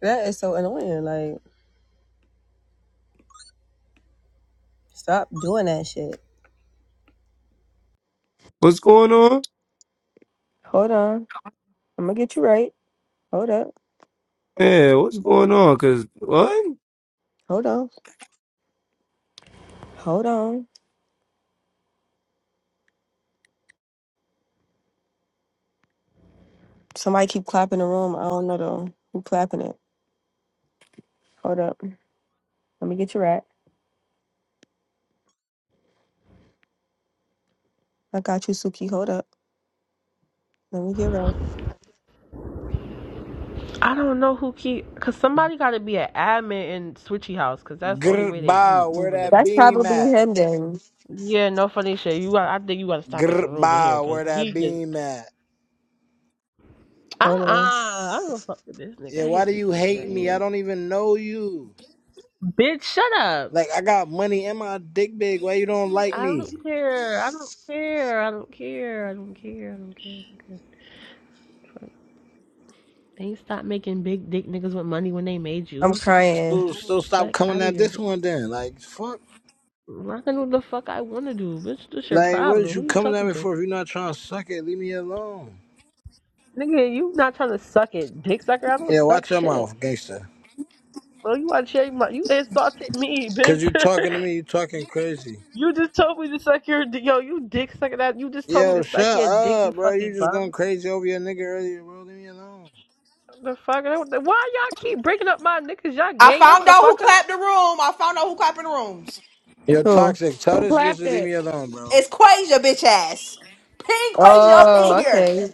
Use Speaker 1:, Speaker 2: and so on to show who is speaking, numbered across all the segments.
Speaker 1: That is so annoying. Like, stop doing that shit.
Speaker 2: What's going on?
Speaker 1: Hold on. I'm gonna get you right. Hold up.
Speaker 2: Yeah, what's going on? Cause what?
Speaker 1: Hold on. Hold on. Somebody keep clapping the room. I don't know though. Who clapping it? Hold up. Let me get you right. I got you, Suki. Hold up. Let me get right.
Speaker 3: I don't know who keep because somebody got to be an admin in Switchy House because that's the only
Speaker 4: Grr,
Speaker 3: way they
Speaker 4: bow, where
Speaker 3: removing this.
Speaker 4: that
Speaker 1: That's
Speaker 4: beam
Speaker 1: probably
Speaker 4: at?
Speaker 1: him then.
Speaker 3: Yeah, no funny shit. You, got, I think you got to stop making
Speaker 4: Grr,
Speaker 3: a room in here
Speaker 4: bow, where
Speaker 3: because
Speaker 4: that
Speaker 3: he just
Speaker 4: beam at?
Speaker 3: uh
Speaker 1: Hold
Speaker 3: uh
Speaker 1: on.
Speaker 3: I don't fuck with this nigga.
Speaker 4: Yeah,
Speaker 3: I
Speaker 4: why
Speaker 3: hate
Speaker 4: do
Speaker 3: this
Speaker 4: you
Speaker 3: nigga
Speaker 4: hate
Speaker 3: right
Speaker 4: me? I
Speaker 3: here.
Speaker 4: don't even know you.
Speaker 3: Bitch, shut up.
Speaker 4: Like, I got money and my dick big. Why you don't like
Speaker 3: I don't
Speaker 4: me?
Speaker 3: care. I don't care. I don't care. I don't care. I don't care. I don't care. They stop making big dick niggas with money when they made
Speaker 1: I'm
Speaker 3: you. Fuck,
Speaker 1: crying.
Speaker 4: So, so stop
Speaker 3: fuck
Speaker 4: coming
Speaker 3: out of
Speaker 4: at
Speaker 3: here.
Speaker 4: this one then. Like, fuck.
Speaker 3: I can do the fuck I want to do, bitch. This your
Speaker 4: Like, what
Speaker 3: problem.
Speaker 4: is
Speaker 3: Who
Speaker 4: you
Speaker 3: you
Speaker 4: coming at
Speaker 3: talking
Speaker 4: me
Speaker 3: to?
Speaker 4: for if you're not trying to suck it? Leave me alone.
Speaker 3: Nigga, you not trying to suck it, dick sucker. I don't
Speaker 4: Yeah,
Speaker 3: suck
Speaker 4: watch your
Speaker 3: shit.
Speaker 4: mouth, gangster.
Speaker 3: Bro, you want to cherry my? You insulted me,
Speaker 4: Cause
Speaker 3: bitch.
Speaker 4: you talking to me, you talking crazy.
Speaker 3: you just told me to suck your dick. Yo, you dick sucker. That you just told me
Speaker 4: Yo,
Speaker 3: to suck
Speaker 4: shut
Speaker 3: your dick. You
Speaker 4: up, bro.
Speaker 3: fucking
Speaker 4: You just
Speaker 3: bum.
Speaker 4: going crazy over your nigga earlier, bro. Leave me alone.
Speaker 3: The fuck? Why y'all keep breaking up my niggas? Y'all
Speaker 5: I
Speaker 3: gay? Y'all
Speaker 5: found
Speaker 3: want to
Speaker 5: out who
Speaker 3: fuck him?
Speaker 5: clapped the room. I found out who clapped in the rooms.
Speaker 4: Yo,
Speaker 1: Who?
Speaker 4: toxic. Tell
Speaker 6: Who
Speaker 4: this bitch
Speaker 6: clapped
Speaker 4: to leave
Speaker 6: it?
Speaker 4: me alone, bro.
Speaker 5: It's Quasia, bitch ass. Ping Quasia up
Speaker 1: Oh,
Speaker 5: in here.
Speaker 1: okay.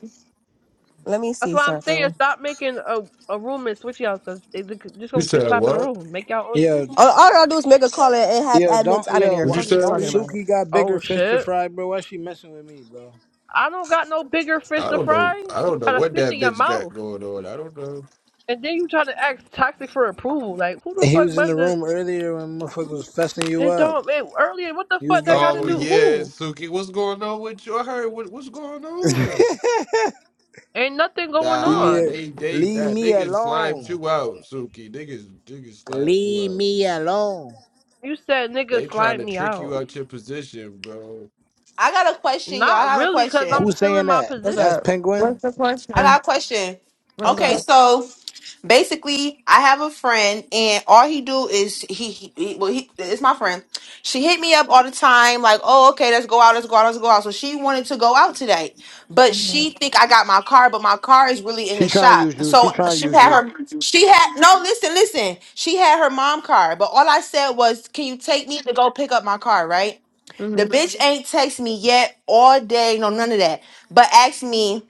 Speaker 1: Let me
Speaker 3: That's
Speaker 1: see
Speaker 3: why I'm saying
Speaker 1: something.
Speaker 3: stop making a a room and switch y'all because they just
Speaker 7: You
Speaker 3: gonna keep
Speaker 7: said
Speaker 3: clapping the
Speaker 7: what?
Speaker 3: room. Make y'all own shit.
Speaker 4: Yo,
Speaker 1: All, all y'all do is make a call and have
Speaker 4: Yeah,
Speaker 1: admins
Speaker 4: don't
Speaker 1: out of
Speaker 4: yo,
Speaker 1: there.
Speaker 7: What
Speaker 4: wha-
Speaker 7: you
Speaker 1: Fuck you
Speaker 7: said,
Speaker 4: don't
Speaker 1: talking
Speaker 7: Lee?
Speaker 1: about.
Speaker 4: Suki got bigger
Speaker 3: Oh
Speaker 4: fish to
Speaker 3: shit.
Speaker 4: fry, bro? Why she messing with me, bro?
Speaker 3: I don't got no bigger fish
Speaker 7: I
Speaker 3: to
Speaker 7: don't know.
Speaker 3: fry.
Speaker 7: I
Speaker 3: You
Speaker 7: don't know
Speaker 3: got a
Speaker 7: what
Speaker 3: fish
Speaker 7: that
Speaker 3: in your
Speaker 7: bitch
Speaker 3: mouth.
Speaker 7: got going on. I don't know.
Speaker 3: And then you try to act toxic for approval. Like, who the
Speaker 4: He
Speaker 3: fuck
Speaker 4: was in
Speaker 3: about
Speaker 4: the
Speaker 3: to?
Speaker 4: room earlier when motherfucker was fessing you
Speaker 3: It
Speaker 4: up.
Speaker 3: don't it, earlier. What the
Speaker 4: You was
Speaker 3: fuck that
Speaker 4: getting
Speaker 3: got to
Speaker 7: Oh
Speaker 3: do?
Speaker 4: you.
Speaker 7: yeah,
Speaker 3: Who?
Speaker 7: Suki, what's going on with you? I heard what, what's going
Speaker 4: leave
Speaker 7: on.
Speaker 3: Ain't nothing going
Speaker 4: me,
Speaker 7: Nah,
Speaker 3: on.
Speaker 4: a-
Speaker 7: they they
Speaker 4: leave
Speaker 7: that
Speaker 4: me
Speaker 7: niggas slimed
Speaker 4: alone.
Speaker 7: you out, Suki. Niggas niggas slimed you
Speaker 4: Leave
Speaker 7: out.
Speaker 4: me alone.
Speaker 3: You said
Speaker 7: They
Speaker 3: nigga
Speaker 7: trying
Speaker 3: slide
Speaker 7: to
Speaker 3: me
Speaker 7: trick you
Speaker 3: out.
Speaker 7: out your position, bro.
Speaker 5: I got a question, y'all.
Speaker 3: Not
Speaker 5: I got a
Speaker 3: really, cause
Speaker 5: question.
Speaker 3: I'm
Speaker 4: Who's
Speaker 3: still in
Speaker 4: saying
Speaker 3: my
Speaker 4: that?
Speaker 1: What's
Speaker 4: That's
Speaker 3: position.
Speaker 1: up?
Speaker 6: What's
Speaker 4: Penguin.
Speaker 6: the
Speaker 5: I
Speaker 6: question?
Speaker 5: got a question.
Speaker 6: What's
Speaker 1: What's
Speaker 6: the
Speaker 5: Okay,
Speaker 6: question?
Speaker 1: up?
Speaker 5: so basically, I have a friend, and all he do is he, he, he well, he it's my friend. She hit me up all the time, like, "Oh, okay, let's go out, let's go out, let's go out." So she wanted to go out today, but she
Speaker 6: Mhm.
Speaker 5: think I got my car, but my car is really in the
Speaker 4: She trying to
Speaker 5: shop.
Speaker 4: use you. She
Speaker 5: So
Speaker 4: trying to
Speaker 5: she
Speaker 4: use
Speaker 5: had
Speaker 4: you.
Speaker 5: her, she had no. Listen, listen. She had her mom car, but all I said was, "Can you take me to go pick up my car?" Right? The
Speaker 1: Mm-hmm.
Speaker 5: bitch ain't text me yet all day, no none of that, but asked me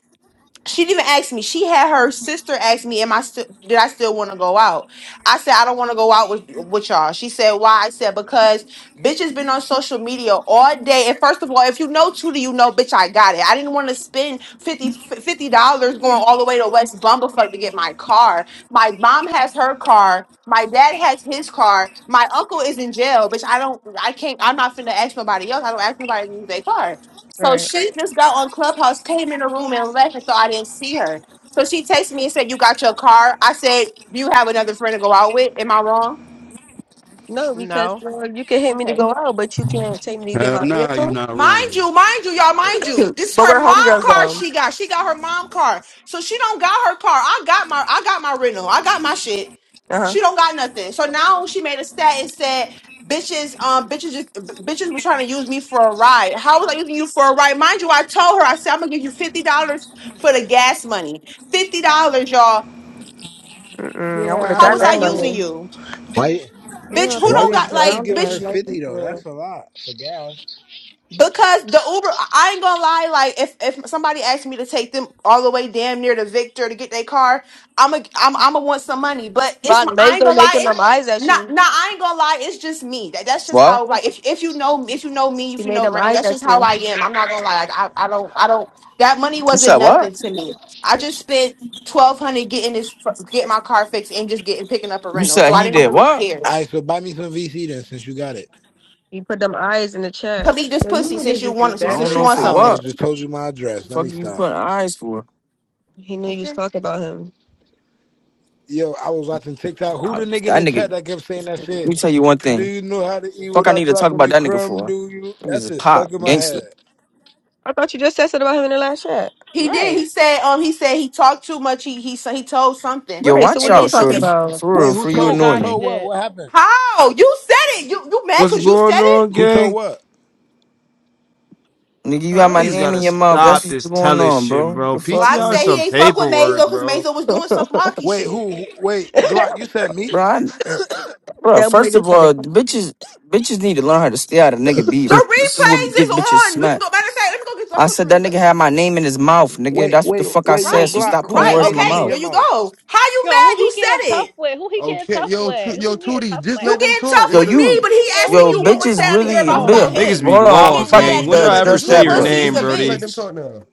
Speaker 5: she didn't even ask me. She had her sister ask me, "Am I still? Did I still want to go out?" I said, "I don't want to go out with with y'all." She said, "Why?" I said, "Because bitch has been on social media all day." And first of all, if you know Tudor, you know, bitch, I got it. I didn't want to spend 50 dollars going all the way to West Bumblefuck to get my car. My mom has her car. My dad has his car. My uncle is in jail, bitch. I don't. I can't. I'm not finna ask nobody else. I don't ask nobody to use their car. So
Speaker 1: Right.
Speaker 5: she just got on Clubhouse, came in the room and left and thought I didn't see her. So she texted me and said, You got your car? I said, Do you have another friend to go out with? Am I wrong?
Speaker 1: No, because
Speaker 3: No.
Speaker 1: well, you can hit me to
Speaker 5: Okay.
Speaker 1: go out, but you can't take me to get
Speaker 8: Hell
Speaker 1: my
Speaker 8: nah, you're
Speaker 1: vehicle.
Speaker 8: not
Speaker 5: Mind
Speaker 8: wrong.
Speaker 5: you, mind you, y'all, mind
Speaker 1: but
Speaker 5: you. This is her
Speaker 1: we're
Speaker 5: mom
Speaker 1: homegirls
Speaker 5: car
Speaker 1: though.
Speaker 5: she got. She got her mom car. So she don't got her car. I got my I got my rental. I got my shit.
Speaker 1: Uh huh.
Speaker 5: She don't got nothing. So now she made a stat and said, bitches, um, bitches just bitches was trying to use me for a ride. How was I using you for a ride? Mind you, I told her, I said, I'm gonna give you fifty dollars for the gas money. Fifty dollars, y'all.
Speaker 1: Mm-mm, I would
Speaker 6: Yeah, I
Speaker 1: have
Speaker 5: How
Speaker 6: don't
Speaker 1: got
Speaker 5: was I
Speaker 1: that
Speaker 5: using
Speaker 6: know.
Speaker 1: money.
Speaker 5: you?
Speaker 4: Why? you-
Speaker 6: She
Speaker 5: Bitch,
Speaker 6: on
Speaker 5: who
Speaker 6: some
Speaker 4: Why
Speaker 5: don't
Speaker 4: you?
Speaker 6: other
Speaker 5: got
Speaker 6: shit.
Speaker 4: Why
Speaker 6: I
Speaker 4: you
Speaker 5: like
Speaker 6: don't
Speaker 4: giving
Speaker 6: think she
Speaker 4: her
Speaker 5: bitch?
Speaker 6: like
Speaker 4: fifty
Speaker 6: you for
Speaker 4: though? That's
Speaker 6: real.
Speaker 4: a lot for gas.
Speaker 5: Because the Uber, I I ain't gonna lie. Like, if if somebody asked me to take them all the way damn near to Victor to get their car, I'm a I'm I'm gonna want some money. But it's
Speaker 1: Rod
Speaker 5: my I ain't
Speaker 1: Mazo
Speaker 5: gonna lie.
Speaker 1: making them
Speaker 5: It,
Speaker 1: eyes at
Speaker 5: not
Speaker 1: you.
Speaker 5: not I ain't gonna lie. It's just me. That that's just
Speaker 9: What?
Speaker 5: how like if if you know if you know me
Speaker 1: He
Speaker 5: if you
Speaker 1: made
Speaker 5: know
Speaker 1: them
Speaker 5: Rain,
Speaker 1: eyes
Speaker 5: that's
Speaker 1: at
Speaker 5: just how
Speaker 1: you.
Speaker 5: I am. I'm not gonna lie. Like, I I don't I don't that money
Speaker 9: You said
Speaker 5: wasn't
Speaker 9: what?
Speaker 5: nothing to me. I just spent twelve hundred getting this getting my car fixed and just getting picking up a
Speaker 9: You
Speaker 5: rental.
Speaker 9: said
Speaker 5: So I
Speaker 9: he
Speaker 5: didn't
Speaker 9: did
Speaker 5: really
Speaker 9: what?
Speaker 5: care.
Speaker 4: All right, so buy me some VC then, since you got it.
Speaker 1: He put them eyes in the
Speaker 5: Cause
Speaker 1: chat.
Speaker 5: eat this
Speaker 6: So you
Speaker 5: pussy
Speaker 6: niggas
Speaker 5: since you
Speaker 6: just be
Speaker 5: want
Speaker 9: I don't
Speaker 5: since you
Speaker 9: know
Speaker 6: beggars.
Speaker 5: want
Speaker 4: I
Speaker 9: for
Speaker 3: Oh,
Speaker 4: almost
Speaker 5: something.
Speaker 9: what.
Speaker 4: just told
Speaker 3: BC.
Speaker 4: you my address. Let me
Speaker 9: Fuck you
Speaker 4: stop.
Speaker 9: putting eyes for?
Speaker 1: He knew you was talking about him.
Speaker 4: Yo, I was watching TikTok. Who
Speaker 9: I,
Speaker 4: the nigga in
Speaker 9: that
Speaker 4: the
Speaker 9: nigga. Let
Speaker 4: chat that kept saying that shit?
Speaker 9: me tell you one
Speaker 4: Do
Speaker 9: thing.
Speaker 4: you know how to eat
Speaker 9: Fuck, I need
Speaker 4: without
Speaker 9: to talk
Speaker 4: dropping
Speaker 9: about
Speaker 4: the
Speaker 9: that nigga
Speaker 4: crumb?
Speaker 9: for.
Speaker 4: Do you?
Speaker 9: Niggas
Speaker 4: That
Speaker 9: is
Speaker 4: shit
Speaker 9: pop
Speaker 4: stuck in my
Speaker 9: gangster.
Speaker 4: head.
Speaker 1: I thought you just said something about him in the last chat.
Speaker 5: He did. He
Speaker 3: Right.
Speaker 5: said, um, he said he talked too much. He he so he told something,
Speaker 9: Yo,
Speaker 1: Right. So
Speaker 9: watch
Speaker 1: what are
Speaker 5: and
Speaker 1: you
Speaker 9: out,
Speaker 5: then
Speaker 1: talking
Speaker 5: Suki,
Speaker 9: shorty.
Speaker 5: s-
Speaker 1: about?
Speaker 9: For
Speaker 4: Wait,
Speaker 9: real,
Speaker 4: who
Speaker 9: for
Speaker 3: Swear
Speaker 9: you
Speaker 3: to
Speaker 4: told? Who
Speaker 9: annoy
Speaker 3: God, he
Speaker 9: me.
Speaker 4: told what?
Speaker 3: did.
Speaker 4: What happened?
Speaker 5: how you said it? You you mad
Speaker 2: What's
Speaker 5: because you
Speaker 2: going
Speaker 5: said it?
Speaker 2: on,
Speaker 4: Who told
Speaker 2: gang?
Speaker 4: what?
Speaker 9: Nigga, you got my
Speaker 3: Huh?
Speaker 2: Niggas
Speaker 9: name
Speaker 2: gotta
Speaker 9: in your mouth. That's
Speaker 2: stop
Speaker 9: what's
Speaker 2: this
Speaker 9: going
Speaker 2: telling
Speaker 9: on,
Speaker 2: shit,
Speaker 9: bro.
Speaker 2: bro.
Speaker 9: The fuck,
Speaker 5: Glock
Speaker 2: PTR
Speaker 5: said
Speaker 2: is
Speaker 5: he
Speaker 2: some
Speaker 9: nigga.
Speaker 5: ain't fuck with
Speaker 2: paperwork,
Speaker 5: Mazo because
Speaker 2: bro.
Speaker 5: Mazo was doing some
Speaker 1: that
Speaker 5: wonky
Speaker 4: Wait,
Speaker 5: shit.
Speaker 4: who? who- Wait, Glock, you said
Speaker 9: Bro,
Speaker 4: me?
Speaker 9: I, bro.
Speaker 1: boy
Speaker 9: First of
Speaker 1: just said
Speaker 9: all,
Speaker 1: it.
Speaker 9: the bitches, bitches need to learn how to stay out of nigga
Speaker 5: The
Speaker 9: beef. This is what we
Speaker 5: replays
Speaker 9: get
Speaker 5: is
Speaker 9: bitches
Speaker 5: on. We can
Speaker 9: smacked.
Speaker 5: go. Matter of fact, let me go get. Let
Speaker 9: I
Speaker 5: me go
Speaker 9: said that
Speaker 5: to
Speaker 9: nigga
Speaker 5: replays.
Speaker 9: had my name in his mouth, nigga.
Speaker 4: Wait,
Speaker 9: That's what the
Speaker 4: wait,
Speaker 9: fuck I
Speaker 4: wait, yo,
Speaker 5: Right,
Speaker 9: said. So
Speaker 5: and you-
Speaker 4: Glock,
Speaker 9: stop
Speaker 4: who
Speaker 9: putting
Speaker 5: right.
Speaker 4: had
Speaker 9: words
Speaker 4: their
Speaker 9: in my
Speaker 4: name in
Speaker 5: Okay,
Speaker 4: your
Speaker 5: there
Speaker 9: mouth.
Speaker 5: you
Speaker 4: mouth?
Speaker 5: go. How you
Speaker 3: Yo, who
Speaker 5: mad?
Speaker 3: he
Speaker 5: You
Speaker 3: getting
Speaker 5: said
Speaker 3: tough
Speaker 5: it.
Speaker 3: with? Who he getting
Speaker 7: Okay,
Speaker 3: tough
Speaker 7: yo,
Speaker 3: with?
Speaker 7: tu-
Speaker 3: Who
Speaker 7: yo,
Speaker 3: he getting
Speaker 7: Tootie,
Speaker 3: tough
Speaker 7: just
Speaker 3: with?
Speaker 5: You
Speaker 7: let them
Speaker 5: getting
Speaker 7: talk.
Speaker 5: tough
Speaker 9: Yo,
Speaker 7: It's
Speaker 5: with
Speaker 7: a
Speaker 5: me,
Speaker 9: you,
Speaker 5: but he
Speaker 3: Yo, who
Speaker 5: asking
Speaker 9: yo,
Speaker 5: you
Speaker 3: he
Speaker 5: what was
Speaker 3: getting
Speaker 9: bitches
Speaker 5: said
Speaker 3: tough
Speaker 5: out of
Speaker 3: with
Speaker 5: your
Speaker 9: really.
Speaker 5: mouth
Speaker 9: Bitch,
Speaker 3: though?
Speaker 5: about
Speaker 7: Tootie,
Speaker 5: him.
Speaker 2: Niggas be
Speaker 9: hold
Speaker 5: You
Speaker 9: on, I'm
Speaker 5: getting
Speaker 2: lost,
Speaker 9: about to
Speaker 5: mad
Speaker 2: gang.
Speaker 7: Tootie,
Speaker 5: at
Speaker 2: When
Speaker 7: just
Speaker 2: did I
Speaker 5: me?
Speaker 7: let
Speaker 2: ever
Speaker 7: them
Speaker 9: address
Speaker 5: You
Speaker 2: say
Speaker 7: talk
Speaker 9: that,
Speaker 2: your
Speaker 9: but
Speaker 7: now.
Speaker 5: pussy is
Speaker 2: name,
Speaker 5: a
Speaker 7: Tootie, just let
Speaker 2: Brody?
Speaker 7: them
Speaker 5: bitch.
Speaker 7: talk now.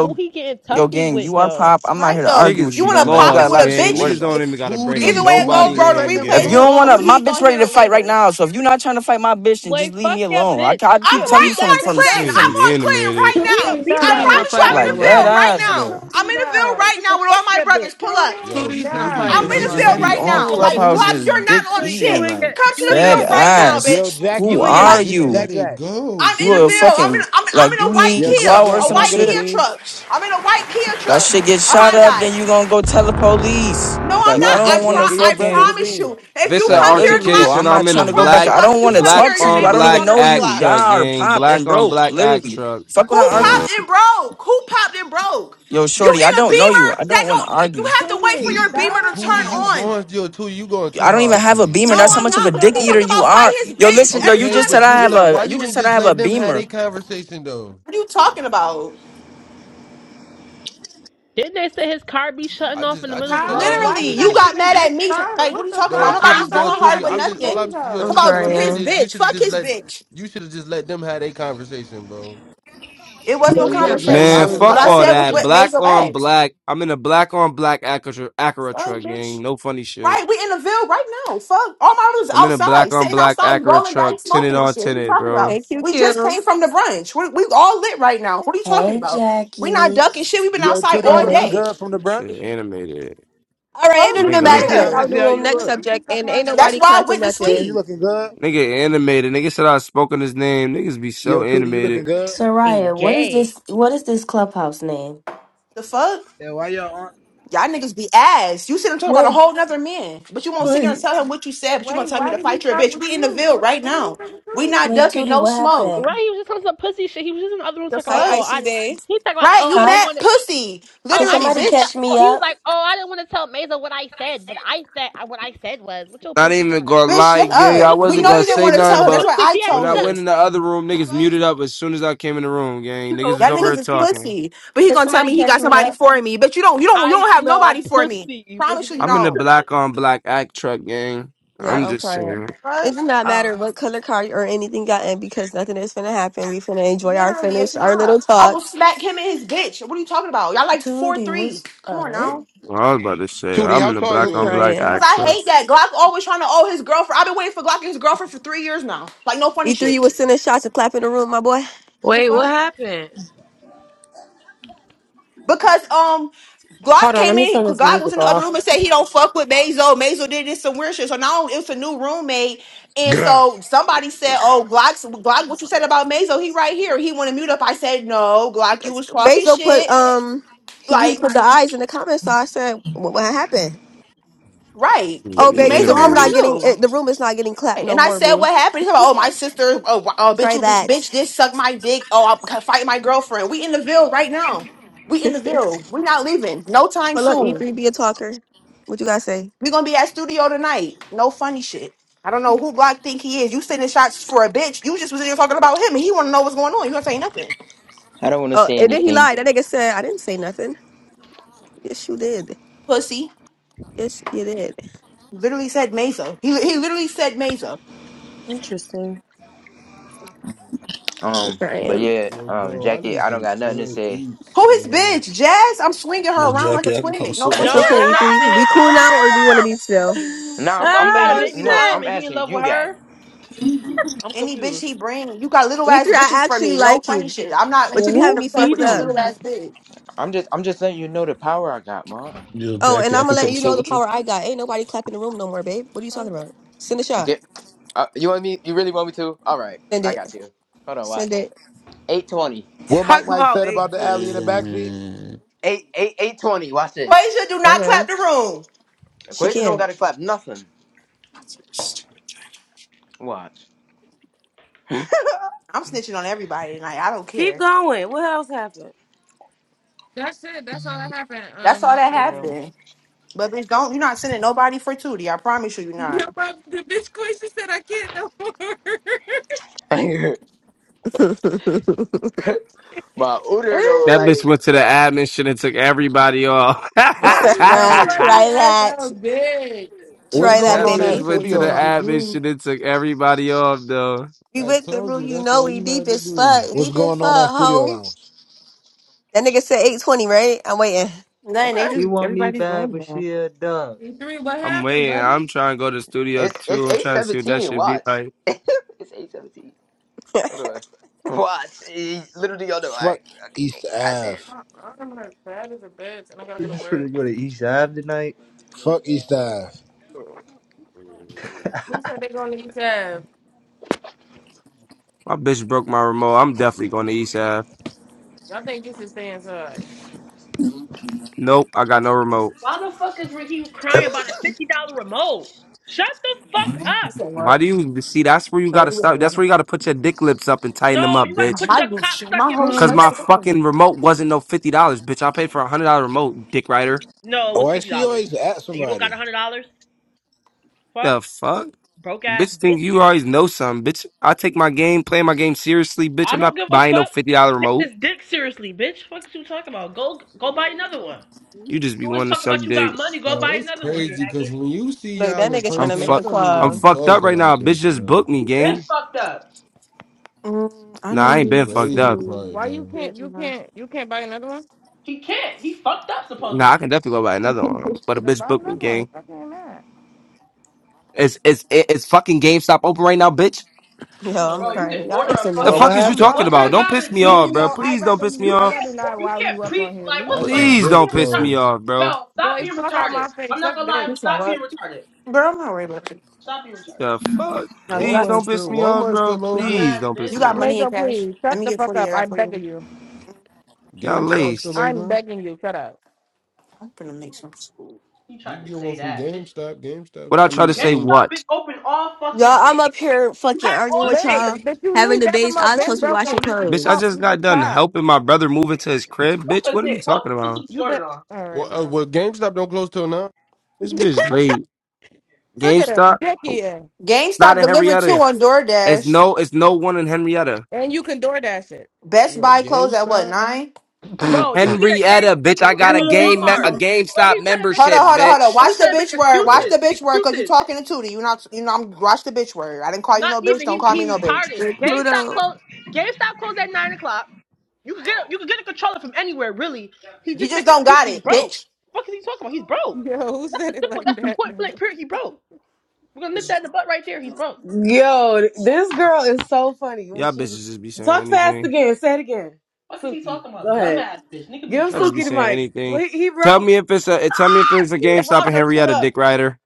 Speaker 3: Who he getting
Speaker 9: yo,
Speaker 3: toughy
Speaker 9: gang, you
Speaker 3: with
Speaker 9: are
Speaker 3: though?
Speaker 9: pop. I'm not here
Speaker 5: Right
Speaker 9: to
Speaker 5: though.
Speaker 9: argue
Speaker 2: Niggas
Speaker 9: with
Speaker 5: You
Speaker 9: you,
Speaker 2: be
Speaker 5: wanna
Speaker 9: gang. Like you
Speaker 5: pop
Speaker 9: got a
Speaker 5: it
Speaker 2: lost,
Speaker 9: lot
Speaker 5: with a
Speaker 9: of shit to
Speaker 2: gang.
Speaker 5: bitch?
Speaker 9: worry
Speaker 2: Niggas
Speaker 9: about.
Speaker 2: don't even gotta bring up
Speaker 5: Either
Speaker 7: Tootie,
Speaker 5: way it
Speaker 7: Tootie,
Speaker 5: go,
Speaker 2: nobody
Speaker 7: just
Speaker 5: bro, the
Speaker 7: let
Speaker 2: name,
Speaker 7: them
Speaker 9: If
Speaker 5: replays
Speaker 9: you
Speaker 2: gang.
Speaker 5: is
Speaker 9: don't
Speaker 7: talk.
Speaker 5: on,
Speaker 9: want to,
Speaker 5: but
Speaker 7: Tootie.
Speaker 9: my
Speaker 5: he's
Speaker 9: bitch
Speaker 5: gonna
Speaker 9: ready
Speaker 5: hear
Speaker 9: to
Speaker 5: it
Speaker 9: fight right
Speaker 5: later.
Speaker 9: now. So if you're not trying to fight my bitch, then just
Speaker 3: Wait,
Speaker 9: leave
Speaker 3: fuck
Speaker 9: me
Speaker 3: that
Speaker 9: alone. I, I
Speaker 3: bitch.
Speaker 5: I'm
Speaker 9: keep
Speaker 3: We'll
Speaker 9: telling you
Speaker 3: beat
Speaker 5: right
Speaker 3: that
Speaker 9: from
Speaker 5: on
Speaker 9: from
Speaker 3: bitch up.
Speaker 5: Clinton.
Speaker 2: Niggas
Speaker 9: from
Speaker 5: I'm
Speaker 2: be
Speaker 5: on Clinton
Speaker 2: animated.
Speaker 5: right
Speaker 3: We'll
Speaker 5: now.
Speaker 6: Cody,
Speaker 3: beat
Speaker 5: I
Speaker 3: that
Speaker 10: Tootie not
Speaker 6: no.
Speaker 5: promise
Speaker 3: bitch
Speaker 5: you
Speaker 3: up.
Speaker 5: I'm
Speaker 10: fighting
Speaker 5: in
Speaker 9: like
Speaker 5: the
Speaker 6: Cody,
Speaker 3: Fuck
Speaker 9: dead
Speaker 3: is
Speaker 10: nobody.
Speaker 5: Ville
Speaker 3: you
Speaker 5: right
Speaker 3: talking
Speaker 9: eyes
Speaker 3: about?
Speaker 6: no.
Speaker 5: now.
Speaker 9: though.
Speaker 5: I'm
Speaker 6: Cody,
Speaker 5: in the Ville
Speaker 3: Fuck
Speaker 6: no.
Speaker 5: right
Speaker 3: is the
Speaker 5: now with
Speaker 3: fuck
Speaker 5: all my
Speaker 3: that bitch?
Speaker 5: brothers. Pull up.
Speaker 7: Yo,
Speaker 6: Cody,
Speaker 10: Tootie's not
Speaker 7: Tootie,
Speaker 5: I'm
Speaker 10: fighting
Speaker 6: no.
Speaker 3: What
Speaker 9: Bitches
Speaker 5: in the
Speaker 7: just
Speaker 3: you
Speaker 9: just
Speaker 5: Ville
Speaker 10: nobody.
Speaker 7: let
Speaker 3: talking
Speaker 9: be
Speaker 3: about?
Speaker 7: it
Speaker 5: right
Speaker 3: You and
Speaker 9: on
Speaker 5: now.
Speaker 3: your
Speaker 7: go,
Speaker 5: Like
Speaker 3: bitch
Speaker 9: clubhouse,
Speaker 3: pussy.
Speaker 5: Glock,
Speaker 7: Tootie.
Speaker 9: just
Speaker 5: you're not
Speaker 9: dick
Speaker 3: You
Speaker 5: on
Speaker 3: and you
Speaker 9: eating
Speaker 5: shit.
Speaker 3: and
Speaker 9: like
Speaker 3: your
Speaker 5: Come
Speaker 3: you
Speaker 5: to the
Speaker 3: and
Speaker 9: dead
Speaker 3: your
Speaker 5: Ville
Speaker 3: bitch
Speaker 5: right
Speaker 3: pussy.
Speaker 5: now,
Speaker 9: ass.
Speaker 4: Yo,
Speaker 5: bitch.
Speaker 9: Who
Speaker 3: You and
Speaker 4: Jackie,
Speaker 3: your
Speaker 7: Tootie,
Speaker 6: Hey,
Speaker 9: are
Speaker 5: Like
Speaker 3: bitch
Speaker 7: just
Speaker 9: you?
Speaker 3: pussy.
Speaker 7: let
Speaker 4: Jack
Speaker 7: it
Speaker 4: Jack.
Speaker 7: go,
Speaker 5: I'm
Speaker 9: You
Speaker 5: in the
Speaker 9: a
Speaker 7: Tootie.
Speaker 5: Ville. I'm in
Speaker 9: fucking
Speaker 5: I'm, I'm
Speaker 9: like
Speaker 5: in
Speaker 9: you
Speaker 5: a white
Speaker 4: Yo,
Speaker 9: need
Speaker 5: Kia,
Speaker 4: Jack
Speaker 9: clout or
Speaker 4: Jack,
Speaker 5: a
Speaker 4: can
Speaker 9: some
Speaker 4: I
Speaker 5: white
Speaker 4: get a
Speaker 9: shit?
Speaker 5: Kia
Speaker 4: beam?
Speaker 5: truck. I'm in a white Kia
Speaker 9: That
Speaker 5: truck.
Speaker 9: shit get
Speaker 5: A
Speaker 9: shot up,
Speaker 5: Hyundai.
Speaker 9: then you gonna go tell the police.
Speaker 5: No, I'm
Speaker 9: Like I
Speaker 4: Yo,
Speaker 5: not. I
Speaker 9: don't
Speaker 4: Jack Jack,
Speaker 9: wanna
Speaker 5: pro-
Speaker 4: give your
Speaker 5: I
Speaker 4: brother
Speaker 9: fucking
Speaker 4: the
Speaker 5: promise
Speaker 4: beam.
Speaker 5: you. If you
Speaker 2: This an
Speaker 9: like
Speaker 5: come here,
Speaker 9: literally though, I'm
Speaker 2: altercation.
Speaker 5: Glock,
Speaker 9: not
Speaker 2: I'm in a
Speaker 9: trying
Speaker 5: I
Speaker 9: to go
Speaker 5: promise
Speaker 9: back.
Speaker 5: you,
Speaker 2: black,
Speaker 9: I
Speaker 5: Glock,
Speaker 9: don't
Speaker 5: if you
Speaker 9: wanna
Speaker 5: come
Speaker 9: talk
Speaker 2: black
Speaker 5: here,
Speaker 9: to
Speaker 5: your
Speaker 9: you.
Speaker 2: on
Speaker 9: I
Speaker 5: name will
Speaker 9: don't
Speaker 5: no
Speaker 9: even
Speaker 2: black
Speaker 5: longer
Speaker 9: know
Speaker 5: be
Speaker 2: act
Speaker 9: you.
Speaker 5: Glock.
Speaker 9: Y'all
Speaker 2: truck,
Speaker 9: are
Speaker 2: gang.
Speaker 9: popped and
Speaker 2: Black on
Speaker 9: broke.
Speaker 2: black act
Speaker 9: Literally.
Speaker 2: truck.
Speaker 9: Fuck when I
Speaker 5: Who
Speaker 9: argue
Speaker 5: popped
Speaker 9: with you.
Speaker 5: and broke? Who popped and broke?
Speaker 9: Yo,
Speaker 5: You
Speaker 9: Shorty, I
Speaker 5: in a
Speaker 9: don't know
Speaker 5: beamer
Speaker 9: you. I don't
Speaker 5: that
Speaker 9: wanna
Speaker 5: don't you
Speaker 9: argue.
Speaker 5: have to wait for
Speaker 6: Cody,
Speaker 5: your beamer to turn
Speaker 7: Tootie, you
Speaker 6: stop.
Speaker 5: on.
Speaker 7: going yo, Tootie, you going too
Speaker 9: I don't even
Speaker 7: hard,
Speaker 9: have a
Speaker 7: Tootie.
Speaker 9: beamer.
Speaker 6: Yeah,
Speaker 5: No,
Speaker 9: That's how
Speaker 5: I'm
Speaker 9: much of a
Speaker 6: Cody,
Speaker 5: not. Because
Speaker 9: dick
Speaker 5: he's
Speaker 9: eater
Speaker 5: talking
Speaker 6: no.
Speaker 9: you
Speaker 5: about fight
Speaker 9: are.
Speaker 5: his
Speaker 9: Yo,
Speaker 5: bitch.
Speaker 9: listen though,
Speaker 5: Every
Speaker 9: you
Speaker 7: Okay,
Speaker 9: just
Speaker 5: time
Speaker 7: but
Speaker 9: said
Speaker 5: he's
Speaker 9: I
Speaker 7: just
Speaker 9: have
Speaker 7: let
Speaker 5: he
Speaker 9: a
Speaker 7: why
Speaker 9: you
Speaker 7: you
Speaker 9: just
Speaker 7: ain't
Speaker 9: said I
Speaker 7: just
Speaker 9: have a
Speaker 7: let them have
Speaker 9: beamer.
Speaker 7: their conversation though.
Speaker 5: what are you talking about?
Speaker 3: Didn't they say his car be shutting
Speaker 7: I
Speaker 3: off in
Speaker 7: just
Speaker 3: the
Speaker 7: I
Speaker 3: middle of
Speaker 7: just
Speaker 3: the
Speaker 7: felt
Speaker 6: How?
Speaker 7: like
Speaker 3: road?
Speaker 7: you
Speaker 6: Why
Speaker 7: should
Speaker 5: Literally,
Speaker 7: have
Speaker 6: did
Speaker 5: you
Speaker 6: I
Speaker 7: just
Speaker 5: got
Speaker 6: even
Speaker 5: mad at
Speaker 6: just
Speaker 5: me.
Speaker 6: start?
Speaker 5: Like, what
Speaker 6: What
Speaker 5: are you
Speaker 6: the
Speaker 5: talking about?
Speaker 7: no
Speaker 6: fuck? I
Speaker 7: Tootie,
Speaker 5: Nobody's
Speaker 7: no
Speaker 6: thought
Speaker 5: going
Speaker 6: he
Speaker 5: hard
Speaker 7: Tootie.
Speaker 6: had
Speaker 5: with
Speaker 7: I'm
Speaker 6: beef with
Speaker 7: just
Speaker 5: nothing.
Speaker 7: all I'm yo
Speaker 5: It's
Speaker 1: I'm
Speaker 6: Mazo.
Speaker 7: Tootie.
Speaker 5: about
Speaker 7: All I'm saying
Speaker 5: his
Speaker 1: crying.
Speaker 7: is you
Speaker 5: bitch.
Speaker 7: should have
Speaker 5: Fuck
Speaker 7: just
Speaker 5: his
Speaker 7: let
Speaker 5: bitch.
Speaker 7: you should have just let them have their conversation, bro.
Speaker 5: It was
Speaker 6: What
Speaker 5: no
Speaker 4: Yo,
Speaker 6: did
Speaker 10: Tootie
Speaker 6: she
Speaker 4: Jack
Speaker 10: not
Speaker 4: Jack,
Speaker 10: fighting
Speaker 4: I
Speaker 2: Man,
Speaker 4: ain't
Speaker 5: conversation.
Speaker 4: even
Speaker 6: say?
Speaker 10: nobody.
Speaker 5: All
Speaker 2: fuck
Speaker 3: But
Speaker 5: I
Speaker 4: gonna
Speaker 2: all
Speaker 4: ask
Speaker 5: said
Speaker 4: you
Speaker 5: was
Speaker 2: that.
Speaker 4: again.
Speaker 5: what
Speaker 2: Black
Speaker 5: Maisel
Speaker 2: on
Speaker 5: asked.
Speaker 2: black. I'm in a black on black Acura, Acura
Speaker 5: Fuck,
Speaker 2: truck,
Speaker 5: bitch.
Speaker 2: gang. No funny shit.
Speaker 5: Right, we in the Ville right now. Fuck, all my dudes
Speaker 2: I'm in a
Speaker 5: outside,
Speaker 2: black on
Speaker 5: sitting
Speaker 2: black
Speaker 5: outside,
Speaker 2: Acura
Speaker 5: rolling
Speaker 2: truck,
Speaker 5: dice,
Speaker 2: tinted
Speaker 5: smoking and
Speaker 2: on
Speaker 5: shit. What you
Speaker 2: tinted,
Speaker 5: talking about?
Speaker 2: bro.
Speaker 1: Thank you,
Speaker 5: We just
Speaker 1: Doing
Speaker 5: came from the brunch. We, we all lit right now. What are you talking
Speaker 11: Hey
Speaker 5: about? We not
Speaker 11: Jackie.
Speaker 5: ducking shit. we been
Speaker 4: Yo,
Speaker 5: outside
Speaker 4: Tootie, you
Speaker 5: all
Speaker 4: looking
Speaker 5: day.
Speaker 4: good from the
Speaker 2: Shit,
Speaker 4: brunch?
Speaker 2: animated.
Speaker 1: All right, it
Speaker 5: Fuck,
Speaker 1: don't even
Speaker 4: Let me
Speaker 1: matter.
Speaker 2: Nigga,
Speaker 4: see how.
Speaker 1: He's
Speaker 4: Let
Speaker 5: yeah.
Speaker 6: And
Speaker 4: me
Speaker 1: out of
Speaker 4: see
Speaker 1: the
Speaker 4: how
Speaker 1: room.
Speaker 4: you
Speaker 6: QQ
Speaker 1: Next
Speaker 6: bitch,
Speaker 4: look.
Speaker 6: you can
Speaker 1: subject,
Speaker 6: suck
Speaker 1: and ain't
Speaker 6: my
Speaker 5: That's
Speaker 6: dick.
Speaker 1: nobody
Speaker 5: why I
Speaker 1: clapping
Speaker 5: went to
Speaker 4: Tootie,
Speaker 1: nothing.
Speaker 4: you
Speaker 5: sleep.
Speaker 4: looking good?
Speaker 2: nigga animated. Nigga said I spoken his name. Niggas be so
Speaker 4: Yo, Tootie, you looking
Speaker 2: animated.
Speaker 4: good?
Speaker 3: And
Speaker 11: Soraya, what is
Speaker 3: gay.
Speaker 11: this what is this clubhouse name?
Speaker 5: The fuck?
Speaker 4: Yeah, why y'all on?
Speaker 5: Y'all niggas be ass. You sit and talk about a
Speaker 11: Wait,
Speaker 5: whole nother man, but you won't sit there and
Speaker 11: wait.
Speaker 5: tell him what you said, but you gonna
Speaker 6: Wait,
Speaker 5: tell me
Speaker 6: why
Speaker 5: to
Speaker 6: did he
Speaker 5: fight your
Speaker 6: start
Speaker 5: bitch.
Speaker 6: with
Speaker 5: We in the
Speaker 6: you?
Speaker 5: Ville
Speaker 6: What
Speaker 5: right
Speaker 6: what did he
Speaker 5: now.
Speaker 6: start with
Speaker 5: We
Speaker 6: you?
Speaker 5: not
Speaker 11: Wait,
Speaker 5: ducking
Speaker 11: Tootie,
Speaker 5: no
Speaker 11: what
Speaker 5: smoke.
Speaker 11: happened?
Speaker 3: right, he was just on some pussy shit. He was just in the other room
Speaker 5: The
Speaker 3: talking
Speaker 1: Hi,
Speaker 3: about
Speaker 5: fuck?
Speaker 3: oh
Speaker 1: Icy
Speaker 3: I
Speaker 1: Bay.
Speaker 3: he talking about
Speaker 5: Right,
Speaker 3: oh
Speaker 5: you
Speaker 3: I
Speaker 11: Huh?
Speaker 3: didn't
Speaker 5: mad
Speaker 3: want to
Speaker 5: pussy.
Speaker 3: oh
Speaker 11: Can
Speaker 3: I
Speaker 5: Literally,
Speaker 3: didn't
Speaker 11: somebody
Speaker 3: want to
Speaker 5: bitch.
Speaker 3: tell
Speaker 11: catch
Speaker 3: oh,
Speaker 11: me
Speaker 3: he was
Speaker 11: up?
Speaker 3: like oh I didn't want to tell Mesa what I said but I said uh, what I said was what your
Speaker 2: Not
Speaker 3: pussy
Speaker 2: even
Speaker 3: ass
Speaker 2: gonna
Speaker 5: Bitch,
Speaker 2: lie,
Speaker 5: shut
Speaker 2: gay. I
Speaker 5: up. We
Speaker 3: pussy
Speaker 2: wasn't
Speaker 5: know
Speaker 3: What
Speaker 2: gonna
Speaker 5: you
Speaker 3: your,
Speaker 5: didn't
Speaker 2: say
Speaker 5: want to
Speaker 3: what
Speaker 2: nothing,
Speaker 3: your
Speaker 5: tell him. That's
Speaker 2: but
Speaker 5: why
Speaker 3: pussy
Speaker 5: I
Speaker 2: when
Speaker 5: told
Speaker 2: I
Speaker 3: ass up
Speaker 5: him.
Speaker 2: went in the other room,
Speaker 5: The
Speaker 2: niggas muted up as soon as I came in the room, gang. Niggas
Speaker 3: yo
Speaker 2: was
Speaker 5: Y'all
Speaker 2: over
Speaker 5: niggas
Speaker 2: here
Speaker 5: is
Speaker 3: pussy,
Speaker 2: talking.
Speaker 5: pussy. But he
Speaker 11: Can
Speaker 5: gonna
Speaker 3: pussy
Speaker 5: tell
Speaker 11: somebody
Speaker 5: me he
Speaker 11: catch
Speaker 5: got
Speaker 11: me
Speaker 5: somebody
Speaker 11: up?
Speaker 5: for me. But you don't you don't you
Speaker 3: I
Speaker 5: don't have
Speaker 3: smell
Speaker 5: nobody for me.
Speaker 3: pussy you fucking
Speaker 5: Promise you you
Speaker 2: I'm in the
Speaker 5: don't.
Speaker 2: black on black act truck, gang.
Speaker 1: Yo,
Speaker 3: I
Speaker 2: I'm
Speaker 3: smell.
Speaker 1: I'm
Speaker 2: just
Speaker 1: crying.
Speaker 2: saying.
Speaker 1: It does
Speaker 5: Right?
Speaker 1: not
Speaker 3: Um.
Speaker 1: matter what color car or anything got in because nothing is finna happen. We finna enjoy our
Speaker 5: Literally, it's
Speaker 1: finish, our little
Speaker 5: not. I will
Speaker 1: talks.
Speaker 5: smack him and his bitch. What are you talking about? Y'all like four
Speaker 11: Tootie
Speaker 5: three.
Speaker 11: was
Speaker 5: Come on
Speaker 11: alright.
Speaker 5: now.
Speaker 2: I was about to say,
Speaker 4: Tootie,
Speaker 2: I'm
Speaker 4: how
Speaker 2: in a
Speaker 4: tall
Speaker 2: black
Speaker 1: I'm
Speaker 4: you
Speaker 2: on
Speaker 4: is?
Speaker 2: black
Speaker 5: Cause
Speaker 1: crying.
Speaker 5: I
Speaker 2: action.
Speaker 5: hate that. Glock always trying to owe his girlfriend. I've been waiting for Glock and his girlfriend for three years now. Like no funny
Speaker 1: E three, you
Speaker 5: shit.
Speaker 1: was sending shots and clapping the room, my boy.
Speaker 5: The
Speaker 12: Wait, what
Speaker 5: fuck?
Speaker 12: happened?
Speaker 5: Because um Glock
Speaker 12: Hold on, let
Speaker 5: came
Speaker 12: me
Speaker 5: in,
Speaker 12: turn this
Speaker 5: Glock was
Speaker 12: music
Speaker 5: in the other
Speaker 12: off.
Speaker 5: room and said he don't fuck with Mazo. Mazo did this some weird shit. So now it's a new roommate. And
Speaker 4: Grah.
Speaker 5: so somebody said, Oh, Glock's Glock, what you said about Mazo, he right here. He wanna mute up. I said, No, Glock, you was talking
Speaker 1: Basil put
Speaker 5: shit.
Speaker 1: um he, he
Speaker 5: Like,
Speaker 1: put the eyes in the comments, so I said, what, what happened?
Speaker 5: right.
Speaker 1: Oh
Speaker 5: Gl-
Speaker 1: baby,
Speaker 5: Mazo
Speaker 1: the room
Speaker 5: already
Speaker 1: not
Speaker 2: Animated.
Speaker 1: getting
Speaker 5: knew.
Speaker 1: eh, the room is not getting clapped
Speaker 5: Right.
Speaker 1: no
Speaker 5: And I
Speaker 1: more,
Speaker 5: said,
Speaker 1: boo.
Speaker 5: What happened? He's like, Oh, my sister, oh, oh bitch,
Speaker 1: Try
Speaker 5: you be,
Speaker 1: that.
Speaker 5: bitch, this suck my dick. Oh, I'm fighting my girlfriend. We in the Ville right now. We in
Speaker 1: but
Speaker 5: the Ville. We're not leaving. No time
Speaker 1: look, E
Speaker 5: soon.
Speaker 1: three, be a talker. What you guys say?
Speaker 5: We're gonna be at studio tonight. No funny shit. I don't know who Block think he is. You sending shots for a bitch. You just was in here talking about him, and he wanna know what's going on. You don't say nothing,
Speaker 13: I don't want to
Speaker 1: Oh,
Speaker 13: say
Speaker 1: and then he
Speaker 13: anything.
Speaker 1: lied. That nigga said I didn't say nothing. Yes, you did.
Speaker 5: pussy.
Speaker 1: Yes, you did.
Speaker 5: Literally said Mesa. He he literally said Mesa.
Speaker 12: Interesting.
Speaker 1: I'm
Speaker 13: Um, but
Speaker 1: crying.
Speaker 13: yeah,
Speaker 7: Yo,
Speaker 13: um,
Speaker 7: bro, I
Speaker 13: Jackie,
Speaker 7: need
Speaker 13: I don't
Speaker 7: some
Speaker 13: got nothing to
Speaker 7: good
Speaker 13: say.
Speaker 7: eats,
Speaker 5: Who his
Speaker 7: man.
Speaker 5: bitch? Jazz. I'm swinging her
Speaker 14: Yo,
Speaker 5: around like a
Speaker 14: Jackie, I can come
Speaker 5: twig. No
Speaker 14: sit
Speaker 1: It's
Speaker 5: funny
Speaker 14: with you.
Speaker 3: No,
Speaker 5: shit.
Speaker 3: that's
Speaker 1: okay,
Speaker 3: not even
Speaker 1: E3. We
Speaker 3: his. I
Speaker 1: cool
Speaker 3: hope he's
Speaker 1: now,
Speaker 3: not
Speaker 1: or do you
Speaker 3: talking
Speaker 1: want to
Speaker 3: about
Speaker 1: be
Speaker 3: that.
Speaker 1: still?
Speaker 13: No,
Speaker 3: Cause
Speaker 13: I'm,
Speaker 3: though
Speaker 13: I'm
Speaker 3: he got
Speaker 13: letting
Speaker 3: a
Speaker 13: you.
Speaker 12: oh
Speaker 5: Fuck.
Speaker 3: baby
Speaker 13: No,
Speaker 12: shit!
Speaker 3: mom
Speaker 13: I'm
Speaker 3: and he in
Speaker 13: asking
Speaker 3: love
Speaker 13: you
Speaker 3: with
Speaker 13: that.
Speaker 3: her, I'm
Speaker 5: Any bitch
Speaker 3: confused.
Speaker 5: he bring, you got little
Speaker 1: E3,
Speaker 5: ass
Speaker 1: I
Speaker 5: bitches for
Speaker 1: actually
Speaker 5: me. No
Speaker 1: like
Speaker 5: funny
Speaker 1: you,
Speaker 5: shit. I'm not
Speaker 1: but you be having
Speaker 12: Whoop
Speaker 5: gonna
Speaker 1: me
Speaker 5: play
Speaker 12: dee
Speaker 1: fucked
Speaker 5: with no
Speaker 1: up.
Speaker 12: doo.
Speaker 5: little ass bitch.
Speaker 13: I'm just, I'm just letting you know the power I got, ma.
Speaker 14: Yo,
Speaker 1: Oh, and
Speaker 14: Jackie, I
Speaker 1: I'm gonna
Speaker 14: can
Speaker 1: let
Speaker 14: come
Speaker 1: you
Speaker 14: sit
Speaker 1: know the
Speaker 14: with you.
Speaker 1: power I got. Ain't nobody clapping the room no more, babe. What are you
Speaker 5: Fuck.
Speaker 1: talking about? Send a shot.
Speaker 13: Get, uh, you want me? You really want me to? All right,
Speaker 1: Send
Speaker 13: I
Speaker 1: it.
Speaker 13: got you. Hold on,
Speaker 1: Send
Speaker 13: watch.
Speaker 1: it.
Speaker 13: Eight twenty.
Speaker 4: What Mike
Speaker 12: Talk
Speaker 4: Mike
Speaker 12: about
Speaker 4: said
Speaker 12: eight
Speaker 4: about the
Speaker 12: twenty.
Speaker 4: alley in the backseat?
Speaker 14: And
Speaker 13: Eight, eight, eight twenty. Watch this.
Speaker 5: Quasia, do not clap
Speaker 1: Okay.
Speaker 5: the room.
Speaker 1: She
Speaker 13: Equation don't
Speaker 1: can't.
Speaker 13: gotta clap nothing. Watch.
Speaker 5: I'm snitching on everybody tonight. I don't
Speaker 12: Keep
Speaker 5: care.
Speaker 12: going. What else happened?
Speaker 6: That's it. That's all that happened.
Speaker 5: That's all
Speaker 6: Um,
Speaker 5: that
Speaker 6: surprising.
Speaker 12: Damn.
Speaker 5: happened. But bitch, don't you're not sending nobody for Tootie. I promise you, you're not.
Speaker 6: yeah, but the bitch question said I can't know.
Speaker 1: Try
Speaker 13: But Uter though,
Speaker 2: That bitch
Speaker 13: like
Speaker 2: went to the admin shit and took everybody off.
Speaker 13: but
Speaker 6: Wait your
Speaker 13: Uter.
Speaker 2: that
Speaker 6: funny ass
Speaker 1: that.
Speaker 6: out, bitch.
Speaker 7: I
Speaker 4: What's
Speaker 1: Try that,
Speaker 4: going
Speaker 7: told
Speaker 4: on
Speaker 7: you
Speaker 2: bitch
Speaker 4: at
Speaker 1: baby.
Speaker 7: that's all
Speaker 2: went to
Speaker 7: you
Speaker 4: Studio
Speaker 2: the
Speaker 7: had to
Speaker 4: Lounge?
Speaker 2: admin
Speaker 7: do.
Speaker 2: shit and took everybody off, though.
Speaker 1: We
Speaker 7: I
Speaker 1: with the
Speaker 7: told
Speaker 1: room,
Speaker 7: you
Speaker 1: you
Speaker 7: that's
Speaker 1: know
Speaker 7: all
Speaker 1: we
Speaker 7: you
Speaker 1: deep
Speaker 7: had to
Speaker 1: as
Speaker 7: do.
Speaker 1: fuck.
Speaker 4: What's
Speaker 1: Deep as
Speaker 4: going on
Speaker 1: fuck,
Speaker 4: at Studio
Speaker 1: ho.
Speaker 4: Lounge?
Speaker 1: That nigga said 820, right? I'm waiting.
Speaker 5: Then
Speaker 13: Okay.
Speaker 5: they
Speaker 15: She
Speaker 5: just
Speaker 15: want me
Speaker 5: everybody's
Speaker 15: bad,
Speaker 5: going
Speaker 15: but
Speaker 5: there.
Speaker 15: she a dog.
Speaker 6: E Three, what
Speaker 2: I'm
Speaker 6: happened,
Speaker 2: waiting.
Speaker 6: buddy?
Speaker 2: I'm trying to go to the studio
Speaker 13: It's
Speaker 2: too.
Speaker 13: it's
Speaker 2: I'm
Speaker 13: eight
Speaker 2: trying to see what that
Speaker 13: seventeen.
Speaker 2: should be
Speaker 13: Watch.
Speaker 2: like.
Speaker 13: it's eight seventeen. Hold on. Watch. He literally on the right.
Speaker 4: Fuck East
Speaker 13: Okay, I
Speaker 4: Ave.
Speaker 13: said.
Speaker 6: My arm hurts bad as a bitch, and I gotta
Speaker 15: We
Speaker 6: go to
Speaker 15: just
Speaker 6: work.
Speaker 15: wanna go to East Ave tonight?
Speaker 4: Fuck East Ave.
Speaker 6: Who said they going to eat tab?
Speaker 2: My bitch broke my remote. I'm definitely going to East Ave.
Speaker 6: Y'all think you should stay inside?
Speaker 2: Nope, I got no remote.
Speaker 3: Why the fuck is he crying about a fifty dollar remote? Shut the fuck up!
Speaker 2: Why do you see? That's where you got
Speaker 5: No,
Speaker 2: to stop. That's where you got to put your dick lips up and tighten them
Speaker 3: No,
Speaker 2: up,
Speaker 3: you gotta
Speaker 2: bitch.
Speaker 3: put your cock stuck in pussy
Speaker 2: Cause
Speaker 15: well,
Speaker 3: lip.
Speaker 2: my
Speaker 5: take it from
Speaker 2: fucking remote wasn't no fifty dollars, bitch. I paid for a hundred dollar remote, dick rider.
Speaker 3: No, it was
Speaker 4: Why
Speaker 3: fifty
Speaker 4: she
Speaker 3: dollars,
Speaker 4: always at
Speaker 3: and you don't got a
Speaker 4: somebody?
Speaker 3: hundred dollars. Fuck,
Speaker 2: The fuck,
Speaker 3: broke ass
Speaker 2: bitch. Think
Speaker 3: bitch.
Speaker 2: you always know something, bitch? I take my game, play my game seriously, bitch.
Speaker 3: I
Speaker 2: I'm
Speaker 3: don't
Speaker 2: not
Speaker 3: give a
Speaker 2: buying no
Speaker 3: fuck.
Speaker 2: fifty dollar
Speaker 3: Take
Speaker 2: remote.
Speaker 3: this dick seriously, bitch. Fuck is you talking about? Go, go buy another one.
Speaker 2: You just
Speaker 3: You
Speaker 2: be
Speaker 3: always
Speaker 2: wanting to
Speaker 3: talk
Speaker 2: suck
Speaker 3: about you got
Speaker 2: dick.
Speaker 3: money. Go
Speaker 7: Yo,
Speaker 3: buy
Speaker 7: it's
Speaker 3: another one,
Speaker 7: crazy because
Speaker 3: faggot.
Speaker 7: when you see
Speaker 1: Look, that
Speaker 7: y'all in
Speaker 1: nigga trying
Speaker 2: I'm
Speaker 1: to
Speaker 7: person,
Speaker 1: make
Speaker 7: y'all
Speaker 1: a
Speaker 2: fuck.
Speaker 7: don't even
Speaker 2: I'm
Speaker 7: be
Speaker 1: call.
Speaker 2: fucked up
Speaker 7: talking
Speaker 2: right now,
Speaker 7: like
Speaker 2: bitch.
Speaker 7: this,
Speaker 2: Just
Speaker 7: though.
Speaker 2: booked me,
Speaker 3: Been
Speaker 2: gang.
Speaker 3: fucked up.
Speaker 5: mm, I
Speaker 2: Nah, I
Speaker 7: That's
Speaker 2: ain't
Speaker 7: the
Speaker 2: been
Speaker 5: need
Speaker 2: fucked
Speaker 7: crazy
Speaker 2: up.
Speaker 5: to
Speaker 7: part,
Speaker 6: Why you
Speaker 7: though.
Speaker 6: can't?
Speaker 5: get
Speaker 6: You
Speaker 5: my.
Speaker 6: can't? You can't buy another one?
Speaker 3: He can't. He fucked up
Speaker 2: Nah, I
Speaker 3: supposedly.
Speaker 2: can definitely go buy another one, but a
Speaker 6: Go
Speaker 2: bitch
Speaker 6: buy
Speaker 2: booked me,
Speaker 6: another one.
Speaker 2: gang.
Speaker 6: Fucking that.
Speaker 2: Is is is fucking GameStop open right now, bitch?
Speaker 1: Yo,
Speaker 6: You can
Speaker 1: I'm
Speaker 3: bro.
Speaker 6: order
Speaker 3: You
Speaker 6: it,
Speaker 3: can
Speaker 1: crying.
Speaker 6: there.
Speaker 1: Y'all,
Speaker 3: order
Speaker 1: it's
Speaker 3: a
Speaker 2: The
Speaker 1: annoying.
Speaker 3: fucking
Speaker 15: what
Speaker 6: Watch
Speaker 2: fuck is
Speaker 6: your
Speaker 2: you
Speaker 15: happened?
Speaker 6: mouth.
Speaker 2: talking
Speaker 3: what
Speaker 6: You a
Speaker 2: about?
Speaker 3: that
Speaker 2: Don't
Speaker 3: got
Speaker 2: piss
Speaker 3: to
Speaker 2: me off,
Speaker 3: do.
Speaker 2: bro.
Speaker 6: Mazo, I
Speaker 2: Please don't
Speaker 6: rather
Speaker 2: piss
Speaker 6: you
Speaker 2: me
Speaker 3: You
Speaker 6: I
Speaker 2: off.
Speaker 3: can't
Speaker 6: rather not
Speaker 3: you
Speaker 6: wow
Speaker 3: can't
Speaker 6: you up
Speaker 3: pre
Speaker 6: on here.
Speaker 3: like
Speaker 6: Leave
Speaker 7: That
Speaker 3: what's
Speaker 6: me
Speaker 3: like
Speaker 7: shit
Speaker 6: alone.
Speaker 2: Please
Speaker 3: stop
Speaker 7: just
Speaker 3: being
Speaker 2: don't piss me
Speaker 3: retarded.
Speaker 7: closed.
Speaker 2: off, bro.
Speaker 3: Yo, stop
Speaker 6: Boy,
Speaker 3: being
Speaker 6: fuck out
Speaker 3: retarded.
Speaker 6: my face.
Speaker 3: I'm not
Speaker 6: Suck
Speaker 3: gonna
Speaker 6: dick.
Speaker 3: lie,
Speaker 5: You said
Speaker 3: stop being
Speaker 5: what?
Speaker 3: retarded.
Speaker 5: Girl, I'm not worried about you.
Speaker 3: Stop being retarded.
Speaker 2: The fuck?
Speaker 5: No, you
Speaker 2: Please
Speaker 5: got
Speaker 7: Walmart
Speaker 2: don't piss
Speaker 7: still,
Speaker 2: me off,
Speaker 7: Walmart
Speaker 2: bro.
Speaker 7: still open.
Speaker 2: Please
Speaker 3: Dumbass
Speaker 2: don't piss
Speaker 5: you
Speaker 3: bitch.
Speaker 2: me
Speaker 5: got
Speaker 2: off.
Speaker 5: money in
Speaker 6: Mazo,
Speaker 5: cash.
Speaker 6: please, shut
Speaker 5: Let me
Speaker 6: the
Speaker 5: get
Speaker 6: fuck
Speaker 5: forty.
Speaker 6: up.
Speaker 5: I
Speaker 6: I
Speaker 5: got forty.
Speaker 6: beg of
Speaker 5: Mm.
Speaker 6: you.
Speaker 2: Y'all
Speaker 7: GameStop
Speaker 5: I'm
Speaker 7: still
Speaker 2: laced.
Speaker 6: I'm
Speaker 7: open.
Speaker 6: begging you, shut up.
Speaker 5: gonna make some food.
Speaker 3: He
Speaker 7: You
Speaker 3: tried
Speaker 7: can
Speaker 3: to
Speaker 7: get
Speaker 3: say
Speaker 7: one from
Speaker 3: that bitch.
Speaker 7: GameStop. GameStop.
Speaker 2: What I
Speaker 7: I
Speaker 2: try to
Speaker 7: mean, I
Speaker 2: say,
Speaker 7: mean,
Speaker 3: GameStop been
Speaker 2: what?
Speaker 3: open all
Speaker 1: Y'all,
Speaker 3: fucking
Speaker 1: I'm
Speaker 3: day.
Speaker 1: up here
Speaker 3: You
Speaker 1: fucking
Speaker 3: had
Speaker 1: arguing
Speaker 3: all
Speaker 1: with
Speaker 3: day to buy.
Speaker 1: y'all,
Speaker 6: Literally. But you
Speaker 1: having
Speaker 6: knew Deborah
Speaker 1: debates.
Speaker 6: Mo
Speaker 1: I am
Speaker 3: What
Speaker 6: been
Speaker 1: supposed
Speaker 3: the
Speaker 1: to
Speaker 3: fuck are
Speaker 1: be
Speaker 3: you
Speaker 1: washing
Speaker 6: broken. You just
Speaker 2: Bitch, I
Speaker 3: talking?
Speaker 6: pop
Speaker 1: clothes.
Speaker 2: just
Speaker 6: you
Speaker 2: got
Speaker 6: just
Speaker 2: done
Speaker 6: pop.
Speaker 2: helping my brother move into his crib.
Speaker 3: Suck
Speaker 2: Bitch,
Speaker 3: a
Speaker 2: what are you
Speaker 3: dick.
Speaker 2: talking
Speaker 3: Help put
Speaker 2: about?
Speaker 3: some
Speaker 6: You been
Speaker 3: Jordan on.
Speaker 6: all right,
Speaker 7: well, uh,
Speaker 6: bro.
Speaker 7: well GameStop don't close till now.
Speaker 2: This bitch late.
Speaker 6: Look at him,
Speaker 2: GameStop? Oh,
Speaker 6: Dickie.
Speaker 2: It's not
Speaker 5: GameStop
Speaker 2: in
Speaker 5: delivered two
Speaker 2: Henrietta.
Speaker 5: on
Speaker 2: It's
Speaker 5: DoorDash.
Speaker 2: no, it's no one in Henrietta.
Speaker 6: And you can door dash it.
Speaker 5: Best
Speaker 7: What
Speaker 5: Buy closed at what
Speaker 7: GameStop?
Speaker 5: nine?
Speaker 3: Bro, you can get a game
Speaker 2: Henrietta,
Speaker 3: from you
Speaker 2: bitch,
Speaker 3: can
Speaker 2: I
Speaker 3: get that
Speaker 2: got a
Speaker 3: from
Speaker 2: game, me- a
Speaker 3: Walmart. Bro,
Speaker 2: GameStop
Speaker 3: he trying to make
Speaker 5: Hold on,
Speaker 2: membership,
Speaker 5: hold on, hold on.
Speaker 2: bitch.
Speaker 3: bro, he
Speaker 5: Watch the
Speaker 3: trying to make
Speaker 5: bitch word. Watch
Speaker 3: excuses.
Speaker 15: Shit.
Speaker 5: the
Speaker 3: It's
Speaker 5: bitch word, cause you
Speaker 3: excuses.
Speaker 5: talking to Tootie. You not, you know. I'm watch the bitch word. I didn't call you
Speaker 3: Not
Speaker 5: no bitch.
Speaker 3: even
Speaker 5: Don't
Speaker 3: he
Speaker 5: call
Speaker 3: he
Speaker 5: me no bitch.
Speaker 3: retarded.
Speaker 1: With
Speaker 3: GameStop
Speaker 1: Pluto,
Speaker 3: closed. GameStop closed at nine o'clock. You could get a, you could get a controller from anywhere, really. He's
Speaker 5: You
Speaker 3: just
Speaker 5: just
Speaker 3: making
Speaker 5: don't
Speaker 3: excuses.
Speaker 5: got
Speaker 3: He's
Speaker 5: it,
Speaker 3: broke.
Speaker 5: bitch.
Speaker 3: fuck is he talking about? He's broke.
Speaker 6: Yo, who
Speaker 3: That's the
Speaker 6: said it
Speaker 3: simple.
Speaker 6: like
Speaker 3: That's the
Speaker 6: that?
Speaker 3: point
Speaker 6: though?
Speaker 3: blank period. He broke. We're gonna nip that in the butt right there. He's broke.
Speaker 12: Yo,
Speaker 3: Fuck,
Speaker 12: this girl is so funny. When
Speaker 2: Y'all
Speaker 12: she
Speaker 2: bitches just be saying
Speaker 12: talk fast
Speaker 2: anything.
Speaker 12: again, say it again.
Speaker 3: fuck is he
Speaker 12: Suki,
Speaker 3: talking about?
Speaker 12: go ahead.
Speaker 3: Dumbass bitch. Nigga be
Speaker 12: Give
Speaker 2: I
Speaker 3: drunk.
Speaker 2: just be
Speaker 12: Suki the
Speaker 3: off that.
Speaker 2: saying
Speaker 12: mic.
Speaker 2: anything.
Speaker 12: Wait, he
Speaker 2: Tell
Speaker 12: broke.
Speaker 2: me if it's a, tell me if it's a
Speaker 12: She's
Speaker 2: GameStop
Speaker 12: wild
Speaker 2: in
Speaker 12: your shit
Speaker 2: Henrietta,
Speaker 12: up.
Speaker 2: Dick Rider.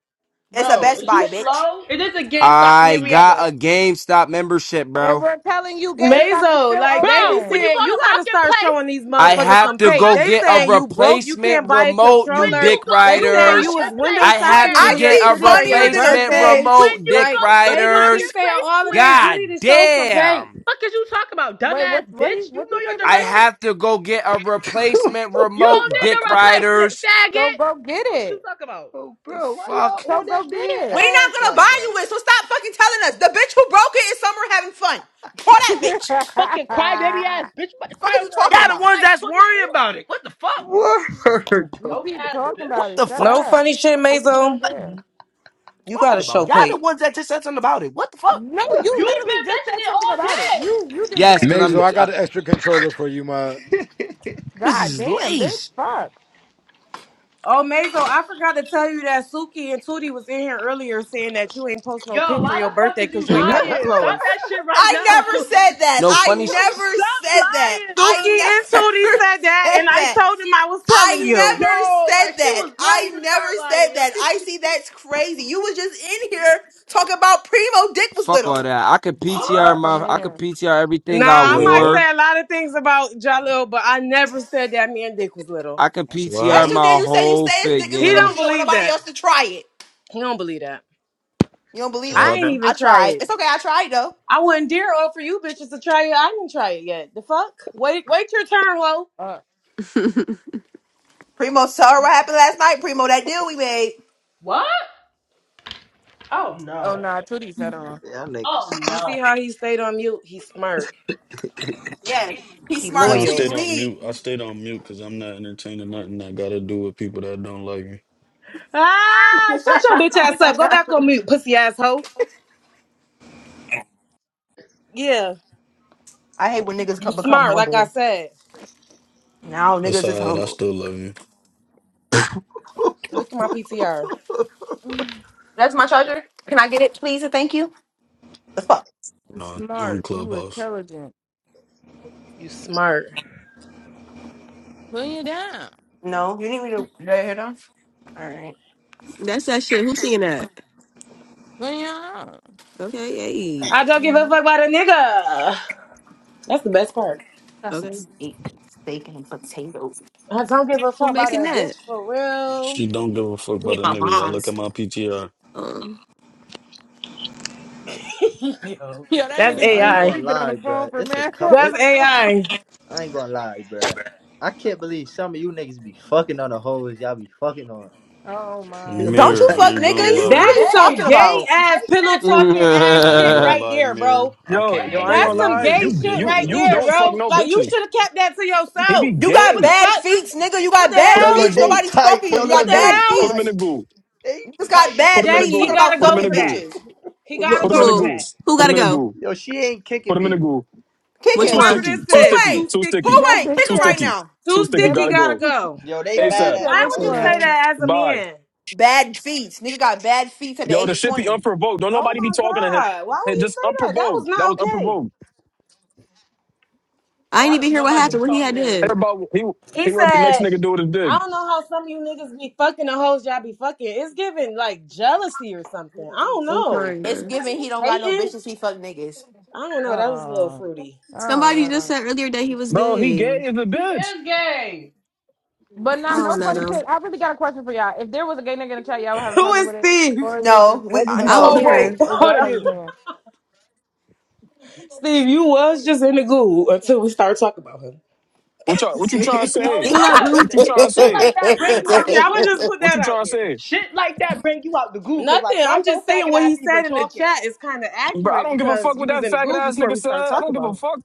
Speaker 5: It's a
Speaker 3: Bro,
Speaker 5: Best
Speaker 3: is you
Speaker 5: Buy, bitch.
Speaker 3: slow? It is a GameStop in
Speaker 2: I got
Speaker 3: Henrietta.
Speaker 2: a GameStop membership,
Speaker 6: and
Speaker 2: bro.
Speaker 6: we're telling you
Speaker 3: There,
Speaker 6: GameStop is
Speaker 12: Mazo,
Speaker 6: still
Speaker 12: like they be
Speaker 3: bro. When
Speaker 6: open.
Speaker 3: you
Speaker 12: saying, you
Speaker 3: go to
Speaker 12: gotta start
Speaker 3: marketplace,
Speaker 12: showing these
Speaker 2: I
Speaker 3: when you
Speaker 12: motherfuckers
Speaker 3: go
Speaker 2: have
Speaker 12: some
Speaker 2: to
Speaker 3: to
Speaker 12: pay.
Speaker 2: go
Speaker 12: They
Speaker 2: get a
Speaker 12: saying
Speaker 3: marketplace,
Speaker 12: you broke, you can't
Speaker 2: replacement
Speaker 12: buy a
Speaker 2: remote,
Speaker 3: when
Speaker 2: you
Speaker 12: controller.
Speaker 3: you
Speaker 2: dick
Speaker 3: go
Speaker 12: They
Speaker 3: to
Speaker 12: saying you
Speaker 2: riders.
Speaker 12: was window
Speaker 3: marketplace
Speaker 2: I
Speaker 12: shopping
Speaker 2: have
Speaker 12: in
Speaker 2: to
Speaker 12: New
Speaker 5: I
Speaker 3: square.
Speaker 12: York
Speaker 2: get
Speaker 5: see
Speaker 2: a
Speaker 12: City on your
Speaker 5: funnier than a
Speaker 2: replacement
Speaker 12: birthday.
Speaker 5: bitch.
Speaker 3: When
Speaker 2: remote,
Speaker 3: you
Speaker 2: dick
Speaker 12: Like
Speaker 3: go to
Speaker 12: they just keep
Speaker 2: riders.
Speaker 12: saying
Speaker 3: Marketplace
Speaker 12: all of this. You
Speaker 3: Square,
Speaker 12: need
Speaker 2: God
Speaker 12: to show some pay.
Speaker 2: damn.
Speaker 3: fuck is you talking about,
Speaker 6: Wait, what
Speaker 3: dumbass
Speaker 6: what he
Speaker 3: bitch? You
Speaker 6: what
Speaker 3: know
Speaker 6: you say,
Speaker 3: your
Speaker 2: I
Speaker 6: Mazo?
Speaker 3: direction.
Speaker 2: have to go get a replacement
Speaker 3: You don't
Speaker 2: remote,
Speaker 3: need a
Speaker 2: dick
Speaker 3: replacement,
Speaker 2: riders.
Speaker 6: So
Speaker 3: faggot.
Speaker 6: go get
Speaker 3: Fuck is
Speaker 6: it.
Speaker 3: you talking about?
Speaker 15: Oh,
Speaker 2: The
Speaker 15: bro, why
Speaker 2: fuck?
Speaker 15: y'all
Speaker 6: So
Speaker 15: on
Speaker 6: go
Speaker 15: that big
Speaker 5: We're
Speaker 6: get
Speaker 15: ass
Speaker 5: not gonna
Speaker 15: like
Speaker 5: buy
Speaker 15: that?
Speaker 5: you it, so stop fucking telling us. The bitch who broke it is somewhere having fun. Pour that
Speaker 6: it.
Speaker 5: bitch.
Speaker 3: Fucking crybaby ass bitch. You about to
Speaker 5: Fuck
Speaker 3: cry
Speaker 5: are you
Speaker 3: over a
Speaker 5: talking
Speaker 2: Y'all
Speaker 3: remote.
Speaker 2: the
Speaker 5: about?
Speaker 3: You
Speaker 2: ones
Speaker 3: like
Speaker 2: that's worried
Speaker 3: 24.
Speaker 2: about it. What the fuck?
Speaker 15: Word,
Speaker 6: you
Speaker 15: though.
Speaker 3: Broke
Speaker 6: keep
Speaker 3: ass
Speaker 6: talking
Speaker 2: What
Speaker 6: about
Speaker 3: bitch.
Speaker 6: it.
Speaker 2: the
Speaker 6: Shut
Speaker 2: fuck
Speaker 12: No
Speaker 6: up.
Speaker 12: funny shit,
Speaker 6: Think you don't
Speaker 12: Mazo.
Speaker 2: are
Speaker 6: care.
Speaker 2: you
Speaker 12: You
Speaker 2: talking
Speaker 12: gotta show
Speaker 2: about? Y'all the
Speaker 12: pay.
Speaker 2: ones that just said something about it. What the fuck?
Speaker 6: No, you
Speaker 3: you have
Speaker 6: literally
Speaker 3: been
Speaker 6: just said
Speaker 3: mentioning it
Speaker 6: something
Speaker 3: all
Speaker 6: about it.
Speaker 3: day.
Speaker 6: You you did
Speaker 2: Yes,
Speaker 6: that.
Speaker 2: because I'm.
Speaker 4: Mazel, I
Speaker 2: I,
Speaker 4: got an extra controller for you, ma.
Speaker 2: this
Speaker 6: God
Speaker 2: is
Speaker 6: damn, bitch.
Speaker 2: lace.
Speaker 6: Fuck.
Speaker 12: Oh, Mazo, I forgot to tell you that Suki and Tootie was in here earlier saying that you ain't post no
Speaker 3: Yo,
Speaker 12: pic for
Speaker 3: why the
Speaker 12: your
Speaker 3: fuck
Speaker 12: birthday
Speaker 3: is
Speaker 12: because
Speaker 3: you
Speaker 12: you ain't got no
Speaker 3: lying? Stop that
Speaker 12: clothes.
Speaker 3: shit right now.
Speaker 5: I never
Speaker 3: Stop
Speaker 5: said that.
Speaker 2: No
Speaker 5: I
Speaker 2: funny
Speaker 5: never said that.
Speaker 3: lying, bro.
Speaker 12: Suki
Speaker 5: I
Speaker 12: and
Speaker 5: never
Speaker 12: Tootie said that,
Speaker 5: said
Speaker 12: and I
Speaker 5: that.
Speaker 12: told them I was telling
Speaker 5: I
Speaker 12: you.
Speaker 5: never
Speaker 3: Yo, like
Speaker 5: said
Speaker 3: she
Speaker 5: that.
Speaker 3: was ready
Speaker 5: I
Speaker 3: to
Speaker 5: never
Speaker 3: start lying.
Speaker 5: said
Speaker 3: Yo,
Speaker 5: that.
Speaker 3: she.
Speaker 5: I see that's crazy. You was just in here talking about Primo dick was
Speaker 2: Fuck
Speaker 5: little.
Speaker 2: all that. I could
Speaker 3: What?
Speaker 2: PTR
Speaker 6: Oh
Speaker 2: my I could
Speaker 6: man.
Speaker 2: PTR
Speaker 12: Nah,
Speaker 2: everything I
Speaker 12: I
Speaker 14: Wait,
Speaker 12: might
Speaker 14: what?
Speaker 2: wore.
Speaker 12: say a lot of things about Jalil, but I never said that me and Dick was little.
Speaker 2: I could
Speaker 14: So what
Speaker 2: PTR
Speaker 5: Yes,
Speaker 14: happened?
Speaker 5: you did.
Speaker 2: my
Speaker 5: You said you
Speaker 2: whole
Speaker 5: say his dick
Speaker 2: fit
Speaker 5: is
Speaker 12: He
Speaker 5: little
Speaker 12: don't
Speaker 5: because
Speaker 2: gang.
Speaker 5: you don't want
Speaker 12: believe
Speaker 5: nobody
Speaker 12: that.
Speaker 5: else to try it.
Speaker 12: He don't believe that.
Speaker 5: You don't believe
Speaker 14: What
Speaker 12: I
Speaker 5: it?
Speaker 12: ain't
Speaker 14: happened?
Speaker 12: even
Speaker 5: I
Speaker 12: try
Speaker 5: tried.
Speaker 12: it.
Speaker 5: It's okay. I tried though.
Speaker 12: I wouldn't dare offer you bitches to try it. I didn't try it yet. The fuck? Wait, wait your turn, ho.
Speaker 6: Uh,
Speaker 5: Primo, tell her what happened last night. Primo, that deal we made.
Speaker 3: What? Oh
Speaker 6: oh
Speaker 3: no.
Speaker 6: nah, Tootie said on.
Speaker 15: Y'all
Speaker 3: Oh
Speaker 15: niggas.
Speaker 12: You see
Speaker 3: no.
Speaker 12: how he stayed on mute? He smart.
Speaker 5: Yeah, he's
Speaker 12: He
Speaker 5: smart
Speaker 14: Uh, I
Speaker 5: until
Speaker 12: loyal.
Speaker 5: you
Speaker 14: stayed on
Speaker 5: leave.
Speaker 14: mute. I stayed on mute because I'm not entertaining nothing that got to do with people that don't like me.
Speaker 12: Ah, shut your bitch ass up. Go back on mute, pussy asshole. Yeah,
Speaker 5: I hate when niggas co-
Speaker 12: you
Speaker 5: become
Speaker 12: smart. Like I
Speaker 5: humble.
Speaker 12: said,
Speaker 5: Now
Speaker 14: That's
Speaker 5: niggas
Speaker 14: all
Speaker 5: is
Speaker 14: right. I
Speaker 5: humble.
Speaker 14: still love you.
Speaker 15: Woo.
Speaker 12: look at my PTR.
Speaker 6: You
Speaker 5: That's my charger. Can I get it, please? And thank you. The fuck?
Speaker 14: No, on
Speaker 6: smart. You
Speaker 14: Clubhouse.
Speaker 6: intelligent.
Speaker 12: You smart.
Speaker 6: Put you down.
Speaker 5: No, you need me to. All right.
Speaker 1: that's that shit. Who's singing that?
Speaker 6: Put you on.
Speaker 1: Okay, hey,
Speaker 12: I don't give a
Speaker 6: hmm
Speaker 12: fuck about a nigga. That's the best part.
Speaker 1: okay.
Speaker 12: I don't give a
Speaker 1: Who
Speaker 12: fuck about
Speaker 1: making
Speaker 12: a
Speaker 1: that?
Speaker 12: bitch for real.
Speaker 14: She don't give a fuck about a nigga. Y'all look at my PTR.
Speaker 1: Um,
Speaker 12: Yo,
Speaker 6: Yeah, that
Speaker 12: that's
Speaker 15: Yo,
Speaker 6: nigga
Speaker 15: I
Speaker 6: D
Speaker 15: ain't
Speaker 12: AI.
Speaker 15: gonna
Speaker 6: three been on the
Speaker 15: lie,
Speaker 6: phone
Speaker 15: bruh.
Speaker 6: for
Speaker 15: It's a
Speaker 6: man.
Speaker 15: cut. It.
Speaker 12: That's AI.
Speaker 15: I ain't gonna lie, bruh. I can't believe some of you niggas be fucking on the hoes y'all be fucking on.
Speaker 6: Oh my
Speaker 15: Yo,
Speaker 5: Don't
Speaker 6: goodness.
Speaker 14: Mirror,
Speaker 5: you
Speaker 15: like
Speaker 14: I
Speaker 5: fuck
Speaker 14: ain't
Speaker 3: Nigga,
Speaker 14: gonna
Speaker 15: real.
Speaker 3: you
Speaker 5: niggas? What
Speaker 14: lie.
Speaker 5: are
Speaker 12: That's
Speaker 5: you
Speaker 12: some
Speaker 3: gay.
Speaker 5: talking
Speaker 3: Fuck
Speaker 12: gay
Speaker 5: about?
Speaker 3: that
Speaker 12: ass
Speaker 3: gay
Speaker 12: pillow
Speaker 3: ass.
Speaker 12: talking ass
Speaker 14: I ain't
Speaker 12: shit
Speaker 14: gonna
Speaker 12: right
Speaker 14: lie,
Speaker 12: there,
Speaker 14: Mirror.
Speaker 12: bro.
Speaker 3: I'm
Speaker 14: I
Speaker 16: Yo,
Speaker 14: can't
Speaker 16: yo, I ain't
Speaker 3: gay.
Speaker 14: believe
Speaker 12: That's
Speaker 16: gonna
Speaker 14: you
Speaker 12: some
Speaker 14: don't
Speaker 16: lie.
Speaker 12: gay
Speaker 14: even
Speaker 16: You,
Speaker 14: get
Speaker 12: shit
Speaker 14: no
Speaker 16: you,
Speaker 12: right
Speaker 16: you
Speaker 12: there,
Speaker 14: bitches.
Speaker 16: don't fuck
Speaker 12: bro.
Speaker 16: no
Speaker 12: Like you
Speaker 16: bitches.
Speaker 12: should have kept that to
Speaker 16: He be
Speaker 12: yourself.
Speaker 5: You got
Speaker 12: What the
Speaker 16: gay.
Speaker 5: bad
Speaker 12: fuck?
Speaker 5: feet, nigga. You
Speaker 12: What
Speaker 5: got
Speaker 12: the
Speaker 5: bad
Speaker 16: Put him
Speaker 15: Yo,
Speaker 16: in
Speaker 12: hell?
Speaker 16: the
Speaker 15: look,
Speaker 5: feet.
Speaker 15: they
Speaker 16: goo.
Speaker 5: Nobody's
Speaker 15: tight.
Speaker 5: fucking you.
Speaker 16: Put
Speaker 15: Yo,
Speaker 5: You
Speaker 16: him in
Speaker 12: What
Speaker 16: the
Speaker 5: got
Speaker 12: the
Speaker 15: look, they
Speaker 5: bad
Speaker 16: goo. Put
Speaker 12: hell?
Speaker 5: feet.
Speaker 16: him in the
Speaker 15: tight.
Speaker 16: goo.
Speaker 15: They
Speaker 5: You just
Speaker 15: tight
Speaker 5: got
Speaker 16: Put
Speaker 5: bad
Speaker 15: as
Speaker 16: him in the
Speaker 15: shit.
Speaker 5: feet
Speaker 12: Jackie, he
Speaker 5: talking
Speaker 16: goo.
Speaker 12: gotta
Speaker 5: about
Speaker 16: Put him
Speaker 12: go
Speaker 16: in
Speaker 5: fucking
Speaker 16: the
Speaker 12: for
Speaker 16: goo.
Speaker 12: that.
Speaker 5: bitches.
Speaker 12: He gotta
Speaker 1: wh-
Speaker 16: Put him in
Speaker 12: go
Speaker 16: the
Speaker 12: for
Speaker 1: who?
Speaker 16: goo.
Speaker 12: that.
Speaker 1: Who
Speaker 16: Put
Speaker 1: gotta
Speaker 16: him in the
Speaker 1: go?
Speaker 16: goo.
Speaker 15: Yo, she ain't
Speaker 16: Put
Speaker 15: kicking
Speaker 16: him in
Speaker 15: me.
Speaker 16: the goo.
Speaker 5: Kick
Speaker 1: Which
Speaker 16: Too
Speaker 5: him.
Speaker 12: Whoever
Speaker 1: one?
Speaker 12: this
Speaker 16: sticky.
Speaker 5: Who
Speaker 16: Too
Speaker 12: is,
Speaker 16: sticky.
Speaker 5: ain't?
Speaker 12: too
Speaker 16: Too sticky.
Speaker 5: Who
Speaker 12: sticky.
Speaker 6: That
Speaker 5: ain't?
Speaker 6: bitch
Speaker 5: Kick
Speaker 16: Too
Speaker 5: him right
Speaker 6: said.
Speaker 16: sticky.
Speaker 5: now.
Speaker 16: Too
Speaker 12: Too
Speaker 16: sticky.
Speaker 6: That
Speaker 12: sticky
Speaker 16: Gotta
Speaker 6: bitch.
Speaker 12: gotta
Speaker 16: go.
Speaker 12: go.
Speaker 15: Yo, they
Speaker 6: That
Speaker 15: mad
Speaker 6: bitch
Speaker 16: ASAP.
Speaker 6: said
Speaker 15: at me.
Speaker 12: Why
Speaker 6: which
Speaker 12: would
Speaker 1: Say
Speaker 15: Don't
Speaker 12: you say
Speaker 15: kick
Speaker 1: that.
Speaker 6: one?
Speaker 15: me.
Speaker 12: that as a
Speaker 16: Bye.
Speaker 12: man?
Speaker 5: Bad feet. Nigga got bad feet at the
Speaker 16: Yo,
Speaker 5: age
Speaker 16: the
Speaker 5: of
Speaker 16: shit be
Speaker 5: 20.
Speaker 16: unprovoked. Don't
Speaker 12: Oh
Speaker 16: nobody be
Speaker 12: my
Speaker 16: talking to him.
Speaker 12: God. Why
Speaker 16: Hey,
Speaker 12: would you
Speaker 16: just
Speaker 12: say that? That
Speaker 16: unprovoked. That was
Speaker 12: was
Speaker 16: unprovoked.
Speaker 1: I ain't
Speaker 3: Not
Speaker 12: not
Speaker 1: even
Speaker 12: okay.
Speaker 3: that
Speaker 1: hear what
Speaker 3: nobody be
Speaker 1: happened.
Speaker 12: OMG.
Speaker 1: What he
Speaker 3: talking
Speaker 1: had
Speaker 3: to him.
Speaker 1: did?
Speaker 16: Everybody, he, he
Speaker 12: He
Speaker 16: what the next
Speaker 12: said,
Speaker 16: nigga do with his dick.
Speaker 12: I don't know how some of you niggas be fucking the hoes y'all be fucking. It's giving like jealousy or something. I don't
Speaker 1: I'm
Speaker 12: know.
Speaker 5: It's
Speaker 1: crying.
Speaker 5: given he don't got no
Speaker 12: Hating?
Speaker 5: bitches, he fuck niggas.
Speaker 12: I don't know. That was a little
Speaker 6: Oh,
Speaker 12: fruity.
Speaker 6: I don't
Speaker 1: Somebody just
Speaker 6: know,
Speaker 1: said earlier that he was
Speaker 16: Bro, he
Speaker 1: gay.
Speaker 16: gay as
Speaker 1: I
Speaker 16: a
Speaker 3: He
Speaker 16: bitch.
Speaker 3: is gay.
Speaker 6: But not no
Speaker 1: don't know
Speaker 6: funny thing.
Speaker 1: though.
Speaker 6: I really got a question for y'all. If there was a gay nigga in the chat, y'all would have a
Speaker 12: Who
Speaker 6: problem
Speaker 12: is
Speaker 6: with it,
Speaker 12: Steve?
Speaker 6: or is it just
Speaker 5: No, we
Speaker 16: What
Speaker 5: uh,
Speaker 16: did you
Speaker 1: I
Speaker 6: because
Speaker 1: don't
Speaker 16: talk
Speaker 5: no.
Speaker 12: Oh,
Speaker 6: of
Speaker 12: wait.
Speaker 1: care.
Speaker 16: about?
Speaker 6: it's
Speaker 12: Hold
Speaker 6: just
Speaker 12: on.
Speaker 6: because it's
Speaker 16: Faggot.
Speaker 6: men?
Speaker 12: Steve, you was just in the goo until we started talking about him.
Speaker 16: What you what you trying to
Speaker 3: So
Speaker 16: say?
Speaker 1: Pull up,
Speaker 3: what?
Speaker 1: Lou.
Speaker 16: What
Speaker 3: Th-
Speaker 16: you trying to
Speaker 3: Shit
Speaker 16: say?
Speaker 3: like that bring you
Speaker 12: I'm,
Speaker 3: out the
Speaker 12: I'm going
Speaker 3: goo.
Speaker 12: to just put
Speaker 16: What
Speaker 12: that
Speaker 16: you
Speaker 12: out
Speaker 16: trying to
Speaker 12: there.
Speaker 16: say?
Speaker 3: Shit like that bring you out the goo. Cause
Speaker 12: Nothing.
Speaker 3: like, why
Speaker 12: I'm
Speaker 3: your
Speaker 12: just saying
Speaker 3: faggot
Speaker 12: what
Speaker 3: ass
Speaker 12: he
Speaker 3: even
Speaker 12: said in the
Speaker 3: talking?
Speaker 12: chat is kind of
Speaker 16: Bro, I
Speaker 12: accurate
Speaker 16: don't give a fuck
Speaker 12: because
Speaker 16: what
Speaker 12: you was
Speaker 16: that
Speaker 12: in the
Speaker 16: faggot
Speaker 12: goo
Speaker 16: ass
Speaker 12: before
Speaker 16: nigga
Speaker 12: we
Speaker 16: said.
Speaker 12: started
Speaker 16: I
Speaker 12: talking
Speaker 16: don't give
Speaker 12: about
Speaker 16: a
Speaker 12: him.
Speaker 16: fuck.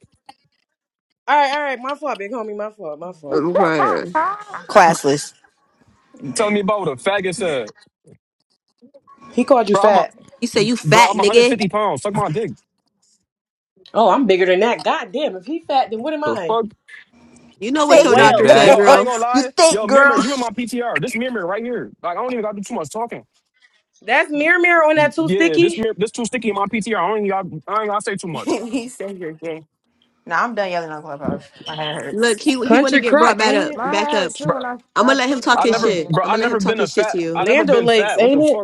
Speaker 12: All right, all right. My fault, big homie. My fault. My fault.
Speaker 1: I'm crying.
Speaker 5: Classless.
Speaker 16: Tell me about what a faggot said.
Speaker 12: He called you
Speaker 16: Bro, I'm a
Speaker 12: fat.
Speaker 1: You say you
Speaker 16: bro,
Speaker 1: fat,
Speaker 16: I'm
Speaker 1: nigga.
Speaker 16: 150 pounds. Suck my dick.
Speaker 12: Oh, I'm bigger than that. God damn. If he fat, then what am
Speaker 16: The
Speaker 12: I?
Speaker 16: fuck?
Speaker 1: You know
Speaker 12: A
Speaker 1: what your
Speaker 5: Thick.
Speaker 2: Big
Speaker 1: doctor
Speaker 12: whale.
Speaker 1: said,
Speaker 16: Yo,
Speaker 2: back.
Speaker 16: I
Speaker 1: girl.
Speaker 16: ain't gonna
Speaker 5: you
Speaker 16: lie.
Speaker 5: thick,
Speaker 16: Yo, Mirror,
Speaker 5: girl.
Speaker 16: you in my PTR. This Mirror right here. Like, I don't even gotta do too much talking.
Speaker 12: That's mirror mirror on that too
Speaker 16: Yeah, this
Speaker 12: sticky.
Speaker 16: mirror, this too sticky in my PTR. I don't even got, I ain't gotta say too much.
Speaker 5: he said you're gay. Nah, I'm done yelling on Clubhouse. My head
Speaker 1: Look,
Speaker 5: hurts.
Speaker 1: he he want to
Speaker 12: Country
Speaker 1: get
Speaker 12: crock,
Speaker 1: brought back
Speaker 12: ain't
Speaker 1: up,
Speaker 12: it?
Speaker 6: My
Speaker 1: back
Speaker 6: hair
Speaker 1: up.
Speaker 6: hurt
Speaker 16: Bro,
Speaker 6: too, and I
Speaker 1: I'm
Speaker 6: I
Speaker 1: gonna let him
Speaker 6: took
Speaker 1: talk
Speaker 16: I
Speaker 6: something
Speaker 1: his
Speaker 16: never,
Speaker 6: already.
Speaker 1: shit.
Speaker 16: bro,
Speaker 1: I'm
Speaker 16: I
Speaker 1: gonna let him
Speaker 16: never
Speaker 1: talk
Speaker 16: been a
Speaker 1: his shit to
Speaker 16: fat.
Speaker 1: you.
Speaker 16: I never
Speaker 12: Lando
Speaker 16: been
Speaker 12: Lakes,
Speaker 16: fat. What the
Speaker 12: ain't
Speaker 16: fuck?
Speaker 12: it?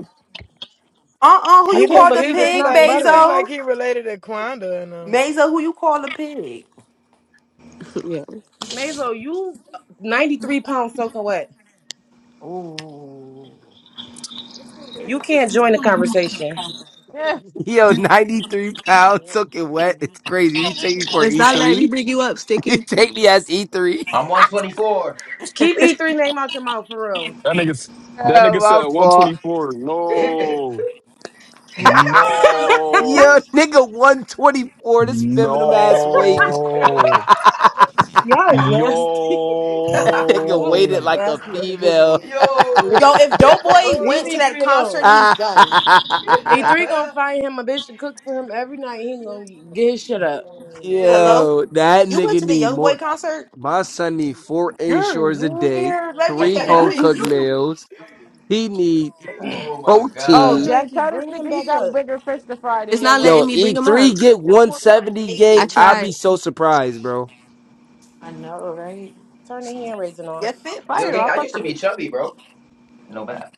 Speaker 5: Uh-uh, who
Speaker 12: I
Speaker 17: He
Speaker 5: you
Speaker 12: can't
Speaker 5: call
Speaker 17: look,
Speaker 5: the
Speaker 17: he
Speaker 12: believe it's
Speaker 17: looks
Speaker 5: pig,
Speaker 17: like
Speaker 12: not
Speaker 17: he look
Speaker 12: butter.
Speaker 5: Mazo?
Speaker 17: like he related to Quanda and them.
Speaker 5: Mazo, who you call the pig?
Speaker 1: yeah,
Speaker 12: Mazo, you uh, 93 pounds soaking wet.
Speaker 5: Ooh.
Speaker 12: You can't join the conversation.
Speaker 6: Yeah.
Speaker 2: Yo, 93 pounds, took it wet. It's crazy. You take me for
Speaker 1: it's not letting me
Speaker 2: E3?
Speaker 1: bring you up,
Speaker 2: You
Speaker 1: Sticky.
Speaker 2: take me as E3?
Speaker 13: I'm 124.
Speaker 12: Keep E3 name out your mouth for real.
Speaker 16: That nigga, that
Speaker 2: Yeah,
Speaker 16: nigga
Speaker 2: my
Speaker 16: said
Speaker 2: fault.
Speaker 16: 124.
Speaker 13: yo.
Speaker 16: No,
Speaker 2: Yo,
Speaker 16: no,
Speaker 2: nigga 124, this feminine ass weight.
Speaker 16: no,
Speaker 12: Y'all is nasty.
Speaker 2: nigga
Speaker 12: Y'all is
Speaker 2: weighted
Speaker 12: some
Speaker 16: yo.
Speaker 2: like a
Speaker 12: nasty
Speaker 2: female.
Speaker 12: individuals. Le-
Speaker 13: Yo.
Speaker 5: Yo, if Doughboy went to
Speaker 12: Leave
Speaker 5: that
Speaker 12: E3
Speaker 5: concert,
Speaker 12: alone.
Speaker 5: he's done.
Speaker 12: A3 gonna find him a bitch to cook for him every night. He gonna get his shit up.
Speaker 5: Hello?
Speaker 13: yo.
Speaker 2: Yo, that
Speaker 5: You went
Speaker 2: nigga
Speaker 5: to the
Speaker 2: need
Speaker 5: Young Boy
Speaker 2: more.
Speaker 5: concert?
Speaker 2: My son need four
Speaker 5: You're
Speaker 2: insures a day,
Speaker 5: weird. Let me
Speaker 2: three
Speaker 5: see your
Speaker 2: home
Speaker 5: fit.
Speaker 2: cooked
Speaker 5: You
Speaker 2: meals. He need
Speaker 13: Oh my
Speaker 6: E
Speaker 12: Oh,
Speaker 13: god.
Speaker 2: protein.
Speaker 6: three,
Speaker 12: Jackie,
Speaker 6: tell this
Speaker 12: bring him
Speaker 6: nigga he
Speaker 12: back
Speaker 5: you.
Speaker 6: got
Speaker 12: up.
Speaker 6: bigger fish to fry than
Speaker 1: It's
Speaker 6: your
Speaker 1: not
Speaker 2: Yo,
Speaker 1: letting
Speaker 6: way.
Speaker 1: me bring
Speaker 2: eat
Speaker 1: him up.
Speaker 2: three, get
Speaker 5: I want someone in
Speaker 2: 170
Speaker 1: I
Speaker 2: gang.
Speaker 5: Vegas.
Speaker 2: I'd be
Speaker 1: tried.
Speaker 2: so surprised, bro.
Speaker 5: I know, right?
Speaker 12: Turn the hand raising
Speaker 5: Yeah,
Speaker 12: off.
Speaker 5: fit
Speaker 13: Yo,
Speaker 5: fire though.
Speaker 13: gang,
Speaker 5: I
Speaker 13: I
Speaker 5: fuck
Speaker 13: used to
Speaker 5: with
Speaker 13: be
Speaker 5: it.
Speaker 13: chubby, bro. No bad.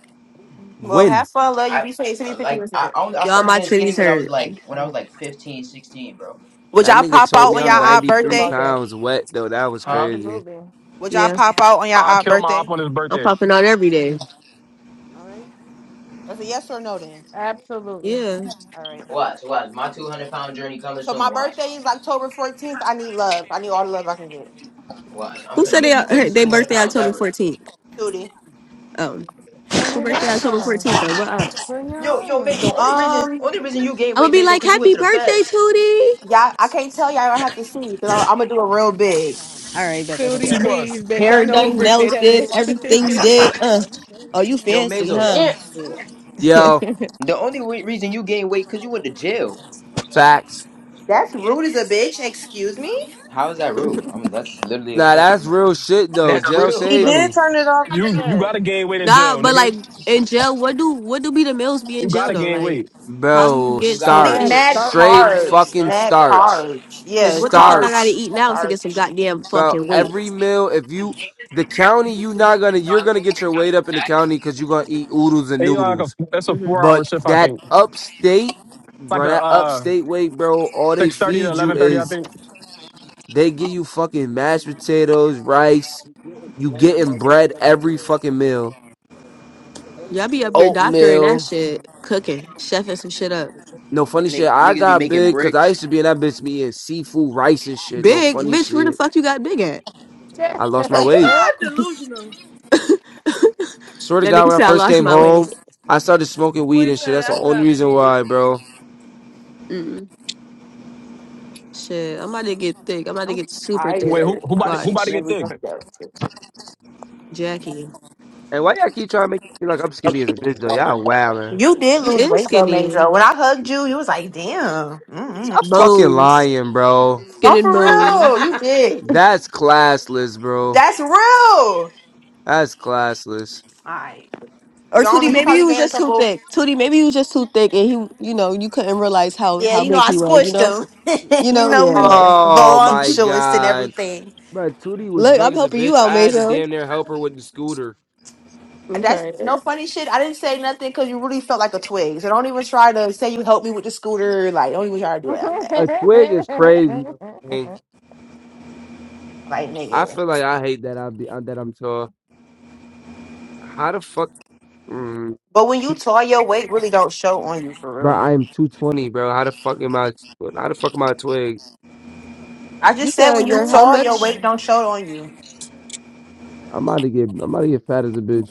Speaker 5: Well, have
Speaker 2: When?
Speaker 5: fun, love you.
Speaker 13: I
Speaker 5: Be safe. Send me
Speaker 13: like
Speaker 5: pictures of
Speaker 13: I
Speaker 5: it.
Speaker 13: I only- I
Speaker 1: Y'all,
Speaker 13: started
Speaker 1: my
Speaker 13: getting skinny
Speaker 1: titties
Speaker 13: when I was
Speaker 1: hurt.
Speaker 13: like when I
Speaker 5: Uh,
Speaker 13: was like 15, 16, bro.
Speaker 5: Would
Speaker 2: That
Speaker 5: y'all
Speaker 2: nigga
Speaker 5: pop
Speaker 2: told
Speaker 12: What
Speaker 5: out
Speaker 2: me
Speaker 12: do
Speaker 5: on y'all
Speaker 12: you
Speaker 2: I'm
Speaker 12: want us
Speaker 5: odd
Speaker 12: to do
Speaker 2: 93
Speaker 5: birthday?
Speaker 12: about that?
Speaker 2: pounds wet, though. That was
Speaker 13: Huh?
Speaker 2: crazy.
Speaker 6: Absolutely,
Speaker 5: Would y'all
Speaker 1: Yeah,
Speaker 5: pop out on y'all
Speaker 16: I
Speaker 5: odd
Speaker 16: killed my op
Speaker 5: birthday?
Speaker 16: on his
Speaker 1: I'm
Speaker 16: birthday.
Speaker 1: popping out every day.
Speaker 5: All right. That's a yes or no then.
Speaker 6: absolutely.
Speaker 1: Yeah.
Speaker 5: All right.
Speaker 13: Watch, watch. My 200 pound journey coming
Speaker 5: So
Speaker 13: soon.
Speaker 5: my
Speaker 13: Watch,
Speaker 5: birthday is October 14th. I need love. I need all the love I can get.
Speaker 13: watch. I'm
Speaker 1: Who
Speaker 13: finna
Speaker 1: said they
Speaker 13: gain the
Speaker 1: her,
Speaker 13: quickest
Speaker 1: they
Speaker 13: 200
Speaker 1: birthday
Speaker 13: pounds
Speaker 1: October
Speaker 13: ever.
Speaker 1: 14th?
Speaker 5: Tootie.
Speaker 1: Um,
Speaker 6: Bring
Speaker 1: who
Speaker 6: it
Speaker 1: birthday October
Speaker 6: down.
Speaker 1: 14th though? What up?
Speaker 6: Bring it
Speaker 13: Yo, yo,
Speaker 6: on.
Speaker 13: Mazo. Only reason,
Speaker 5: Um,
Speaker 13: only reason you gained
Speaker 1: I'm gonna
Speaker 13: weight,
Speaker 1: be
Speaker 13: Mazo,
Speaker 1: like,
Speaker 13: because you went
Speaker 1: happy
Speaker 13: to the
Speaker 1: birthday,
Speaker 13: feds.
Speaker 1: Tootie.
Speaker 5: yeah, I can't tell y'all. I have to see because I'm, I'm gonna do it real big.
Speaker 1: All right, bet, bet, bet,
Speaker 16: See,
Speaker 10: Tootie,
Speaker 1: bet.
Speaker 16: bus,
Speaker 10: please, bitch. I
Speaker 1: Hair
Speaker 10: know
Speaker 13: Yo,
Speaker 10: who
Speaker 1: done,
Speaker 10: birthday
Speaker 1: nails did,
Speaker 10: that
Speaker 1: everything did. Uh, oh, you
Speaker 13: yo,
Speaker 1: fancy,
Speaker 13: Mazo.
Speaker 1: huh?
Speaker 12: Fancy.
Speaker 2: Yo,
Speaker 10: is.
Speaker 13: The only wa- reason you gained weight because you went to jail.
Speaker 2: facts.
Speaker 5: That's
Speaker 13: Yeah.
Speaker 5: rude as a bitch. Excuse me.
Speaker 13: How is that real? I'm. That's literally a
Speaker 2: Nah,
Speaker 13: fact.
Speaker 2: that's
Speaker 13: I'm not.
Speaker 2: real shit, though.
Speaker 13: That's
Speaker 2: Jail
Speaker 13: real,
Speaker 12: He
Speaker 2: saved
Speaker 13: bro.
Speaker 12: did
Speaker 2: me.
Speaker 12: turn it off, you
Speaker 16: you you
Speaker 12: said.
Speaker 16: gotta gain weight in
Speaker 1: Nah,
Speaker 16: jail,
Speaker 1: but
Speaker 16: nigga.
Speaker 1: like in jail, what do what do be the meals be in
Speaker 16: You
Speaker 1: jail
Speaker 16: gotta
Speaker 1: though?
Speaker 16: gain
Speaker 1: Like,
Speaker 16: weight.
Speaker 1: how do you
Speaker 2: Bro,
Speaker 13: You
Speaker 1: get
Speaker 5: I
Speaker 1: so
Speaker 13: gotta
Speaker 5: think
Speaker 6: Mad
Speaker 1: thin?
Speaker 2: starch.
Speaker 5: mad
Speaker 13: overeat, even
Speaker 2: Straight
Speaker 6: Starkey.
Speaker 13: even though you're
Speaker 5: carbs.
Speaker 2: fucking
Speaker 13: starving.
Speaker 5: Mad
Speaker 13: You gotta
Speaker 2: starch.
Speaker 13: over.
Speaker 5: carbs.
Speaker 1: Cause
Speaker 5: Yeah,
Speaker 1: what the fuck I gotta
Speaker 5: carbs.
Speaker 2: Starch.
Speaker 1: eat now to get some
Speaker 5: Starch.
Speaker 1: goddamn
Speaker 2: about
Speaker 1: fucking weight?
Speaker 2: every meal. If you the county, you not gonna you're gonna get your weight up in the county because you're gonna eat oodles and
Speaker 16: And like a,
Speaker 2: noodles.
Speaker 16: that's a
Speaker 1: Mm-hmm.
Speaker 16: four hour
Speaker 2: But
Speaker 16: shift, I
Speaker 2: that
Speaker 16: think. It's
Speaker 2: upstate,
Speaker 16: like
Speaker 2: bro,
Speaker 16: a
Speaker 2: that
Speaker 16: uh
Speaker 2: upstate weight, bro, all they
Speaker 16: six thirty to
Speaker 2: feed you
Speaker 16: eleven thirty, I
Speaker 2: is
Speaker 16: think.
Speaker 2: they give you fucking mashed potatoes, rice. You getting bread every fucking meal,
Speaker 1: Y'all be up there doctoring that
Speaker 2: oatmeal.
Speaker 1: shit, cooking, chefing some shit up.
Speaker 2: No funny shit.
Speaker 13: Ni-
Speaker 2: I
Speaker 13: Niggas be
Speaker 2: got
Speaker 13: making
Speaker 2: big because I
Speaker 13: bricks.
Speaker 2: used to be in that bitch me eating seafood, rice and shit. No
Speaker 1: Big
Speaker 2: funny
Speaker 1: bitch, where the
Speaker 2: shit.
Speaker 1: fuck you got big at?
Speaker 2: I lost my weight.
Speaker 12: Delusional.
Speaker 2: Swear to
Speaker 1: That
Speaker 2: God,
Speaker 1: nigga
Speaker 2: when I
Speaker 1: said I
Speaker 2: first
Speaker 1: lost
Speaker 2: came
Speaker 1: my
Speaker 2: home,
Speaker 1: weight.
Speaker 2: I started smoking
Speaker 12: Boy
Speaker 2: weed and shit.
Speaker 12: said
Speaker 2: That's the
Speaker 12: I
Speaker 2: only
Speaker 12: got
Speaker 2: reason
Speaker 12: big.
Speaker 2: why, bro.
Speaker 1: Mm-mm. Shit, I'm about to get thick. I'm about to
Speaker 5: I'm
Speaker 1: get super
Speaker 16: Wait,
Speaker 1: thick.
Speaker 16: who
Speaker 5: tired.
Speaker 16: who about
Speaker 5: I
Speaker 16: to, who
Speaker 5: should
Speaker 16: about
Speaker 5: have
Speaker 16: to
Speaker 1: Watch,
Speaker 16: get
Speaker 5: never
Speaker 16: thick?
Speaker 5: done that.
Speaker 1: Jackie,
Speaker 2: And why y'all keep trying to make me feel like I'm skinny as a bitch, though? Y'all wow, man.
Speaker 5: You did
Speaker 1: you
Speaker 5: lose
Speaker 1: is
Speaker 5: weight though,
Speaker 1: skinny.
Speaker 5: Mazo. When I hugged you, you was like, "Damn." mm
Speaker 2: Stop fucking
Speaker 1: Bones,
Speaker 2: lying, bro.
Speaker 1: skin
Speaker 5: Oh,
Speaker 1: and
Speaker 5: for
Speaker 1: bones.
Speaker 5: real. You did.
Speaker 2: That's classless, bro.
Speaker 5: That's real. All
Speaker 2: That's classless.
Speaker 5: right.
Speaker 1: Or
Speaker 5: Y'all know
Speaker 1: Tootie,
Speaker 5: you
Speaker 1: maybe he
Speaker 5: probably
Speaker 1: was
Speaker 5: gained a
Speaker 1: just too
Speaker 5: couple.
Speaker 1: thick. Tootie, maybe he was just too thick, and he, you know, you couldn't realize how
Speaker 5: Yeah,
Speaker 1: how
Speaker 5: you know
Speaker 1: big
Speaker 5: I
Speaker 1: he was. You
Speaker 5: squished
Speaker 1: know,
Speaker 5: them.
Speaker 1: you
Speaker 5: you
Speaker 1: know,
Speaker 5: know we
Speaker 1: yeah.
Speaker 2: Oh my
Speaker 5: voluptuous and
Speaker 2: god.
Speaker 5: everything.
Speaker 2: Bro, Tootie was
Speaker 1: Look, I'm
Speaker 2: drunk as a
Speaker 1: helping you
Speaker 2: bitch.
Speaker 1: out,
Speaker 2: I had to
Speaker 1: Mason.
Speaker 2: damn near help her with the scooter.
Speaker 1: I'm
Speaker 5: That's no
Speaker 1: crying.
Speaker 5: funny shit. I didn't say nothing because you really felt like a twig. So don't even try to say you helped me with the scooter. Like, don't even try to do that.
Speaker 2: A twig is crazy. man.
Speaker 5: Like,
Speaker 2: I
Speaker 5: nigga.
Speaker 2: feel like I hate that I'm that I'm tall. How the fuck? mm.
Speaker 5: But when you tall, your weight really don't show on you for
Speaker 2: Bro,
Speaker 5: real.
Speaker 2: I am 220, bro. How the fuck am I? How the fuck am I a twig?
Speaker 5: I
Speaker 1: You
Speaker 5: just said when
Speaker 1: said
Speaker 6: Bring
Speaker 5: you
Speaker 1: you're
Speaker 6: it
Speaker 1: how
Speaker 5: tall, your
Speaker 1: much?
Speaker 5: weight
Speaker 6: on.
Speaker 5: don't show on you.
Speaker 2: I'm about to get. I'm about to get fat as a bitch.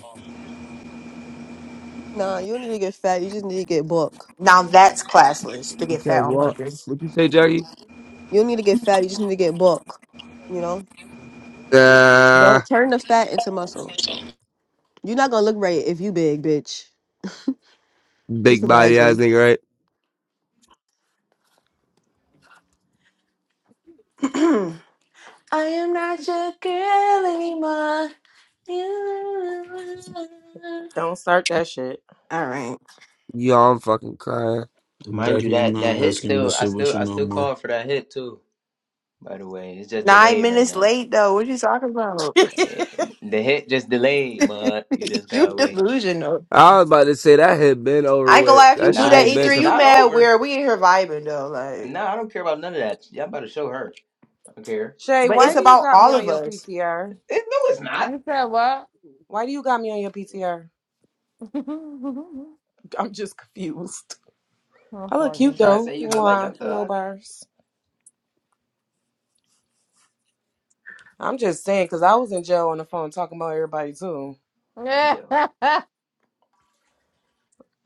Speaker 1: Nah, you don't need to get fat. You just need to get bulk.
Speaker 5: Now that's classless to
Speaker 2: You
Speaker 5: get
Speaker 2: said
Speaker 5: fat on
Speaker 2: what?
Speaker 5: purpose.
Speaker 2: What you say, Jackie?
Speaker 1: You don't need to get fat. You just need to get bulk. You know,
Speaker 2: Uh,
Speaker 1: don't turn the fat into muscle. You're not gonna look right if you big, bitch. Just
Speaker 2: big body ass
Speaker 1: imagine
Speaker 2: nigga, right?
Speaker 5: I am not your girl anymore. You-
Speaker 12: Don't start that shit.
Speaker 5: All right.
Speaker 2: Yo, I'm fucking crying.
Speaker 13: Mind you,
Speaker 14: Jackie, I'm
Speaker 13: that that
Speaker 14: not
Speaker 13: hit
Speaker 14: asking you to
Speaker 13: still. I
Speaker 14: sit with
Speaker 13: still
Speaker 14: you
Speaker 13: I
Speaker 14: no
Speaker 13: still
Speaker 14: more.
Speaker 13: called for that hit too. By the way, it's just
Speaker 5: Nine
Speaker 13: delayed right
Speaker 5: minutes
Speaker 13: now.
Speaker 5: late though. What you talking about?
Speaker 13: Eh, The hit just delayed, but you just
Speaker 5: you
Speaker 13: gotta wait.
Speaker 5: delusional.
Speaker 2: I was about to say that had been over
Speaker 5: I ain't gonna
Speaker 2: with.
Speaker 5: lie, if you
Speaker 2: That
Speaker 5: do
Speaker 2: shit
Speaker 13: Nah,
Speaker 5: that
Speaker 2: ain't
Speaker 13: it's
Speaker 2: been
Speaker 5: E3,
Speaker 13: it's
Speaker 2: conf-
Speaker 5: you
Speaker 13: not
Speaker 5: mad
Speaker 13: over.
Speaker 5: weird. We in here vibing though,
Speaker 13: And
Speaker 5: like.
Speaker 13: no, I don't care about none of that. Y'all better show her. I don't care.
Speaker 12: Shay,
Speaker 5: But it's
Speaker 12: why do
Speaker 13: What?
Speaker 12: you
Speaker 5: about
Speaker 12: got me
Speaker 5: all
Speaker 12: on
Speaker 5: of
Speaker 12: your
Speaker 5: us.
Speaker 12: PTR?
Speaker 13: It, no, it's not.
Speaker 6: You said what?
Speaker 12: Why do you got me on your PTR? I'm just confused.
Speaker 6: I'm
Speaker 12: I look
Speaker 13: You
Speaker 12: cute
Speaker 6: fucking.
Speaker 13: trying to
Speaker 12: though.
Speaker 13: say you look like
Speaker 12: Mwah.
Speaker 13: Young
Speaker 12: No
Speaker 13: Thug?
Speaker 12: bars. I'm just saying, cause I was in jail on the phone talking about everybody too.
Speaker 6: Yeah.
Speaker 13: Yo,
Speaker 6: oh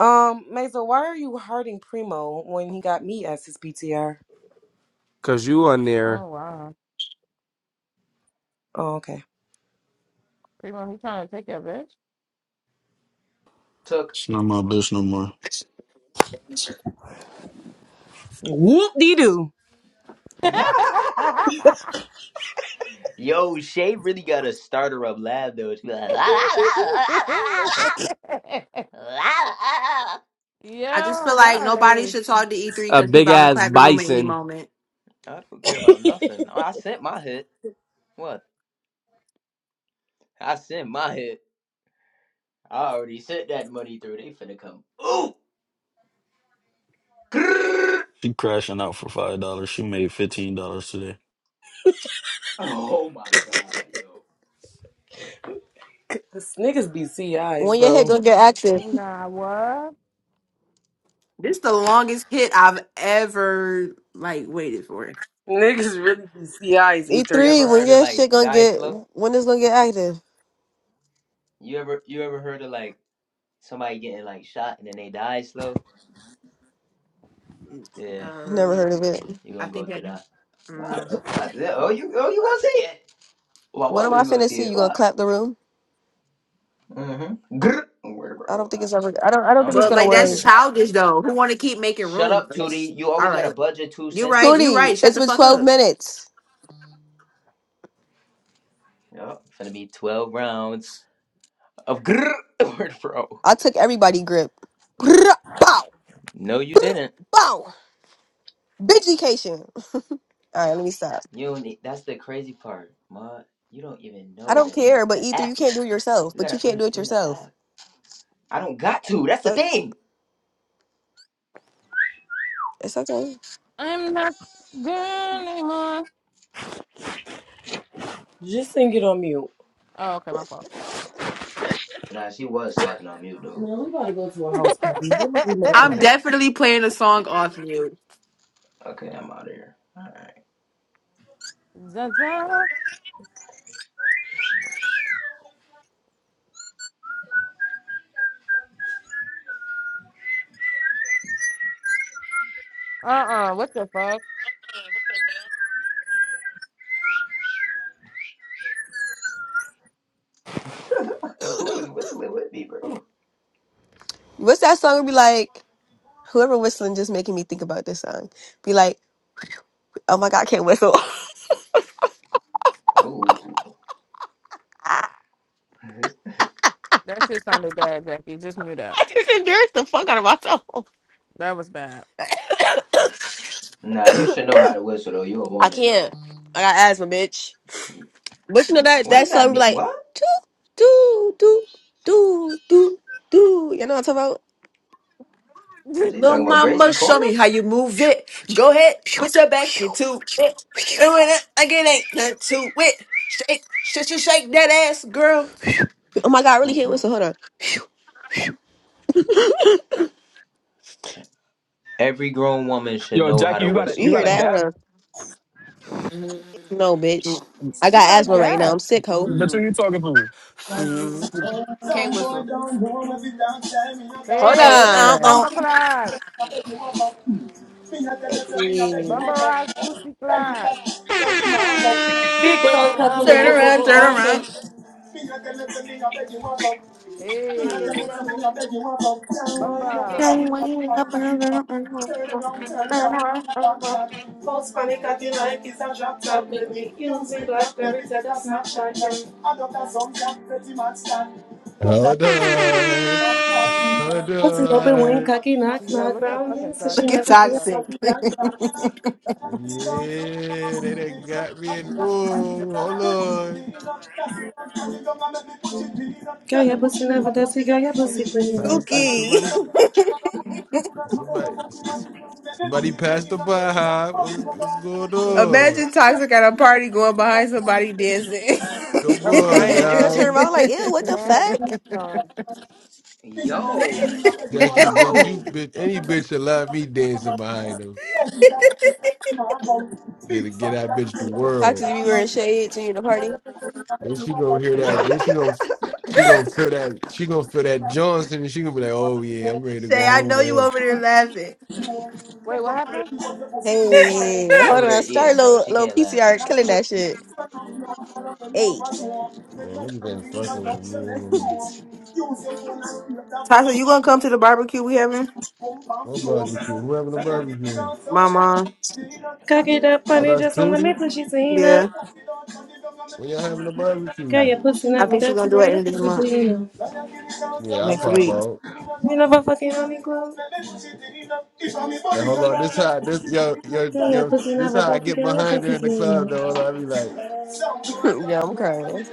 Speaker 12: Um, Mesa, why are you hurting Primo when he got me as his PTR?
Speaker 2: cause you on there.
Speaker 6: wow.
Speaker 12: Oh, okay.
Speaker 6: Primo, he trying to take your bitch.
Speaker 13: took.
Speaker 14: It's not my bitch no more.
Speaker 12: Whoop dee doo.
Speaker 13: Yo, Shay really got a starter up loud though. She like, la, la, la, la, la, la, la.
Speaker 5: I just
Speaker 6: Yo,
Speaker 5: feel like
Speaker 6: y'all
Speaker 5: nobody
Speaker 6: late.
Speaker 5: should talk to E3
Speaker 2: A
Speaker 5: because he
Speaker 2: big
Speaker 5: bound to
Speaker 2: ass
Speaker 5: clap the room at any
Speaker 2: bison.
Speaker 5: moment.
Speaker 13: I don't care about nothing. I sent my hit. What? I sent my hit. I already sent that money through. They finna come. Ooh! Grrr.
Speaker 14: She crashing out for five dollars. She made fifteen dollars today.
Speaker 13: Oh my god, yo.
Speaker 12: This niggas be CIs,
Speaker 1: when your head
Speaker 12: bro.
Speaker 1: gonna get active.
Speaker 6: Nah, what?
Speaker 5: This the longest hit I've ever like waited for.
Speaker 12: Niggas really be CIs,
Speaker 1: E
Speaker 13: You
Speaker 12: E3.
Speaker 1: three,
Speaker 13: ever
Speaker 1: when
Speaker 13: heard of
Speaker 1: your
Speaker 13: like
Speaker 1: shit gonna
Speaker 13: Die
Speaker 1: get
Speaker 13: Slow?
Speaker 1: when it's gonna get active.
Speaker 13: You ever you ever heard of like somebody getting like shot and then they die slow. Yeah,
Speaker 1: Never
Speaker 5: Um,
Speaker 1: heard of it.
Speaker 13: you're
Speaker 5: I
Speaker 13: gonna
Speaker 5: think
Speaker 13: go
Speaker 5: that.
Speaker 13: through that.
Speaker 5: I don't know.
Speaker 13: Watch, watch. Yeah, oh, you, oh, you gonna see it. Well, why
Speaker 1: When am
Speaker 13: are
Speaker 1: I
Speaker 13: you gonna
Speaker 1: finna
Speaker 13: see
Speaker 1: see
Speaker 13: it?
Speaker 1: you gonna
Speaker 13: Watch.
Speaker 1: clap the room?
Speaker 13: Mm-hmm. Grr. Word,
Speaker 1: I don't
Speaker 13: bro.
Speaker 1: think it's
Speaker 13: Watch.
Speaker 1: ever. I don't. I
Speaker 13: I
Speaker 1: don't think
Speaker 13: don't
Speaker 1: it's
Speaker 13: even
Speaker 5: But
Speaker 1: gonna
Speaker 13: gotta
Speaker 5: like
Speaker 13: be
Speaker 1: work.
Speaker 5: that's
Speaker 13: here.
Speaker 5: childish though. Who want to keep making
Speaker 13: Shut
Speaker 5: room?
Speaker 13: up,
Speaker 5: for this?
Speaker 13: Tootie. You
Speaker 5: All
Speaker 13: always gotta
Speaker 5: right,
Speaker 13: budget two
Speaker 5: you
Speaker 13: cents
Speaker 5: right,
Speaker 13: in.
Speaker 5: you
Speaker 1: Tootie,
Speaker 5: right. Shut
Speaker 1: it's
Speaker 5: the
Speaker 1: been
Speaker 5: fuck
Speaker 1: twelve
Speaker 5: up.
Speaker 1: minutes.
Speaker 13: Yup. to be twelve rounds of grr. Word, bro.
Speaker 1: I took everybody grip. Brrrah, Bow,
Speaker 13: No, you didn't.
Speaker 1: bow. Big vacation. All right, let me stop.
Speaker 13: You don't need, that's the crazy part, ma. You don't even
Speaker 1: I
Speaker 13: know
Speaker 1: don't
Speaker 13: the
Speaker 1: care, but
Speaker 13: the
Speaker 1: e
Speaker 13: app.
Speaker 1: you can't do it yourself.
Speaker 13: You
Speaker 1: But you
Speaker 13: gotta
Speaker 1: can't do it
Speaker 13: understand the
Speaker 1: yourself.
Speaker 13: app. I don't got to. That's the
Speaker 1: But
Speaker 13: thing.
Speaker 1: it's okay.
Speaker 6: I'm not good anymore.
Speaker 12: Just sing it on mute.
Speaker 6: Oh, okay, my fault.
Speaker 13: Nah, she was snapping on mute though.
Speaker 12: Man, we about to go to a house party. Where my remote
Speaker 5: I'm
Speaker 12: at?
Speaker 5: definitely playing a song off mute.
Speaker 13: okay, I'm out of here.
Speaker 6: Zaza. Uh-uh, what the fuck?
Speaker 13: Alright. Who is whistling with me, bro?
Speaker 1: What's that song? Be like, whoever whistling just making me think about this song. Be like, oh my god, I can't whistle.
Speaker 13: Oh.
Speaker 6: That shit sounded bad, Jackie. Just mute up.
Speaker 1: I just embarrassed the fuck out of myself.
Speaker 6: That was bad.
Speaker 13: Nah, you should know how to whistle though. you a
Speaker 1: I
Speaker 13: woman though.
Speaker 1: can't. I got asthma, bitch. But you know that
Speaker 13: What
Speaker 1: that
Speaker 13: does that
Speaker 1: song be
Speaker 13: mean?
Speaker 1: like
Speaker 13: What?
Speaker 1: do do do do do do. You know what I'm talking about?
Speaker 13: Is he
Speaker 5: Little
Speaker 13: talking
Speaker 6: Who
Speaker 13: about Gracie
Speaker 5: mama, show
Speaker 13: Corner?
Speaker 5: me how you move it. Go ahead, put your back into it. And when I, again, ain't nothing to it. Shake, shit, you shake that ass, girl.
Speaker 1: Oh my god, I really hit
Speaker 13: Mm-mm.
Speaker 1: whistle. Hold on.
Speaker 13: Every grown woman should
Speaker 16: Yo,
Speaker 13: know how
Speaker 16: Jackie,
Speaker 13: to
Speaker 16: you got a
Speaker 1: You
Speaker 16: you
Speaker 13: whistle,
Speaker 1: hear
Speaker 16: got a
Speaker 1: that?
Speaker 13: bro.
Speaker 1: Hold
Speaker 16: gap.
Speaker 1: on. No, bitch. I got
Speaker 6: got a
Speaker 1: asthma right now.
Speaker 6: gap?
Speaker 1: I'm sick, ho.
Speaker 16: That's who you talking to.
Speaker 12: Some
Speaker 5: Can't
Speaker 12: boy
Speaker 5: whistle.
Speaker 12: don't know, but we don't tell me no damn
Speaker 1: Hold
Speaker 12: fuck.
Speaker 5: Hey,
Speaker 6: Hey,
Speaker 5: uh,
Speaker 1: on.
Speaker 5: uh,
Speaker 6: Bamba Clock.
Speaker 12: Me not tell you, say me not beg you,
Speaker 6: Bamba
Speaker 1: Hey.
Speaker 12: want fuck.
Speaker 6: Rock Pussy
Speaker 12: Belly
Speaker 6: Clock.
Speaker 12: fat, belly man fuck. Big
Speaker 13: Teddy
Speaker 12: fat cocky make
Speaker 5: Turn
Speaker 12: your pussy
Speaker 5: around, turn
Speaker 13: Mambo.
Speaker 5: around.
Speaker 12: dance.
Speaker 6: Hey,
Speaker 13: Teddy Mambo.
Speaker 6: Bamba.
Speaker 5: Turn around.
Speaker 12: False panic at the night is a drop top, make me using black berry to the snapshot. Adopter some jack, pretty much stand.
Speaker 7: Hold on, hold
Speaker 12: I see open wing,
Speaker 7: on.
Speaker 12: cocky, knock,
Speaker 6: Yo,
Speaker 12: knock,
Speaker 6: look at
Speaker 12: brownie,
Speaker 6: fucking so
Speaker 12: so
Speaker 6: I
Speaker 12: she
Speaker 5: Look
Speaker 6: can
Speaker 5: at
Speaker 12: never
Speaker 6: see
Speaker 12: do a
Speaker 6: the
Speaker 5: toxic.
Speaker 12: puppy like that.
Speaker 7: Yeah, they done got me in. Oh, hold on.
Speaker 12: Girl, your pussy never does, it, girl, your pussy pretty
Speaker 7: Pastor,
Speaker 5: Suki.
Speaker 7: somebody, somebody, somebody passed the by. Huh? What's what's going on?
Speaker 5: Imagine Toxic at a party going behind somebody dancing.
Speaker 7: Come
Speaker 1: I'm
Speaker 7: on
Speaker 1: crying. They're gonna turn
Speaker 7: now,
Speaker 1: around like, yeah, what the
Speaker 6: mad
Speaker 1: fuck?
Speaker 6: teeth on.
Speaker 13: Yo.
Speaker 7: Jackie, bitch, you
Speaker 13: Yo.
Speaker 7: bitch, any bitch that love me dancing behind him. Get get that bitch the
Speaker 1: Toxic, you
Speaker 7: world.
Speaker 1: be wearing shades when you in the party.
Speaker 7: Then she gonna hear that. Then she gonna she gonna feel that. She gonna feel that Johnson, and she gonna be like, oh yeah, I'm ready to go
Speaker 5: Shay, I
Speaker 7: home
Speaker 5: know
Speaker 7: with
Speaker 5: you
Speaker 7: him.
Speaker 5: over there
Speaker 12: nice.
Speaker 5: laughing.
Speaker 12: Use your
Speaker 6: Wait, what happened?
Speaker 1: Hey,
Speaker 13: she
Speaker 1: hold
Speaker 13: over there
Speaker 1: on. Start
Speaker 13: eating, bro.
Speaker 1: low
Speaker 13: She
Speaker 1: low
Speaker 13: can't laugh right
Speaker 1: PCR
Speaker 13: now.
Speaker 1: killing
Speaker 13: Hold on.
Speaker 1: that shit. Hey.
Speaker 7: Man, niggas ain't fucking with me. Hold on.
Speaker 12: phone and create that phone.
Speaker 5: Tasha, you gonna come to the barbecue we having?
Speaker 12: Girl,
Speaker 7: What barbecue? Who having a barbecue?
Speaker 5: My mom.
Speaker 12: get that
Speaker 7: Oh,
Speaker 12: funny
Speaker 7: that's
Speaker 12: just in the
Speaker 7: Tootie.
Speaker 12: mix when she seen up.
Speaker 5: Yeah.
Speaker 7: When y'all having a
Speaker 12: Girl,
Speaker 7: barbecue?
Speaker 12: your pussy
Speaker 5: I
Speaker 12: never
Speaker 5: think she's
Speaker 12: dirty,
Speaker 5: gonna do
Speaker 12: girl,
Speaker 5: it in
Speaker 12: your
Speaker 5: this
Speaker 12: pussy
Speaker 5: month,
Speaker 12: clean up.
Speaker 7: Yeah, I
Speaker 5: next
Speaker 7: pop
Speaker 5: week.
Speaker 7: out.
Speaker 12: You never fucking on me,
Speaker 7: Uh, Hold on, this how this yo yo
Speaker 12: Girl, your
Speaker 7: yo
Speaker 12: pussy
Speaker 7: this
Speaker 12: never
Speaker 7: how I
Speaker 12: dirty,
Speaker 7: get
Speaker 12: girl, your
Speaker 7: behind her
Speaker 12: pussy
Speaker 7: in the
Speaker 12: clean up.
Speaker 7: club though. Hold on, I be like,
Speaker 1: yeah, I'm crying.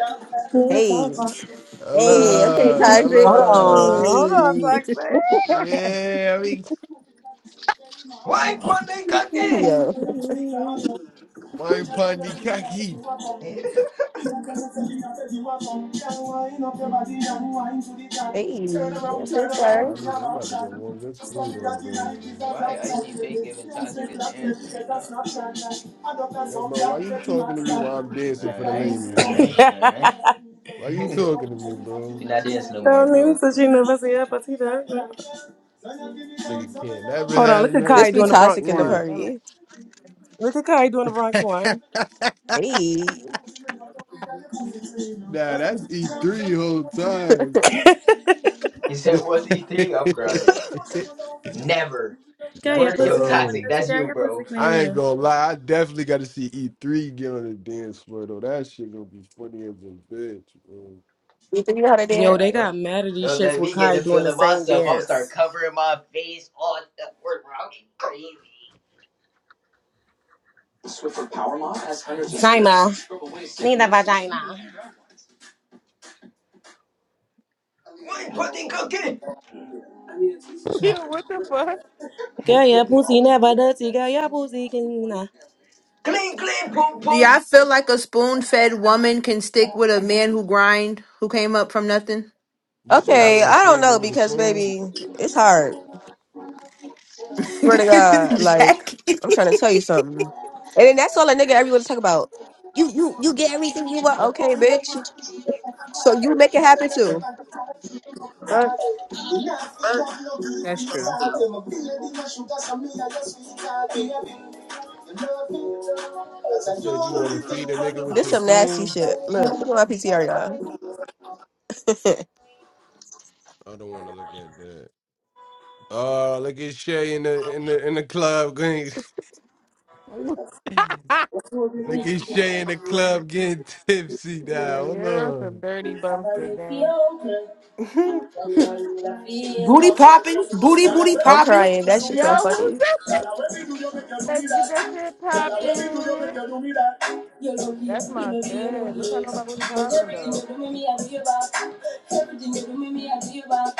Speaker 1: Hey, hey, okay,
Speaker 7: Allah,
Speaker 1: Patrick.
Speaker 12: Hold
Speaker 7: Allah,
Speaker 12: on, hold on,
Speaker 1: Hey,
Speaker 12: Toxic.
Speaker 7: yeah, I mean,
Speaker 12: Wind
Speaker 13: Why, my nigga?
Speaker 1: yo,
Speaker 7: wine pandi kaki.
Speaker 12: up your body and wind to the top. Turn
Speaker 1: hey,
Speaker 12: around,
Speaker 1: okay,
Speaker 12: turn
Speaker 1: sir.
Speaker 7: Nah,
Speaker 12: around,
Speaker 7: I
Speaker 12: in
Speaker 7: need,
Speaker 12: a
Speaker 7: I'm about to go warm this food up,
Speaker 12: that you
Speaker 7: bro.
Speaker 12: like is a drop
Speaker 13: Why I
Speaker 12: shot,
Speaker 13: see
Speaker 12: baby.
Speaker 13: Fake
Speaker 12: Use
Speaker 13: giving
Speaker 12: the
Speaker 13: Toxic a
Speaker 12: clock,
Speaker 13: dance
Speaker 12: baby,
Speaker 13: right
Speaker 12: get a
Speaker 13: now,
Speaker 12: snapshot. I got
Speaker 7: Yo,
Speaker 12: song,
Speaker 7: bro,
Speaker 12: Jack,
Speaker 7: why you
Speaker 12: get to my
Speaker 7: talking to me
Speaker 12: stop.
Speaker 7: while I'm
Speaker 13: though? Like,
Speaker 7: dancing
Speaker 12: Get
Speaker 7: for the
Speaker 12: that
Speaker 13: alright,
Speaker 7: ladies,
Speaker 12: music
Speaker 7: bro?
Speaker 13: alright,
Speaker 12: on.
Speaker 13: alright.
Speaker 7: Why you talking to me, bro?
Speaker 13: You're not dancing no more,
Speaker 12: Down in
Speaker 13: bro.
Speaker 12: Sushi University, Petita.
Speaker 7: Nigga can't never
Speaker 12: Hold on,
Speaker 7: have
Speaker 12: look at
Speaker 7: nothing.
Speaker 1: This
Speaker 12: Kai
Speaker 7: It's
Speaker 1: be
Speaker 12: doing the
Speaker 7: like,
Speaker 1: toxic
Speaker 12: Bronx
Speaker 1: in the
Speaker 12: wine.
Speaker 7: mm.
Speaker 6: Damn
Speaker 1: party.
Speaker 12: Look at Kai doing the Bronx one.
Speaker 1: Hey,
Speaker 7: nah, that's E3
Speaker 12: Got
Speaker 13: You said, what's E3? I'm crying.
Speaker 7: whole time.
Speaker 13: Never. You
Speaker 12: your
Speaker 13: word yo
Speaker 12: pussy never
Speaker 13: Toxic,
Speaker 7: Yo,
Speaker 12: dirty.
Speaker 13: that's
Speaker 12: Got
Speaker 13: you,
Speaker 12: your pussy
Speaker 13: bro.
Speaker 7: I ain't
Speaker 12: clean.
Speaker 7: gonna lie. I definitely got to see E3 get on the dance floor though. That shit gonna be funny as a bitch. Bro.
Speaker 1: you think you know how to
Speaker 12: Yo,
Speaker 1: dance?
Speaker 12: they
Speaker 13: Nah,
Speaker 12: got
Speaker 13: don't
Speaker 12: mad at these
Speaker 13: don't
Speaker 12: shits
Speaker 13: let
Speaker 12: with
Speaker 13: me get
Speaker 12: Kai
Speaker 13: the
Speaker 12: doing the
Speaker 13: feeling
Speaker 12: same
Speaker 13: myself. I'm gonna start
Speaker 12: dance.
Speaker 13: covering my face all the word, bro. I'm getting crazy.
Speaker 12: China, need a vagina.
Speaker 13: One pudding cooking.
Speaker 6: it. Yo, what the fuck?
Speaker 12: Got your pussy never dirty. Got your pussy clean.
Speaker 13: Clean, clean, poop,
Speaker 5: Do y'all
Speaker 13: poop.
Speaker 5: feel like a spoon fed woman can stick with a man who grind, who came up from nothing?
Speaker 7: You said you
Speaker 13: Yep.
Speaker 1: Okay,
Speaker 7: want to
Speaker 1: I don't
Speaker 7: feed me
Speaker 1: know
Speaker 7: with a
Speaker 1: because
Speaker 7: spoon.
Speaker 1: baby, it's hard. Swear to God, like
Speaker 5: Jackie.
Speaker 1: I'm trying to tell you something, and then that's all a nigga ever want to talk about. You, you, you get everything you want. Okay, bitch. So you make it happen too. Fuck.
Speaker 5: That's true.
Speaker 7: You said you want to feed a nigga with
Speaker 1: This
Speaker 7: your
Speaker 1: some nasty
Speaker 7: spoon.
Speaker 1: shit. Look, look at my PTR, y'all.
Speaker 7: I don't want to look at that. Uh, look at Shay in the in the in the club. Getting, look at Shay in the club getting tipsy
Speaker 6: yeah,
Speaker 7: now. Hold
Speaker 6: you're some
Speaker 7: on.
Speaker 6: dirty bumps again.
Speaker 5: Booty popping, booty, booty
Speaker 1: I'm
Speaker 5: popping.
Speaker 1: crying. That shit's so
Speaker 6: Yo, who's
Speaker 1: funny.
Speaker 12: Y a
Speaker 6: that?
Speaker 12: la vez si tú yo me quiero
Speaker 6: Let's get that
Speaker 12: mirar,
Speaker 6: shit
Speaker 12: y a la vez si tú yo me
Speaker 6: poppin'.
Speaker 12: quiero mirar. You know me,
Speaker 6: That's
Speaker 12: you
Speaker 6: my
Speaker 12: know me, you know
Speaker 6: shit. What y'all
Speaker 12: me.
Speaker 6: know about Woody
Speaker 12: But
Speaker 6: Poppin'
Speaker 12: everything
Speaker 6: though?
Speaker 12: you do me, me I give up. Everything you do me, me I give up.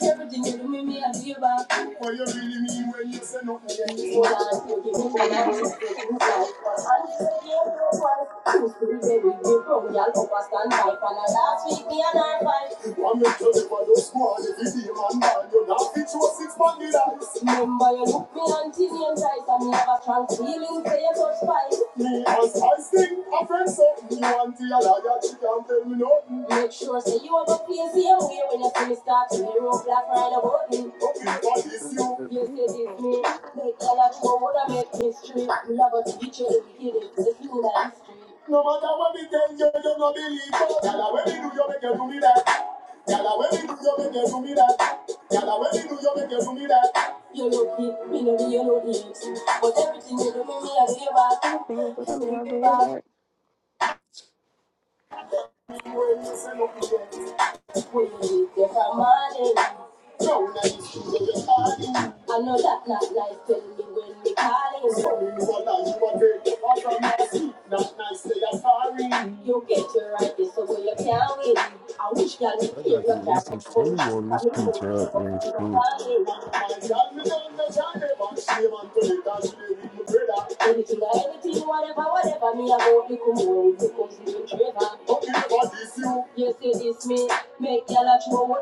Speaker 12: Everything you do me, me I give up. What you really mean when you say no? Yeah. Oh, I give me the light, you my life, I give you my life. I'm scared of what. Used to be very different, y'all. Overstand life, and I last week me and I fight. One me tell you about the squad, if you see man, man, you not fit to a six pack in ice. Remember you look me until you right, and me have a trans feeling for your touch pipe. Me as I sing, a friend said, me want to a liar, she can't tell me nothing. Make sure say you have a face same way when you see me start to hear road black right about me. Okay, what is you? You say this me, make a lot go would I make history. We love us teacher, the beginning, the school history. No matter what we tell you, you no believe us. when we do, you make you do me that. Yàrá wẹ́rì ni yóò make you fún mi dá. Yàrá wẹ́rì ni yóò make you fún me dá. You know it, me know it, you know it. But everything you do for me, I give back.
Speaker 1: Everything you do to
Speaker 12: I give
Speaker 1: me, I'll do
Speaker 12: me
Speaker 1: your
Speaker 12: back.
Speaker 1: back.
Speaker 12: When you say no, you don't. When you get that money. No, now you see that I know that not life, tell me when they calling. Sorry, you are lying, you are dirty. All from my seat, not nice, say I'm sorry. You get your right, so boy, you can't win. I wish y'all would
Speaker 7: I
Speaker 12: hear
Speaker 7: got to
Speaker 12: your
Speaker 7: me some skinny on this pizza up. man.
Speaker 12: Whatever, whatever, me me. you? trevor. you say this me, Make your lot more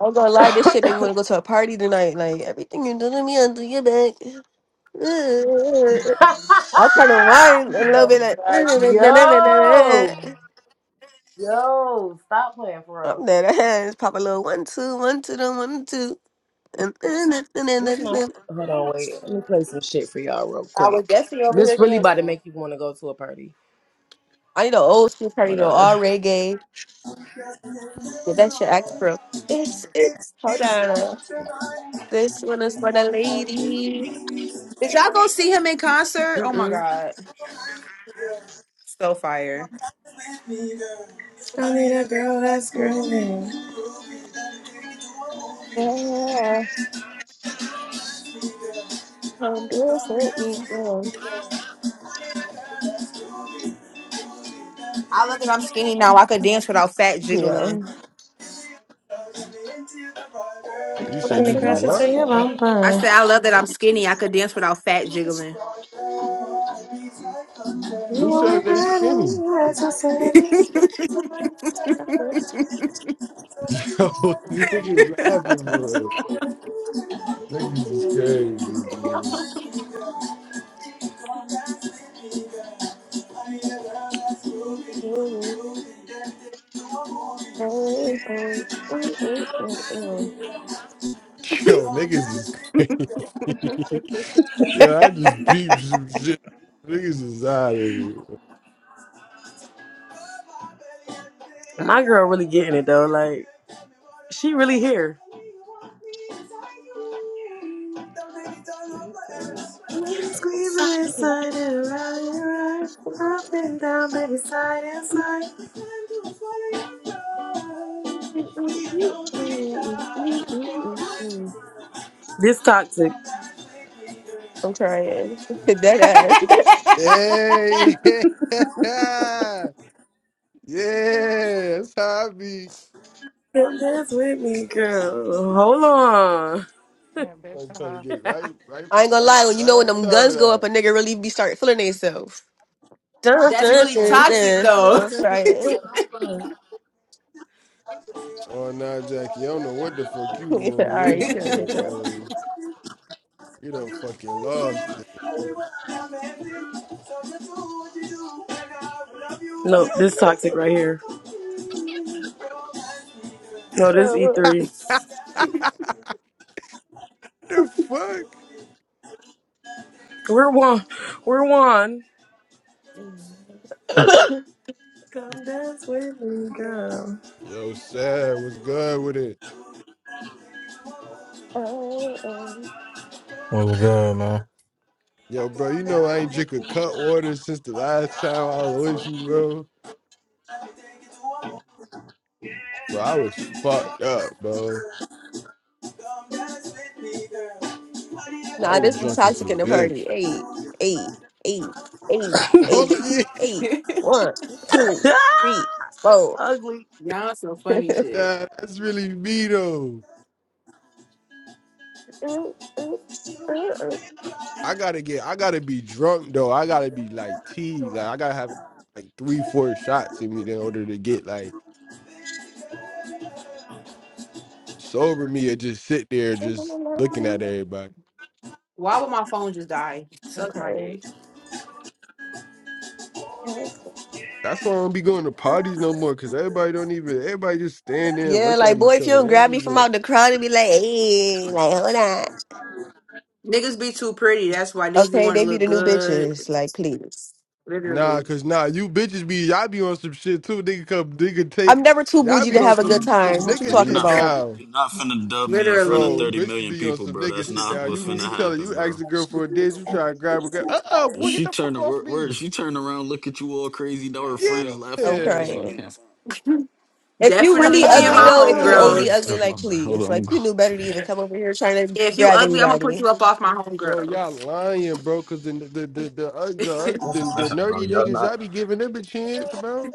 Speaker 1: I'm gonna lie, this shit made me wanna go to a party tonight. Like everything you do to me, I'll do your back. I'm trying to whine a
Speaker 5: You
Speaker 1: little
Speaker 5: know,
Speaker 1: bit. Like,
Speaker 5: I agree.
Speaker 12: Yo, yo, stop playing for
Speaker 1: I'm
Speaker 12: real.
Speaker 1: dead ass. Pop a little one two, one two, then one two. And I
Speaker 12: This my hold on, wait. Let me play some shit for y'all real
Speaker 5: I was
Speaker 12: quick.
Speaker 5: definitely over here
Speaker 12: This really about to
Speaker 5: dancing.
Speaker 12: make you want to go to a party.
Speaker 1: need an old school party
Speaker 12: Hold
Speaker 1: though,
Speaker 12: on.
Speaker 1: all reggae.
Speaker 12: I
Speaker 1: Get that shit active, bro. It's it's hold on. This one is for the lady.
Speaker 5: Did y'all go see him in concert? Oh my
Speaker 1: Mm-mm.
Speaker 5: God. So fire.
Speaker 12: need a girl that's groovy.
Speaker 1: Yeah, um, this hurt me. Yeah.
Speaker 5: I love that I'm skinny now. I could dance without fat
Speaker 1: Yeah.
Speaker 5: jiggling.
Speaker 7: You
Speaker 1: I
Speaker 12: Let
Speaker 1: can
Speaker 7: said
Speaker 12: me
Speaker 7: you
Speaker 1: see
Speaker 7: be
Speaker 1: my
Speaker 12: crash
Speaker 1: back
Speaker 12: into
Speaker 7: what?
Speaker 12: your
Speaker 1: of it.
Speaker 5: I
Speaker 12: bumper.
Speaker 5: said, I love that I'm skinny. I could dance without fat jiggling.
Speaker 7: Who said they skinny?
Speaker 1: I'm still loving
Speaker 7: Yo, niggas laughing, bro. Niggas is crazy, bro.
Speaker 1: you. Mm, mm, mm, mm, mm.
Speaker 7: Yo, niggas is crazy. Yo, I just beeped some shit. Niggas is out of it.
Speaker 12: My girl really getting it though. Like she really here.
Speaker 1: We
Speaker 12: Squeezing
Speaker 1: must be- mm,
Speaker 12: inside and around and around,
Speaker 1: mm,
Speaker 12: up and down, baby side.
Speaker 1: mm, mm, mm, mm, mm, mm, mm.
Speaker 12: This toxic.
Speaker 1: I'm crying. Dead ass.
Speaker 7: Hey, yeah, yeah, that's how I be.
Speaker 12: Come dance with me, girl. Hold on.
Speaker 6: Yeah, bitch,
Speaker 7: Oh, come
Speaker 6: uh-huh.
Speaker 7: get right, right,
Speaker 1: I ain't gonna
Speaker 7: right,
Speaker 1: lie, when you
Speaker 7: right
Speaker 1: know when
Speaker 7: on
Speaker 1: them
Speaker 7: top of
Speaker 1: guns go up, a
Speaker 7: that.
Speaker 1: nigga really be start feeling themselves. Dun,
Speaker 5: That's
Speaker 1: dun,
Speaker 5: really
Speaker 1: dun,
Speaker 5: toxic
Speaker 1: dun.
Speaker 12: Them
Speaker 5: though.
Speaker 1: I'm
Speaker 12: girls-
Speaker 1: crying.
Speaker 7: Oh, now, Jackie, I don't know what the fuck you
Speaker 1: All
Speaker 7: doing in your
Speaker 1: right, chill, chill,
Speaker 7: shit,
Speaker 1: chill.
Speaker 7: bro. You done fucking lost
Speaker 12: No, this toxic right here. No, this E3.
Speaker 7: it. the fuck?
Speaker 12: We're one. We're one. Dance with me.
Speaker 7: Yo, sad. What's good with it?
Speaker 1: Uh, um,
Speaker 18: What's good, man?
Speaker 7: Yo, bro, you know I ain't drink a cut water since the last time I was with you, bro.
Speaker 12: Come
Speaker 7: Bro, I was fucked up, bro.
Speaker 12: dance with me, girl. Honey, a
Speaker 7: I
Speaker 1: nah,
Speaker 12: girl
Speaker 7: was
Speaker 1: this be
Speaker 7: drunk
Speaker 12: that's
Speaker 7: as
Speaker 1: toxic
Speaker 7: a
Speaker 12: true.
Speaker 1: in the party.
Speaker 7: bitch.
Speaker 1: Eight, eight, eight, eight,
Speaker 7: Hold on,
Speaker 1: eight, eight. One, two,
Speaker 12: Ah!
Speaker 1: three, four.
Speaker 5: Y'all so funny shit.
Speaker 7: yeah, that's really me though. I gotta get, I gotta be drunk though. I gotta be like tea, like I gotta have like three, four shots in me in order to get like sober me or just sit there just looking at everybody.
Speaker 5: Why would my phone just die?
Speaker 1: I'm
Speaker 5: Suck my
Speaker 1: crying.
Speaker 5: dick.
Speaker 7: That's why I don't be going to parties no more, cause everybody don't even everybody just stand there and
Speaker 1: Yeah,
Speaker 7: look
Speaker 1: like
Speaker 7: at
Speaker 1: boy,
Speaker 7: each
Speaker 1: if you
Speaker 7: other.
Speaker 1: don't
Speaker 7: They don't
Speaker 1: grab
Speaker 7: be
Speaker 1: me from
Speaker 7: getting
Speaker 1: out the crowd and be like, hey, like hold on.
Speaker 5: Niggas be too pretty. That's why niggas be
Speaker 1: Okay,
Speaker 5: want to
Speaker 1: they be
Speaker 5: look
Speaker 1: the new
Speaker 5: good.
Speaker 1: bitches. Like, please.
Speaker 7: nah,
Speaker 5: Literally.
Speaker 7: cause nah, you bitches be y'all be on some shit too. Nigga come, nigga take
Speaker 1: I'm never too
Speaker 7: y'all
Speaker 1: bougie
Speaker 7: be
Speaker 1: to
Speaker 7: on
Speaker 1: have a good
Speaker 7: some
Speaker 1: time.
Speaker 7: some
Speaker 1: What you
Speaker 7: nigga
Speaker 14: You're
Speaker 1: talking
Speaker 7: shit
Speaker 14: not
Speaker 1: about?
Speaker 14: finna
Speaker 7: now,
Speaker 14: you're not finna dub me in front of
Speaker 7: bro.
Speaker 5: Literally.
Speaker 14: thirty
Speaker 7: Bitches
Speaker 14: million
Speaker 7: be on
Speaker 14: people,
Speaker 7: some
Speaker 14: bro. That's
Speaker 7: nigga shit
Speaker 14: not
Speaker 7: now.
Speaker 14: what's
Speaker 7: You
Speaker 14: finna
Speaker 7: you tell her you
Speaker 14: happen,
Speaker 7: ask
Speaker 14: bro.
Speaker 7: a girl for a dance, you try to grab a girl. Uh uh boy, get
Speaker 14: She
Speaker 7: the
Speaker 14: turned
Speaker 7: fuck
Speaker 14: where,
Speaker 7: off
Speaker 14: where
Speaker 7: me.
Speaker 14: she turned around, look at you all crazy, now her
Speaker 7: Yeah,
Speaker 14: friends laughing
Speaker 1: I'm
Speaker 14: at you. It's on
Speaker 1: crying.
Speaker 14: camera.
Speaker 1: If you
Speaker 14: My
Speaker 1: really
Speaker 14: bad.
Speaker 5: Definitely
Speaker 14: I'm
Speaker 5: me and
Speaker 7: uh
Speaker 1: ugly
Speaker 5: my
Speaker 14: loud.
Speaker 1: though, if you OD
Speaker 7: uh
Speaker 5: homegirls.
Speaker 1: ugly,
Speaker 14: That's
Speaker 1: like
Speaker 14: my bad. Hold
Speaker 1: please,
Speaker 14: on,
Speaker 1: like
Speaker 14: I'm
Speaker 1: you knew better to
Speaker 14: going.
Speaker 1: even come over here trying to
Speaker 5: Yeah, If you
Speaker 1: grab
Speaker 5: ugly, I'm gonna put
Speaker 1: anybody.
Speaker 5: you up off my
Speaker 7: Bro,
Speaker 5: homegirl.
Speaker 7: y'all lying, bro, cause the the the the uh, the, uh, the,
Speaker 14: Listen,
Speaker 7: the
Speaker 14: listen, bro.
Speaker 7: nerdy
Speaker 14: Y'all
Speaker 7: niggas
Speaker 14: not.
Speaker 7: y'all be giving them a chance, bro.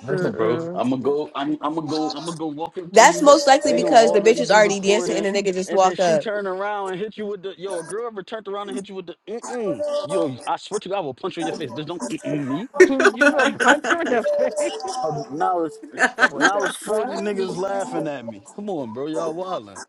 Speaker 14: Listen, bro,
Speaker 1: Mm-mm.
Speaker 14: I'm gonna go. I'm I'm gonna go. I'm gonna go walk up to
Speaker 1: That's
Speaker 14: you.
Speaker 1: most likely
Speaker 14: They gonna
Speaker 1: because the bitch
Speaker 14: already
Speaker 1: is
Speaker 14: be
Speaker 1: already dancing and
Speaker 14: recording,
Speaker 1: the nigga just
Speaker 14: and then
Speaker 1: walk
Speaker 14: she
Speaker 1: up.
Speaker 14: turn around and hit you with the yo. A girl ever turned around and hit you with the mm-mm. yo. I swear to God, I will punch you in your face, bitch. Don't mm-mm me.
Speaker 6: you gonna punch her in the face?
Speaker 14: Uh, Now it's
Speaker 6: What
Speaker 14: now
Speaker 6: the
Speaker 14: it's forty
Speaker 6: fuck?
Speaker 14: niggas laughing at me. Come on, bro, y'all wildin'.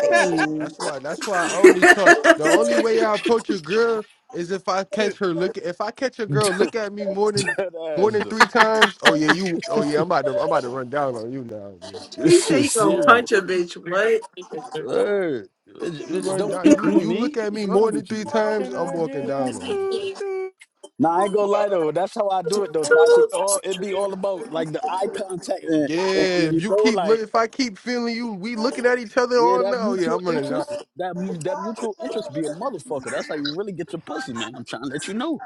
Speaker 1: Hey,
Speaker 7: That's why. That's why I only talk. The only way I approach a girl is if I catch her look. If I catch a girl look at me more than
Speaker 14: that
Speaker 7: more
Speaker 14: ass
Speaker 7: than
Speaker 14: though.
Speaker 7: three times. Oh yeah, you. Oh yeah, I'm about to. I'm about to run down on you now, bro.
Speaker 14: This
Speaker 5: he said
Speaker 14: shit
Speaker 5: he gonna
Speaker 14: serious.
Speaker 5: punch a bitch. What?
Speaker 14: Hey, bitch,
Speaker 7: You
Speaker 14: bitch,
Speaker 7: run
Speaker 14: don't
Speaker 7: down. You
Speaker 14: mm-mm
Speaker 7: you look
Speaker 14: me.
Speaker 7: at
Speaker 14: What's
Speaker 7: me more
Speaker 14: wrong
Speaker 7: than
Speaker 14: with
Speaker 7: three
Speaker 14: you?
Speaker 7: times.
Speaker 18: Can
Speaker 7: I'm
Speaker 18: I
Speaker 7: walking
Speaker 18: get a
Speaker 7: down on you.
Speaker 18: toot
Speaker 7: Bro.
Speaker 18: toot?
Speaker 14: Nah, I ain't gonna lie though. That's how I do it though. Toxic. All it be all about like the eye contact and, and,
Speaker 7: Yeah.
Speaker 14: and
Speaker 7: If
Speaker 14: you
Speaker 7: you
Speaker 14: know
Speaker 7: keep look.
Speaker 14: like
Speaker 7: If I keep feeling you, we looking at each other
Speaker 14: yeah
Speaker 7: all
Speaker 14: that
Speaker 7: now. Yeah,
Speaker 14: mutual
Speaker 7: I'm running down.
Speaker 14: interest that mu- that mutual interest be a motherfucker. That's how you really get your pussy, man. I'm trying to let you know.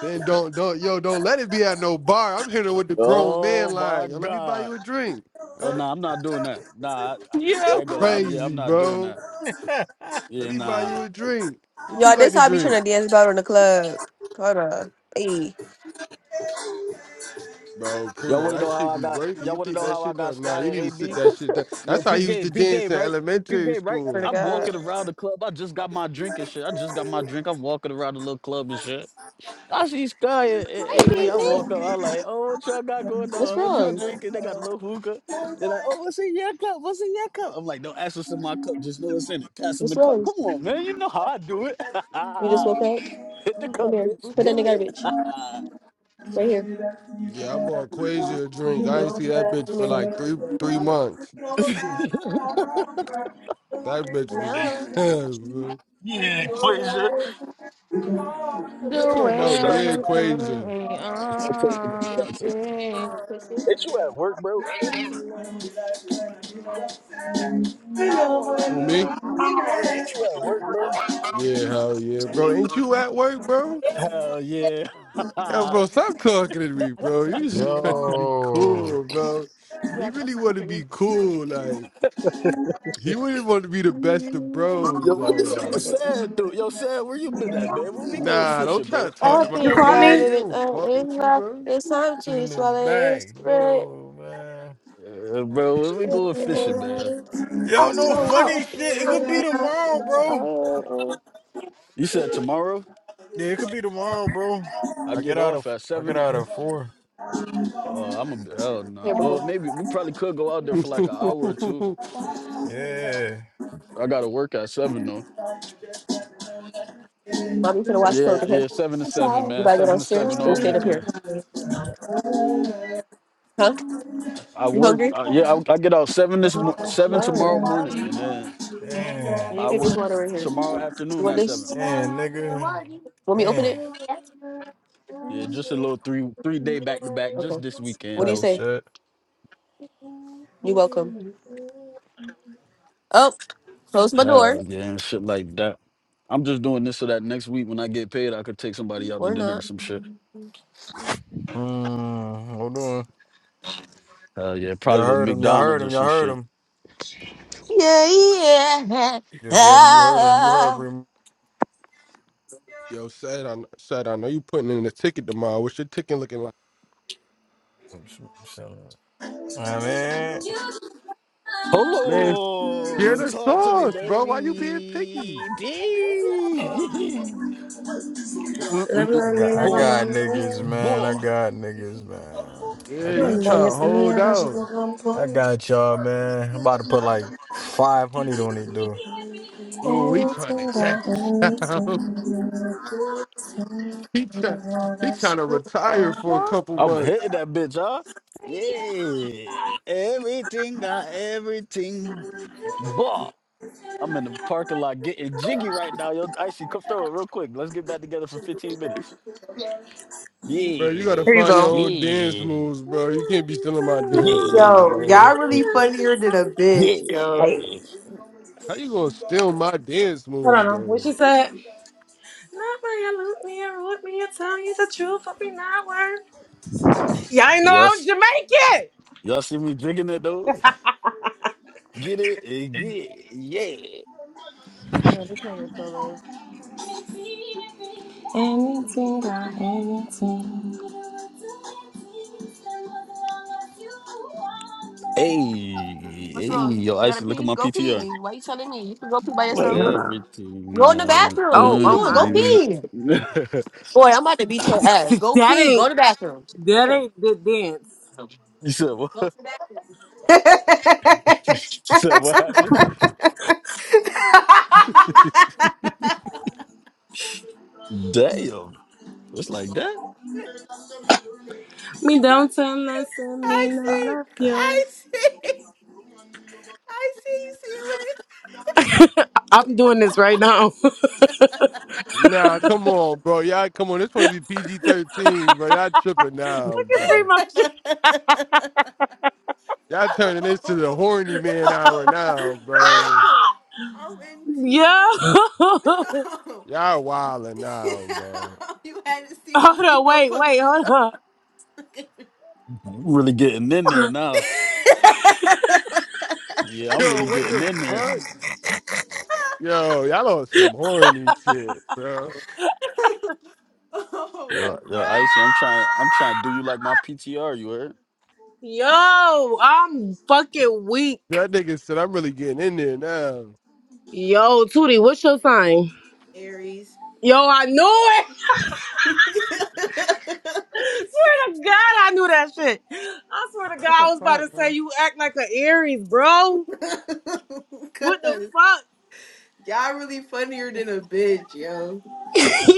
Speaker 7: Then don't don't yo don't let it be at no bar. I'm hitting her with the grown
Speaker 14: Oh
Speaker 7: man
Speaker 14: my
Speaker 7: line. Yo, let me buy
Speaker 14: god.
Speaker 7: you a drink.
Speaker 14: Oh
Speaker 7: Huh?
Speaker 14: nah, I'm not doing that. Nah, I, I I
Speaker 6: Yo,
Speaker 7: You
Speaker 14: ain't gonna lie. I'm, yeah, I'm
Speaker 7: crazy,
Speaker 14: not doing
Speaker 7: bro.
Speaker 14: that.
Speaker 7: Let
Speaker 14: Yeah,
Speaker 7: me buy
Speaker 14: nah.
Speaker 7: you a drink. What you
Speaker 1: y'all, this
Speaker 7: like
Speaker 1: how
Speaker 7: to
Speaker 1: I be
Speaker 7: drink?
Speaker 1: trying to dance about in the club. Hold on, hey,
Speaker 7: Bro,
Speaker 14: Y'all
Speaker 7: Primo,
Speaker 14: wanna
Speaker 7: that
Speaker 14: know how
Speaker 7: shit
Speaker 14: I
Speaker 7: be
Speaker 14: got?
Speaker 7: working.
Speaker 14: Y'all
Speaker 7: You
Speaker 14: wanna
Speaker 7: think
Speaker 14: know
Speaker 7: that
Speaker 14: how I
Speaker 7: shit
Speaker 14: got
Speaker 7: done? Nah,
Speaker 14: Sky
Speaker 7: you
Speaker 14: and
Speaker 7: need to sit
Speaker 14: AB?
Speaker 7: that shit down.
Speaker 14: Yo,
Speaker 7: That's how
Speaker 14: peep
Speaker 7: you used to
Speaker 14: game, peep
Speaker 7: dance
Speaker 14: game,
Speaker 7: in
Speaker 14: right? Peep
Speaker 7: elementary
Speaker 14: game, right?
Speaker 1: swear to
Speaker 7: school.
Speaker 14: I'm
Speaker 1: God.
Speaker 14: walking around the club. I just got my drink and shit. I just got my drink. I'm walking around the little club and shit. I see Sky and, and
Speaker 1: Hi,
Speaker 14: AB. I
Speaker 1: baby.
Speaker 14: walk up. I'm like, oh, what y'all got going
Speaker 1: What's
Speaker 14: on? What y'all
Speaker 1: wrong?
Speaker 14: drinking? They got a little hookah. They're like, oh, what's in your cup? What's in your cup? I'm like, don't ask what's in my cup. Just know what's in it. Pass him
Speaker 1: What's
Speaker 14: the cup.
Speaker 1: wrong?
Speaker 14: Come on, man. You know how I do it.
Speaker 1: You just woke up.
Speaker 14: Hit the
Speaker 6: you
Speaker 14: cup,
Speaker 1: Come here.
Speaker 6: you
Speaker 14: bitch.
Speaker 1: Put
Speaker 6: goofy
Speaker 1: that in
Speaker 14: Get
Speaker 1: the
Speaker 14: lit.
Speaker 6: ambition.
Speaker 1: garbage right here.
Speaker 7: Yeah, I bought Quasia a drink. I ain't see that bitch
Speaker 1: Come
Speaker 7: for
Speaker 1: here.
Speaker 7: like three three months. That bitch was
Speaker 1: No.
Speaker 7: bro.
Speaker 14: yeah,
Speaker 1: What's
Speaker 14: equation.
Speaker 7: You
Speaker 6: Doing
Speaker 7: talking
Speaker 1: wrong?
Speaker 14: That's
Speaker 7: about
Speaker 14: what I'm
Speaker 7: yeah,
Speaker 6: it
Speaker 1: You
Speaker 14: talking
Speaker 1: okay?
Speaker 6: through
Speaker 7: Quasia.
Speaker 6: me,
Speaker 14: about. Stop talking to me,
Speaker 6: uh,
Speaker 14: Foxy.
Speaker 1: You
Speaker 6: yeah.
Speaker 1: want to kiss it?
Speaker 14: Ain't you at work, bro?
Speaker 1: You want some
Speaker 12: You
Speaker 1: love?
Speaker 7: Who me?
Speaker 14: Yeah, ain't you at work, bro?
Speaker 7: Yeah, hell yeah, bro. Ain't you at work, bro?
Speaker 14: Hell yeah.
Speaker 7: Yeah, bro, stop talking to me,
Speaker 1: I
Speaker 7: bro.
Speaker 1: just took
Speaker 7: You
Speaker 1: for
Speaker 7: just
Speaker 1: you.
Speaker 7: want to be
Speaker 18: Yo,
Speaker 7: cool, bro.
Speaker 1: Yeah,
Speaker 7: You really want to be cool, like. He wouldn't want to be the best of
Speaker 5: Yo,
Speaker 7: bros
Speaker 14: Yo, what
Speaker 7: though.
Speaker 14: this
Speaker 1: hold
Speaker 14: nigga
Speaker 1: up,
Speaker 7: Like,
Speaker 1: business.
Speaker 14: sad dude? Yo, sad, where you been at, man? When we going
Speaker 7: nah, don't
Speaker 14: fishing,
Speaker 7: try
Speaker 14: bro?
Speaker 7: to talk
Speaker 1: Up
Speaker 7: to my
Speaker 1: and
Speaker 12: caught
Speaker 1: down,
Speaker 7: fans.
Speaker 12: me?
Speaker 7: They
Speaker 1: baby,
Speaker 7: don't
Speaker 1: up
Speaker 7: fuck
Speaker 1: and
Speaker 7: with you,
Speaker 1: left.
Speaker 7: bro.
Speaker 1: It's time
Speaker 18: It's
Speaker 1: to
Speaker 18: in the
Speaker 1: swallow it
Speaker 18: back
Speaker 1: straight.
Speaker 18: door, man.
Speaker 14: Uh, bro, when we going fishing, man?
Speaker 18: Yo,
Speaker 1: Out,
Speaker 18: no
Speaker 1: no out.
Speaker 18: funny shit. It could be tomorrow, bro.
Speaker 1: Oh,
Speaker 14: You said tomorrow?
Speaker 18: Yeah, it could be tomorrow, bro.
Speaker 14: I
Speaker 18: I get
Speaker 14: get
Speaker 18: out of
Speaker 14: off at
Speaker 18: I
Speaker 14: seven.
Speaker 18: get
Speaker 14: and-
Speaker 18: out of four.
Speaker 14: Uh, I'm a hell
Speaker 1: here,
Speaker 14: no.
Speaker 1: boo
Speaker 14: Well,
Speaker 1: boo.
Speaker 14: maybe we probably could go out there for like an hour or two.
Speaker 1: Mommy,
Speaker 18: Yeah,
Speaker 14: I gotta work at seven though.
Speaker 1: you finna wash
Speaker 14: Yeah,
Speaker 1: clothes, okay?
Speaker 14: yeah, seven to
Speaker 1: I'm
Speaker 14: seven,
Speaker 1: sorry. You
Speaker 14: man.
Speaker 1: gotta go
Speaker 14: Seven to
Speaker 1: downstairs
Speaker 14: seven
Speaker 1: or you
Speaker 14: all
Speaker 1: staying up here?
Speaker 14: weekend.
Speaker 1: Huh?
Speaker 14: I
Speaker 1: You
Speaker 14: work.
Speaker 1: hungry?
Speaker 14: Uh, yeah, I, I get out seven this mo- seven
Speaker 1: Wow.
Speaker 14: tomorrow morning,
Speaker 1: You
Speaker 14: and then
Speaker 18: man,
Speaker 1: can
Speaker 14: I
Speaker 1: get this
Speaker 14: work
Speaker 1: water right here.
Speaker 14: tomorrow
Speaker 1: You
Speaker 14: afternoon
Speaker 1: want
Speaker 14: at seven.
Speaker 1: this?
Speaker 18: man, nigga,
Speaker 1: Want me to open
Speaker 18: man,
Speaker 1: it?
Speaker 14: Yeah, just a little three three day back to back just
Speaker 1: Okay.
Speaker 14: this
Speaker 1: What
Speaker 14: weekend
Speaker 1: do you
Speaker 18: type
Speaker 14: though.
Speaker 1: say?
Speaker 18: shit.
Speaker 1: You're welcome. Oh, close my door.
Speaker 14: Hell yeah, and shit like that. I'm just doing this so that next week when I get paid, I could take somebody out to
Speaker 1: Or
Speaker 14: dinner or
Speaker 1: not.
Speaker 14: some shit.
Speaker 18: Mm, hold on.
Speaker 14: Hell yeah,
Speaker 18: Y'all
Speaker 14: probably to
Speaker 18: heard him. Y'all heard
Speaker 14: McDonald's
Speaker 18: him.
Speaker 14: or
Speaker 18: Y'all
Speaker 14: some
Speaker 18: heard
Speaker 14: shit.
Speaker 18: him.
Speaker 1: Yeah, yeah.
Speaker 18: Yo, Jagger, you heard him. You heard
Speaker 1: Ah.
Speaker 7: Yo, said I said I know you putting in the ticket tomorrow. What's your ticket looking like?
Speaker 18: him. I mean,
Speaker 7: Man, share
Speaker 14: Hello,
Speaker 7: the
Speaker 14: talk to me,
Speaker 7: sauce, bro. Why you being picky?
Speaker 14: baby. Baby. Mm, mm,
Speaker 12: Love,
Speaker 14: mm.
Speaker 18: I
Speaker 12: love
Speaker 18: got,
Speaker 12: me,
Speaker 18: I
Speaker 12: never
Speaker 14: boy,
Speaker 18: got
Speaker 12: mind.
Speaker 18: niggas, man. I
Speaker 14: boy,
Speaker 18: got niggas, man. I
Speaker 7: Yeah, you
Speaker 18: got
Speaker 12: Boy,
Speaker 7: trying to
Speaker 18: y'all.
Speaker 12: yes, I'm here,
Speaker 7: hold
Speaker 12: I got you,
Speaker 7: out.
Speaker 12: girl.
Speaker 18: I got y'all, man. I'm about to put like 500 on it, dude.
Speaker 7: Well, we trying to catch out. he try, he trying to retire for a
Speaker 6: What?
Speaker 7: couple
Speaker 14: I'm
Speaker 7: months.
Speaker 14: hitting that bitch, huh? Yeah, everything got everything, boy. I'm in the parking lot getting jiggy right now. Yo, Icy, come throw it real quick. Let's get back together for 15 minutes.
Speaker 7: Bro, you gotta
Speaker 12: Here
Speaker 14: Yeah.
Speaker 12: you
Speaker 7: find your
Speaker 12: go.
Speaker 7: own dance
Speaker 14: Yeah.
Speaker 7: moves, bro. You can't be stealing my dance moves,
Speaker 14: Yeah.
Speaker 7: bro.
Speaker 5: y'all really funnier than a bitch, yo.
Speaker 14: Yeah.
Speaker 7: How you gonna steal my dance
Speaker 12: I
Speaker 7: moves
Speaker 12: don't know what
Speaker 7: though?
Speaker 12: she said. Not when you look me and root me and tell you the truth, but be not worth. Y'all ain't know
Speaker 14: Y'all,
Speaker 12: I was
Speaker 14: s-
Speaker 12: Jamaican.
Speaker 14: y'all see me drinking it though? Get it? and Yeah. Yeah.
Speaker 6: Yeah, this nigga so late.
Speaker 14: Hey. Hey.
Speaker 1: What's wrong?
Speaker 14: Yo,
Speaker 1: You gotta
Speaker 14: Icy, look at
Speaker 1: pee?
Speaker 14: my
Speaker 1: Go
Speaker 14: PTR.
Speaker 1: pee. Why you telling me? You can go pee by yourself.
Speaker 14: Everything. you
Speaker 1: Go in the
Speaker 14: know,
Speaker 1: bathroom. What
Speaker 12: Oh,
Speaker 1: are you
Speaker 14: uh,
Speaker 12: oh
Speaker 1: doing? Go
Speaker 12: my.
Speaker 14: mm.
Speaker 1: pee. Boy, I'm about to beat your ass. Go
Speaker 12: That
Speaker 1: pee. Go to
Speaker 12: ain't
Speaker 1: the bathroom.
Speaker 12: that
Speaker 1: Here.
Speaker 12: ain't the dance.
Speaker 14: you said what?
Speaker 1: Go to the bathroom.
Speaker 5: I
Speaker 14: You said what happened? Damn. It's like that.
Speaker 12: Me don't tell listen, me not
Speaker 5: see.
Speaker 12: love you.
Speaker 5: I see. I see. You see what it
Speaker 12: I'm doing this right now. Look
Speaker 7: Nah, come on, bro. Y'all come on. This supposed to be PG thirteen, bro. Y'all tripping now,
Speaker 12: at
Speaker 7: bro.
Speaker 12: Primo.
Speaker 7: Y'all
Speaker 5: Yo,
Speaker 7: turning this to the horny man hour now,
Speaker 5: yo,
Speaker 7: bro.
Speaker 5: yo. I'm in
Speaker 12: Yo.
Speaker 5: tears. yo,
Speaker 7: Y'all wildin' now, bro.
Speaker 5: you had to see what
Speaker 12: hold on.
Speaker 5: Primo
Speaker 12: Wait,
Speaker 5: put
Speaker 12: wait.
Speaker 5: with
Speaker 12: Hold
Speaker 5: the
Speaker 12: on.
Speaker 5: dog.
Speaker 14: I'm really getting in there now. Yeah, I'm
Speaker 7: Yo,
Speaker 14: really
Speaker 7: what
Speaker 14: getting
Speaker 7: the
Speaker 14: in there.
Speaker 7: fuck? Yo, y'all on some horny shit, bro.
Speaker 5: Oh my
Speaker 14: Yo, yo,
Speaker 5: god.
Speaker 14: Icy, I'm trying. I'm trying to do you like my PTR. You heard?
Speaker 12: Yo, I'm fucking weak.
Speaker 7: That nigga said I'm really getting in there now.
Speaker 12: Yo, Tootie, what's your sign?
Speaker 5: Aries.
Speaker 12: Yo, I knew it. swear to God, I knew that shit. I swear to God,
Speaker 6: What the
Speaker 12: I was about
Speaker 6: fuck,
Speaker 12: to say
Speaker 6: bro?
Speaker 12: you act like an Aries, bro. What the
Speaker 5: God,
Speaker 12: fuck?
Speaker 5: y'all really funnier than a bitch, yo.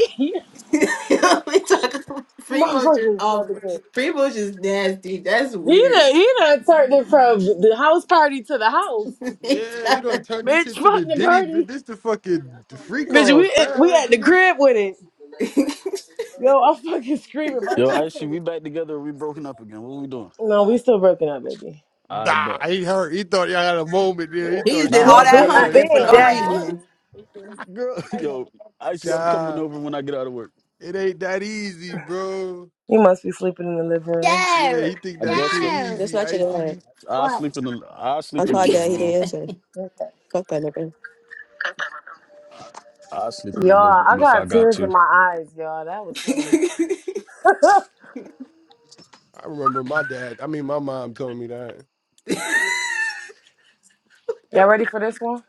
Speaker 5: we talking Primo
Speaker 12: Motherfucker,
Speaker 5: just
Speaker 12: was
Speaker 5: off.
Speaker 12: stubborn.
Speaker 5: Primo just nasty. That's
Speaker 12: he
Speaker 5: weird.
Speaker 12: done, he done turned it from the house party to the house.
Speaker 5: he
Speaker 7: Yeah, you don't turn this
Speaker 12: Bitch,
Speaker 7: shit to
Speaker 12: fuck
Speaker 7: the
Speaker 12: the
Speaker 7: Diddy.
Speaker 12: party.
Speaker 7: This the fucking freak
Speaker 12: Bitch,
Speaker 7: off
Speaker 12: we at, we
Speaker 7: now,
Speaker 12: at the
Speaker 7: nigga.
Speaker 12: crib with it. Yo, I'm fucking screaming. My
Speaker 14: Yo,
Speaker 12: chest
Speaker 14: Icy, we
Speaker 12: hurt.
Speaker 14: back together. Or we broken up again. What we doing?
Speaker 12: No, we still broken up, baby.
Speaker 14: All right,
Speaker 7: Nah,
Speaker 14: but
Speaker 7: he hurt. He thought y'all had a moment there. He
Speaker 5: just
Speaker 7: thought
Speaker 14: nah,
Speaker 5: did
Speaker 12: We,
Speaker 7: shit
Speaker 5: all
Speaker 14: hell
Speaker 12: ain't-
Speaker 7: was
Speaker 14: no.
Speaker 12: we,
Speaker 14: Nah,
Speaker 5: that
Speaker 14: I'm
Speaker 12: uh,
Speaker 14: just,
Speaker 7: good. He
Speaker 5: humping
Speaker 12: it
Speaker 5: for
Speaker 12: ain't
Speaker 7: tried
Speaker 14: bro.
Speaker 5: no
Speaker 7: to say,
Speaker 12: that easy.
Speaker 14: What,
Speaker 5: reason.
Speaker 14: girl? Yo, Icy, I'm coming
Speaker 7: nah,
Speaker 14: over when I get out of work.
Speaker 7: it ain't that easy, bro.
Speaker 12: You must be sleeping in the living room.
Speaker 7: Yeah,
Speaker 1: There.
Speaker 7: he think
Speaker 14: I
Speaker 7: that
Speaker 14: guess
Speaker 7: shit
Speaker 14: so.
Speaker 1: There. That's
Speaker 7: easy,
Speaker 1: not your dad.
Speaker 7: icy.
Speaker 14: I sleep
Speaker 1: What?
Speaker 14: in the. I
Speaker 1: I
Speaker 14: sleep in the
Speaker 5: Look
Speaker 1: called dad.
Speaker 14: living
Speaker 1: He
Speaker 14: room.
Speaker 1: didn't
Speaker 5: at-
Speaker 1: answer. Fuck that nigga.
Speaker 14: I sleep in the
Speaker 12: Y'all,
Speaker 14: living
Speaker 12: I
Speaker 14: room if I
Speaker 12: got
Speaker 14: got
Speaker 12: tears in
Speaker 14: to.
Speaker 12: my eyes, y'all. That was funny.
Speaker 7: I remember my dad. I mean, my mom told me that.
Speaker 12: y'all ready for this one?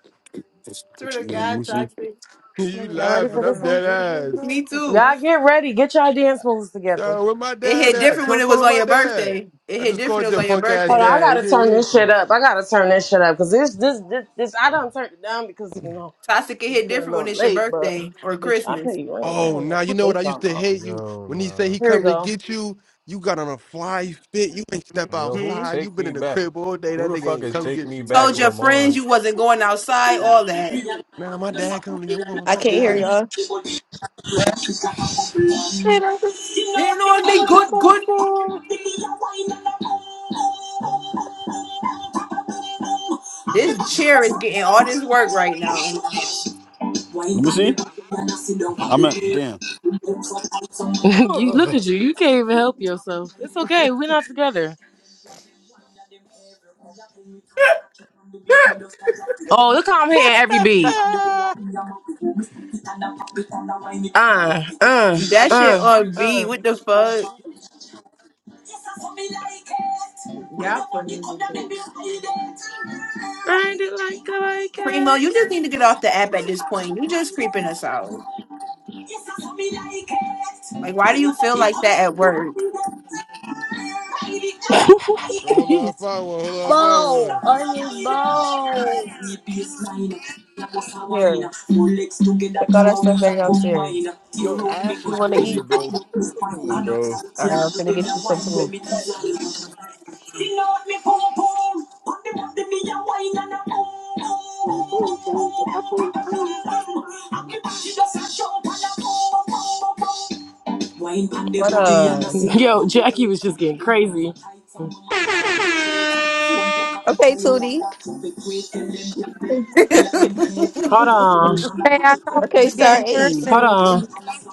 Speaker 5: Swear to
Speaker 14: Yeah, let
Speaker 7: You,
Speaker 5: God,
Speaker 14: me see.
Speaker 5: toxic.
Speaker 6: This
Speaker 7: you
Speaker 6: nigga don't
Speaker 12: Y'all
Speaker 6: let
Speaker 12: ready for
Speaker 7: laughing?
Speaker 6: them have
Speaker 12: this
Speaker 7: I'm
Speaker 6: no
Speaker 12: one?
Speaker 7: dead
Speaker 6: views, bro.
Speaker 7: ass.
Speaker 5: Me
Speaker 6: What
Speaker 5: too.
Speaker 6: the
Speaker 12: Y'all
Speaker 6: fuck?
Speaker 12: get ready. Get y'all dance moves together.
Speaker 7: Yo, where my
Speaker 5: It
Speaker 7: dad
Speaker 5: hit
Speaker 7: at?
Speaker 5: different when
Speaker 7: Don't
Speaker 5: it was
Speaker 7: call
Speaker 5: on
Speaker 7: my
Speaker 5: your
Speaker 7: dad.
Speaker 5: birthday. It
Speaker 7: I
Speaker 5: hit
Speaker 7: just
Speaker 5: different. It
Speaker 7: called
Speaker 5: was
Speaker 7: your
Speaker 5: on your
Speaker 7: punk ass
Speaker 12: Hold
Speaker 5: birthday.
Speaker 12: on, I
Speaker 7: dad. He
Speaker 12: gotta turn
Speaker 7: didn't
Speaker 12: this
Speaker 7: answer.
Speaker 12: shit up. I gotta turn this shit up because this, this, this, this, I don't turn it down because you know.
Speaker 5: Toxic can
Speaker 12: It's
Speaker 5: hit
Speaker 12: getting a
Speaker 5: different when
Speaker 12: little
Speaker 5: it's your
Speaker 12: late, but
Speaker 5: birthday or
Speaker 12: bitch, I pay
Speaker 5: Christmas.
Speaker 12: you rent. I don't
Speaker 7: Oh,
Speaker 12: know
Speaker 7: now you
Speaker 12: what
Speaker 7: know
Speaker 12: they
Speaker 7: what I used
Speaker 12: talking
Speaker 7: to
Speaker 12: about.
Speaker 7: hate you when he say
Speaker 18: Yo,
Speaker 7: he
Speaker 12: Here we
Speaker 7: come to
Speaker 12: go.
Speaker 7: get you. You got on a fly fit. You ain't step
Speaker 18: man. Yo, who
Speaker 5: hmm
Speaker 7: outside. You
Speaker 18: take
Speaker 7: been
Speaker 18: me
Speaker 7: in the
Speaker 18: back?
Speaker 7: crib all day.
Speaker 18: Who
Speaker 7: That
Speaker 18: the
Speaker 7: nigga
Speaker 18: fuck
Speaker 7: ain't
Speaker 18: is
Speaker 7: come
Speaker 18: take
Speaker 7: get
Speaker 18: me
Speaker 7: you,
Speaker 18: back,
Speaker 5: Told
Speaker 7: bro.
Speaker 5: your friends
Speaker 18: Lamar?
Speaker 5: you wasn't going outside, all that.
Speaker 7: Now my dad coming again. I'm going with
Speaker 1: I
Speaker 7: my
Speaker 1: can't hear
Speaker 7: dad.
Speaker 1: y'all.
Speaker 5: Been on
Speaker 18: Who
Speaker 5: me,
Speaker 18: the fuck
Speaker 5: good, good.
Speaker 18: is
Speaker 5: This chair is getting all this work right now.
Speaker 14: Let me see. I'm at damn.
Speaker 12: you look
Speaker 14: Ugh.
Speaker 12: at you. You can't even help yourself. It's okay. We're not together. Oh, look how I'm hitting every
Speaker 18: that, boy?
Speaker 12: beat. Uh, uh,
Speaker 5: That shit
Speaker 12: uh,
Speaker 5: on B.
Speaker 12: uh.
Speaker 5: What the fuck? Y'all funny as a bitch.
Speaker 12: Grind it like a like
Speaker 5: Primo,
Speaker 12: it.
Speaker 5: you just need to get off the app at this point. You just creeping us out.
Speaker 12: Yes, Jesus, me like it.
Speaker 5: Like, why
Speaker 12: When
Speaker 5: do you
Speaker 12: your
Speaker 5: feel
Speaker 12: body
Speaker 5: like
Speaker 12: come
Speaker 5: that at
Speaker 12: and feel
Speaker 5: work?
Speaker 12: me, I like
Speaker 7: Yo, hold
Speaker 12: it.
Speaker 7: on, I found one. Hold on, I found
Speaker 1: Bowl.
Speaker 7: one.
Speaker 1: Onion bowl.
Speaker 12: Me baseline, that was a wine.
Speaker 1: Here.
Speaker 12: Two legs together
Speaker 1: Take
Speaker 12: to
Speaker 1: all that
Speaker 12: a
Speaker 1: stuff
Speaker 12: wheel a
Speaker 1: back
Speaker 12: combine.
Speaker 1: downstairs.
Speaker 12: Tear
Speaker 14: Yo,
Speaker 12: out me
Speaker 14: Ash
Speaker 1: You
Speaker 14: is
Speaker 12: grind,
Speaker 1: want to
Speaker 12: when
Speaker 14: crazy,
Speaker 1: eat?
Speaker 12: you up
Speaker 14: bro.
Speaker 12: look me
Speaker 14: What are you
Speaker 12: spine.
Speaker 14: doing,
Speaker 12: I know
Speaker 14: bro?
Speaker 12: that
Speaker 1: All right,
Speaker 12: can't
Speaker 1: I'm gonna
Speaker 12: do them
Speaker 1: get
Speaker 12: a
Speaker 1: you some
Speaker 12: wine when
Speaker 1: food.
Speaker 12: me design. Sing out me pum pum, on the body me a wine and a pum pum pum pum pum pum pum pum pum. And me body just a jump and a pum pum pum pum pum.
Speaker 1: What uh?
Speaker 12: Yo, Jackie was just getting crazy.
Speaker 1: Okay, Tootie.
Speaker 19: in, in
Speaker 5: this
Speaker 12: Hold on.
Speaker 20: Hey, I thought we
Speaker 1: Okay,
Speaker 20: was
Speaker 1: sir.
Speaker 20: getting
Speaker 1: Hey,
Speaker 12: Hold
Speaker 20: piercings.
Speaker 12: on.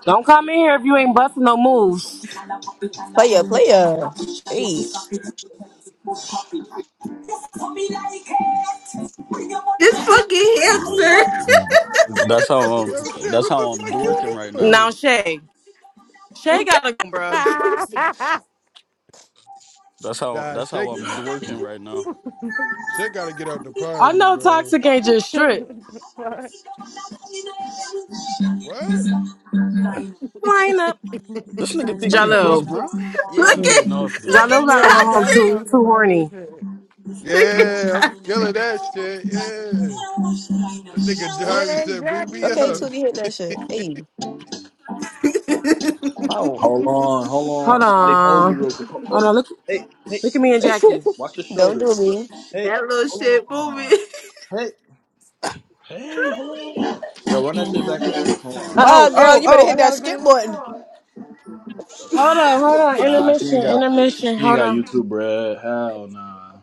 Speaker 12: Don't come in here if you ain't busting no moves.
Speaker 1: player, player. Hey.
Speaker 5: fucking hamster.
Speaker 14: That's how
Speaker 7: Yo,
Speaker 14: I'm.
Speaker 7: shit,
Speaker 14: That's
Speaker 7: what
Speaker 14: how
Speaker 7: the
Speaker 14: I'm
Speaker 7: fuck you
Speaker 14: dorking right now.
Speaker 12: Now,
Speaker 7: doing?
Speaker 12: Shay. Shay got a, bruh.
Speaker 5: look at,
Speaker 14: That's how.
Speaker 7: Nah,
Speaker 14: That's how
Speaker 7: shake it.
Speaker 14: I'm dorking right now.
Speaker 7: Shit gotta get out the
Speaker 12: I
Speaker 7: party,
Speaker 12: know
Speaker 7: bro.
Speaker 12: Toxic ain't just strip.
Speaker 6: Fuck.
Speaker 7: What?
Speaker 12: Line up.
Speaker 14: This nigga think
Speaker 7: Talk
Speaker 14: he Chris
Speaker 7: about
Speaker 12: Jalil.
Speaker 7: some.
Speaker 14: Brown? Yeah,
Speaker 5: look
Speaker 14: I'm getting
Speaker 5: at
Speaker 14: off this
Speaker 12: Jalo
Speaker 14: shit.
Speaker 12: gotta
Speaker 6: Yo,
Speaker 12: go home
Speaker 5: Toxic.
Speaker 6: Daddy's
Speaker 12: too. He
Speaker 6: on
Speaker 12: too
Speaker 6: some other
Speaker 12: horny.
Speaker 6: shit.
Speaker 5: Look at
Speaker 7: Yeah, I'm
Speaker 5: that
Speaker 7: killing that shit. Yeah. That nigga Jari
Speaker 6: Hey,
Speaker 7: said, bring me
Speaker 1: Okay,
Speaker 6: Jackie,
Speaker 7: up.
Speaker 1: Tootie, hit that shit. Hey. Oh.
Speaker 21: Hold on, hold
Speaker 12: Hold
Speaker 21: on. Somebody hold me
Speaker 12: on.
Speaker 21: real quick. Oh,
Speaker 12: Hold
Speaker 21: oh,
Speaker 12: on. Look,
Speaker 21: hey, hey,
Speaker 12: look at me and
Speaker 21: hey,
Speaker 12: Jackie.
Speaker 21: watch your
Speaker 1: Don't do
Speaker 21: shoulders. Look,
Speaker 1: me.
Speaker 21: Hey,
Speaker 5: That little
Speaker 21: hold
Speaker 5: shit
Speaker 21: on.
Speaker 5: moving.
Speaker 21: Hey, hey, hold on. Yo, run that shit back real quick. Hold on.
Speaker 1: Uh uh
Speaker 12: Oh,
Speaker 1: girl,
Speaker 12: oh,
Speaker 1: you better
Speaker 12: oh! I
Speaker 1: hit that
Speaker 12: gotta get. A...
Speaker 1: skip
Speaker 12: new...
Speaker 1: button.
Speaker 12: Hold on, hold on.
Speaker 21: Nah, she ain't
Speaker 12: Intermission,
Speaker 21: got,
Speaker 12: intermission.
Speaker 21: she ain't
Speaker 12: Hold
Speaker 21: got
Speaker 12: on.
Speaker 21: YouTube, bruh. Hell nah.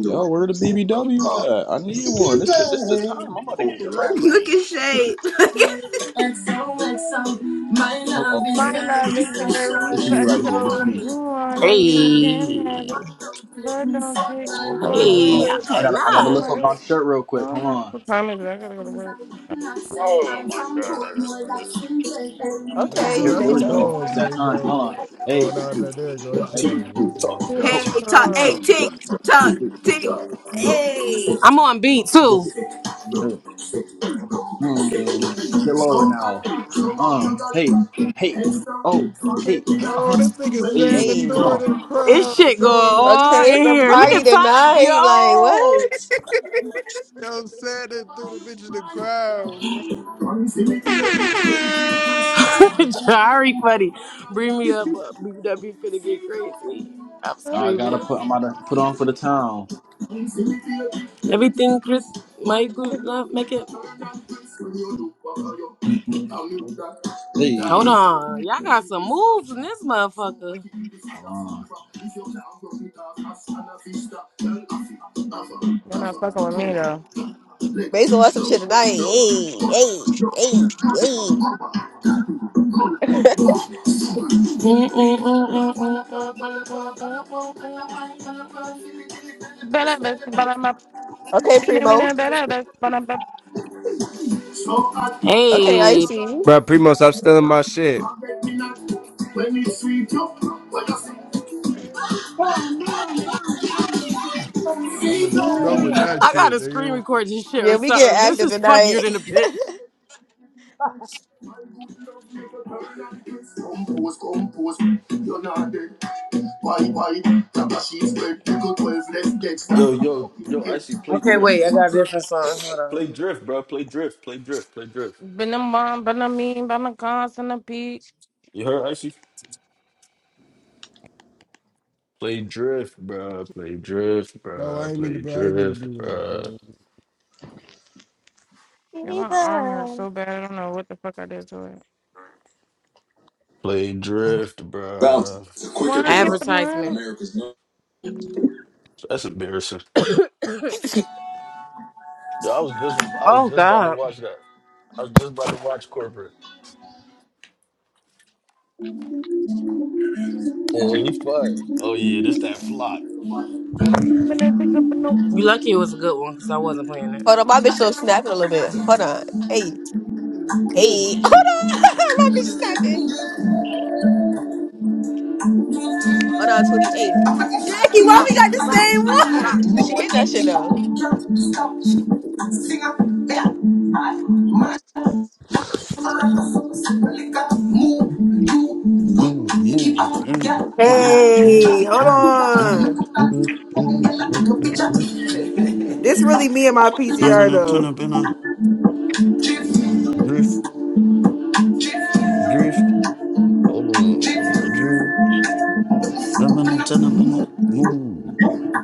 Speaker 21: Yo, where the BBWs at? I need one. This, the, this the time. I'm about to get
Speaker 5: Look
Speaker 21: crazy.
Speaker 5: at Shade. Look at-
Speaker 21: Oh, okay.
Speaker 6: my love
Speaker 21: This,
Speaker 6: is very
Speaker 21: this me right here.
Speaker 6: special.
Speaker 21: This
Speaker 6: If
Speaker 21: me.
Speaker 6: you want it, you
Speaker 12: Hey, hey!
Speaker 6: can have it, but don't take me
Speaker 7: hold
Speaker 6: for
Speaker 1: Don't
Speaker 7: on.
Speaker 1: do
Speaker 21: Oh,
Speaker 12: I
Speaker 6: granted.
Speaker 1: it.
Speaker 21: I gotta, I gotta
Speaker 6: So
Speaker 12: cannot.
Speaker 21: lift
Speaker 6: much
Speaker 21: up
Speaker 1: Uh-uh.
Speaker 21: my shirt real quick.
Speaker 6: So
Speaker 21: Hold
Speaker 6: much
Speaker 21: on.
Speaker 6: for comedy. I gotta go to work.
Speaker 14: Oh my god, I got twitch.
Speaker 21: Oh,
Speaker 7: Mazo,
Speaker 1: Okay,
Speaker 21: here,
Speaker 7: that's
Speaker 21: here
Speaker 7: a
Speaker 21: we
Speaker 1: Mason.
Speaker 21: go.
Speaker 7: pause,
Speaker 21: It's that time. Hold
Speaker 7: Mazo.
Speaker 21: on.
Speaker 7: Oh,
Speaker 21: Hey,
Speaker 7: no, no, there you go. It
Speaker 21: hey.
Speaker 14: T
Speaker 7: changed. My
Speaker 14: talk.
Speaker 7: fault. There,
Speaker 6: Shit,
Speaker 21: Ho,
Speaker 7: bro.
Speaker 14: Cheap
Speaker 5: hey, talk. Hey,
Speaker 6: God.
Speaker 21: hey,
Speaker 14: talk.
Speaker 5: tick, talk, tick. Hey,
Speaker 12: I'm on beat
Speaker 21: go
Speaker 12: too.
Speaker 21: for it. Hey, hmm, get lower now. Uh, hey, hey, oh, hey, uh
Speaker 7: Oh,
Speaker 21: huh.
Speaker 7: this nigga sad
Speaker 21: Hey,
Speaker 7: and
Speaker 21: come
Speaker 7: threw
Speaker 1: Hey.
Speaker 7: it
Speaker 21: on.
Speaker 7: in the
Speaker 12: This
Speaker 7: crowd,
Speaker 12: shit going
Speaker 7: dog. He
Speaker 12: on
Speaker 7: just
Speaker 1: Okay,
Speaker 12: in
Speaker 1: it's a
Speaker 12: here. Look
Speaker 21: Uh,
Speaker 1: party
Speaker 12: at Tox.
Speaker 1: tonight. Like,
Speaker 12: Yo.
Speaker 7: Yo, sad and threw the bitch in the crowd, bro.
Speaker 12: Jari funny. Bring me up, uh, BW finna get crazy. I'm
Speaker 21: now I
Speaker 12: screaming.
Speaker 21: gotta
Speaker 1: what?
Speaker 21: put. I'm about to put on for the town.
Speaker 12: Everything Chris Michael love make it.
Speaker 21: Mm,
Speaker 12: Hold
Speaker 21: Hey,
Speaker 12: on, y'all got some moves in this motherfucker.
Speaker 21: uh,
Speaker 6: You're not fucking with me though.
Speaker 1: Basil wants some shit tonight. Hey, hey, hey, hey.
Speaker 12: Mm, mm, mm, mm, mm, mm, mm, mm, mm, mm, mm, mm, mm, mm, mm.
Speaker 6: But I best but I'm a
Speaker 1: Okay,
Speaker 6: beating me
Speaker 1: Primo.
Speaker 6: now. but I best but I'm
Speaker 1: Okay,
Speaker 12: Hey.
Speaker 1: Icy.
Speaker 2: Bro, Primo, stop stealing my shit.
Speaker 7: I'm in the snow with that
Speaker 12: I
Speaker 7: shit,
Speaker 12: gotta screen
Speaker 7: nigga.
Speaker 12: record this shit or
Speaker 1: Yeah, we
Speaker 12: something.
Speaker 1: get
Speaker 12: This
Speaker 1: active
Speaker 12: is
Speaker 1: tonight.
Speaker 12: funnier than a bitch. Compose, compose, you're not dead. Why, why, Jabba dead. Pickle 12 less Dexter.
Speaker 14: Yo, yo, yo, Icy, play
Speaker 12: Okay,
Speaker 14: drift.
Speaker 12: wait, I got a different song. Hold
Speaker 14: Play
Speaker 12: on.
Speaker 14: drift, bro. Play drift. Play drift. Play drift.
Speaker 6: been a mom, but I mean but I'm constant a peak.
Speaker 14: You heard Icy? Play drift, bro. Play drift,
Speaker 7: No, I
Speaker 14: bro.
Speaker 7: ain't mean to,
Speaker 14: Play
Speaker 7: bro. I ain't mean to
Speaker 14: drift,
Speaker 7: do that,
Speaker 14: bro.
Speaker 7: bro.
Speaker 6: Yeah, my arm hurts
Speaker 1: Eva.
Speaker 6: so bad I don't know what the fuck I did to it.
Speaker 14: Play drift,
Speaker 12: Bounty,
Speaker 14: bro.
Speaker 12: the quicker pick up.
Speaker 6: Wine your
Speaker 12: Advertisement.
Speaker 6: banana
Speaker 12: America's number-
Speaker 14: That's embarrassing. Yo, I was just I was
Speaker 12: Oh,
Speaker 14: just about to
Speaker 12: God.
Speaker 14: watch that. I was just about to watch corporate. Yeah, he fired. Oh yeah, this that flock.
Speaker 6: banana big up banana.
Speaker 12: You lucky it was a good one because I wasn't playing it.
Speaker 1: Hold on, my bitch still snapping a little bit. Hold on. Hey,
Speaker 12: Hey.
Speaker 1: hey. Hold
Speaker 12: Hold
Speaker 1: on. my bitch snapping. Hold on, 28.
Speaker 5: Jackie, why
Speaker 1: Wow,
Speaker 5: we got the
Speaker 1: wow,
Speaker 5: same one?
Speaker 1: wow. She getting that shit though.
Speaker 14: I'm
Speaker 5: Hey, hold on. This really me and my PTR
Speaker 14: gonna turn
Speaker 5: though.
Speaker 14: up in a drift, drift, hold on, drift. I'm gonna turn up in a move,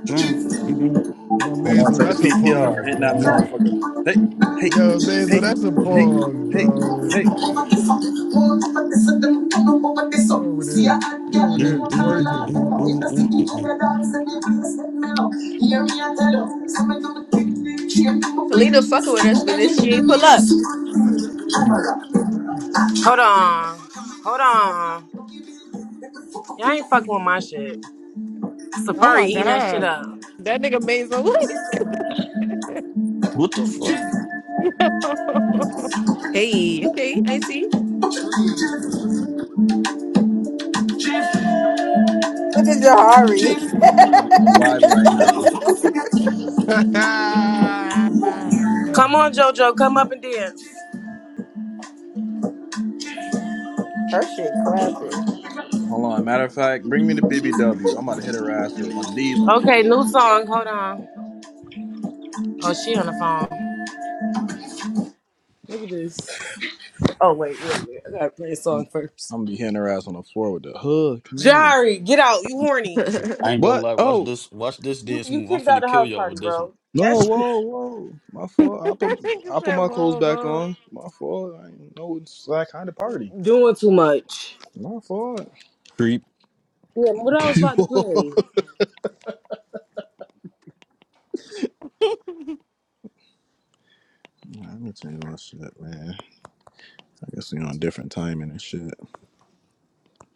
Speaker 14: turn, drift,
Speaker 7: Yo,
Speaker 21: hold on.
Speaker 7: Mazo,
Speaker 21: Take a
Speaker 7: that's a
Speaker 21: PTR.
Speaker 7: pause,
Speaker 21: Hitting that
Speaker 7: bro.
Speaker 21: motherfucker. Hey, hey,
Speaker 7: Yo, Mazo,
Speaker 21: hey,
Speaker 7: that's a
Speaker 21: hey,
Speaker 14: drift.
Speaker 7: pause,
Speaker 21: hey,
Speaker 7: bro.
Speaker 21: hey.
Speaker 7: You over there, you over there twerking.
Speaker 1: Selena fucking with us, but this she ain't pull up.
Speaker 12: on. Hold on. Y'all ain't fucking with my shit.
Speaker 6: Oh
Speaker 12: Safari
Speaker 6: my
Speaker 12: eating that shit
Speaker 6: god.
Speaker 12: up.
Speaker 6: That nigga made so
Speaker 14: What the fuck?
Speaker 1: Hey, okay, Icy.
Speaker 5: Look at Jahari.
Speaker 21: Yeah, I'm, I'm vibing right now.
Speaker 7: Yeah,
Speaker 12: Come on, JoJo. Come up and dance.
Speaker 5: Her shit clapping.
Speaker 21: Hold on. Matter of fact, bring me the BBW. I'm about to hit her ass with one of these on the
Speaker 12: Okay,
Speaker 21: floor.
Speaker 12: new song. Hold on. Oh, she on the phone. Look at this. Oh, wait, wait, wait. I gotta play a
Speaker 21: I'm,
Speaker 12: song first.
Speaker 21: I'm gonna be hitting her ass on the floor with the hood. Come here.
Speaker 12: Jari, get out. You horny.
Speaker 1: I'm
Speaker 14: I ain't gonna
Speaker 21: What?
Speaker 14: lie. Watch
Speaker 21: Oh
Speaker 14: this. Watch this
Speaker 12: You
Speaker 14: dance
Speaker 12: you
Speaker 14: move. I'm
Speaker 12: kicked out
Speaker 14: finna
Speaker 12: the
Speaker 14: kill
Speaker 12: house
Speaker 14: y'all
Speaker 12: party,
Speaker 14: with this one.
Speaker 12: bro.
Speaker 21: no!
Speaker 12: That's
Speaker 21: Whoa, whoa! My fault. I put
Speaker 6: nigga
Speaker 21: I put
Speaker 6: said,
Speaker 21: my clothes
Speaker 6: whoa,
Speaker 21: back
Speaker 6: whoa.
Speaker 21: on. My fault. I didn't know it's that kind of party.
Speaker 12: doing too much.
Speaker 21: My fault.
Speaker 14: Creep.
Speaker 12: Yeah, what I was about to play.
Speaker 21: Let me change my shit, man. I guess we on different timing and shit.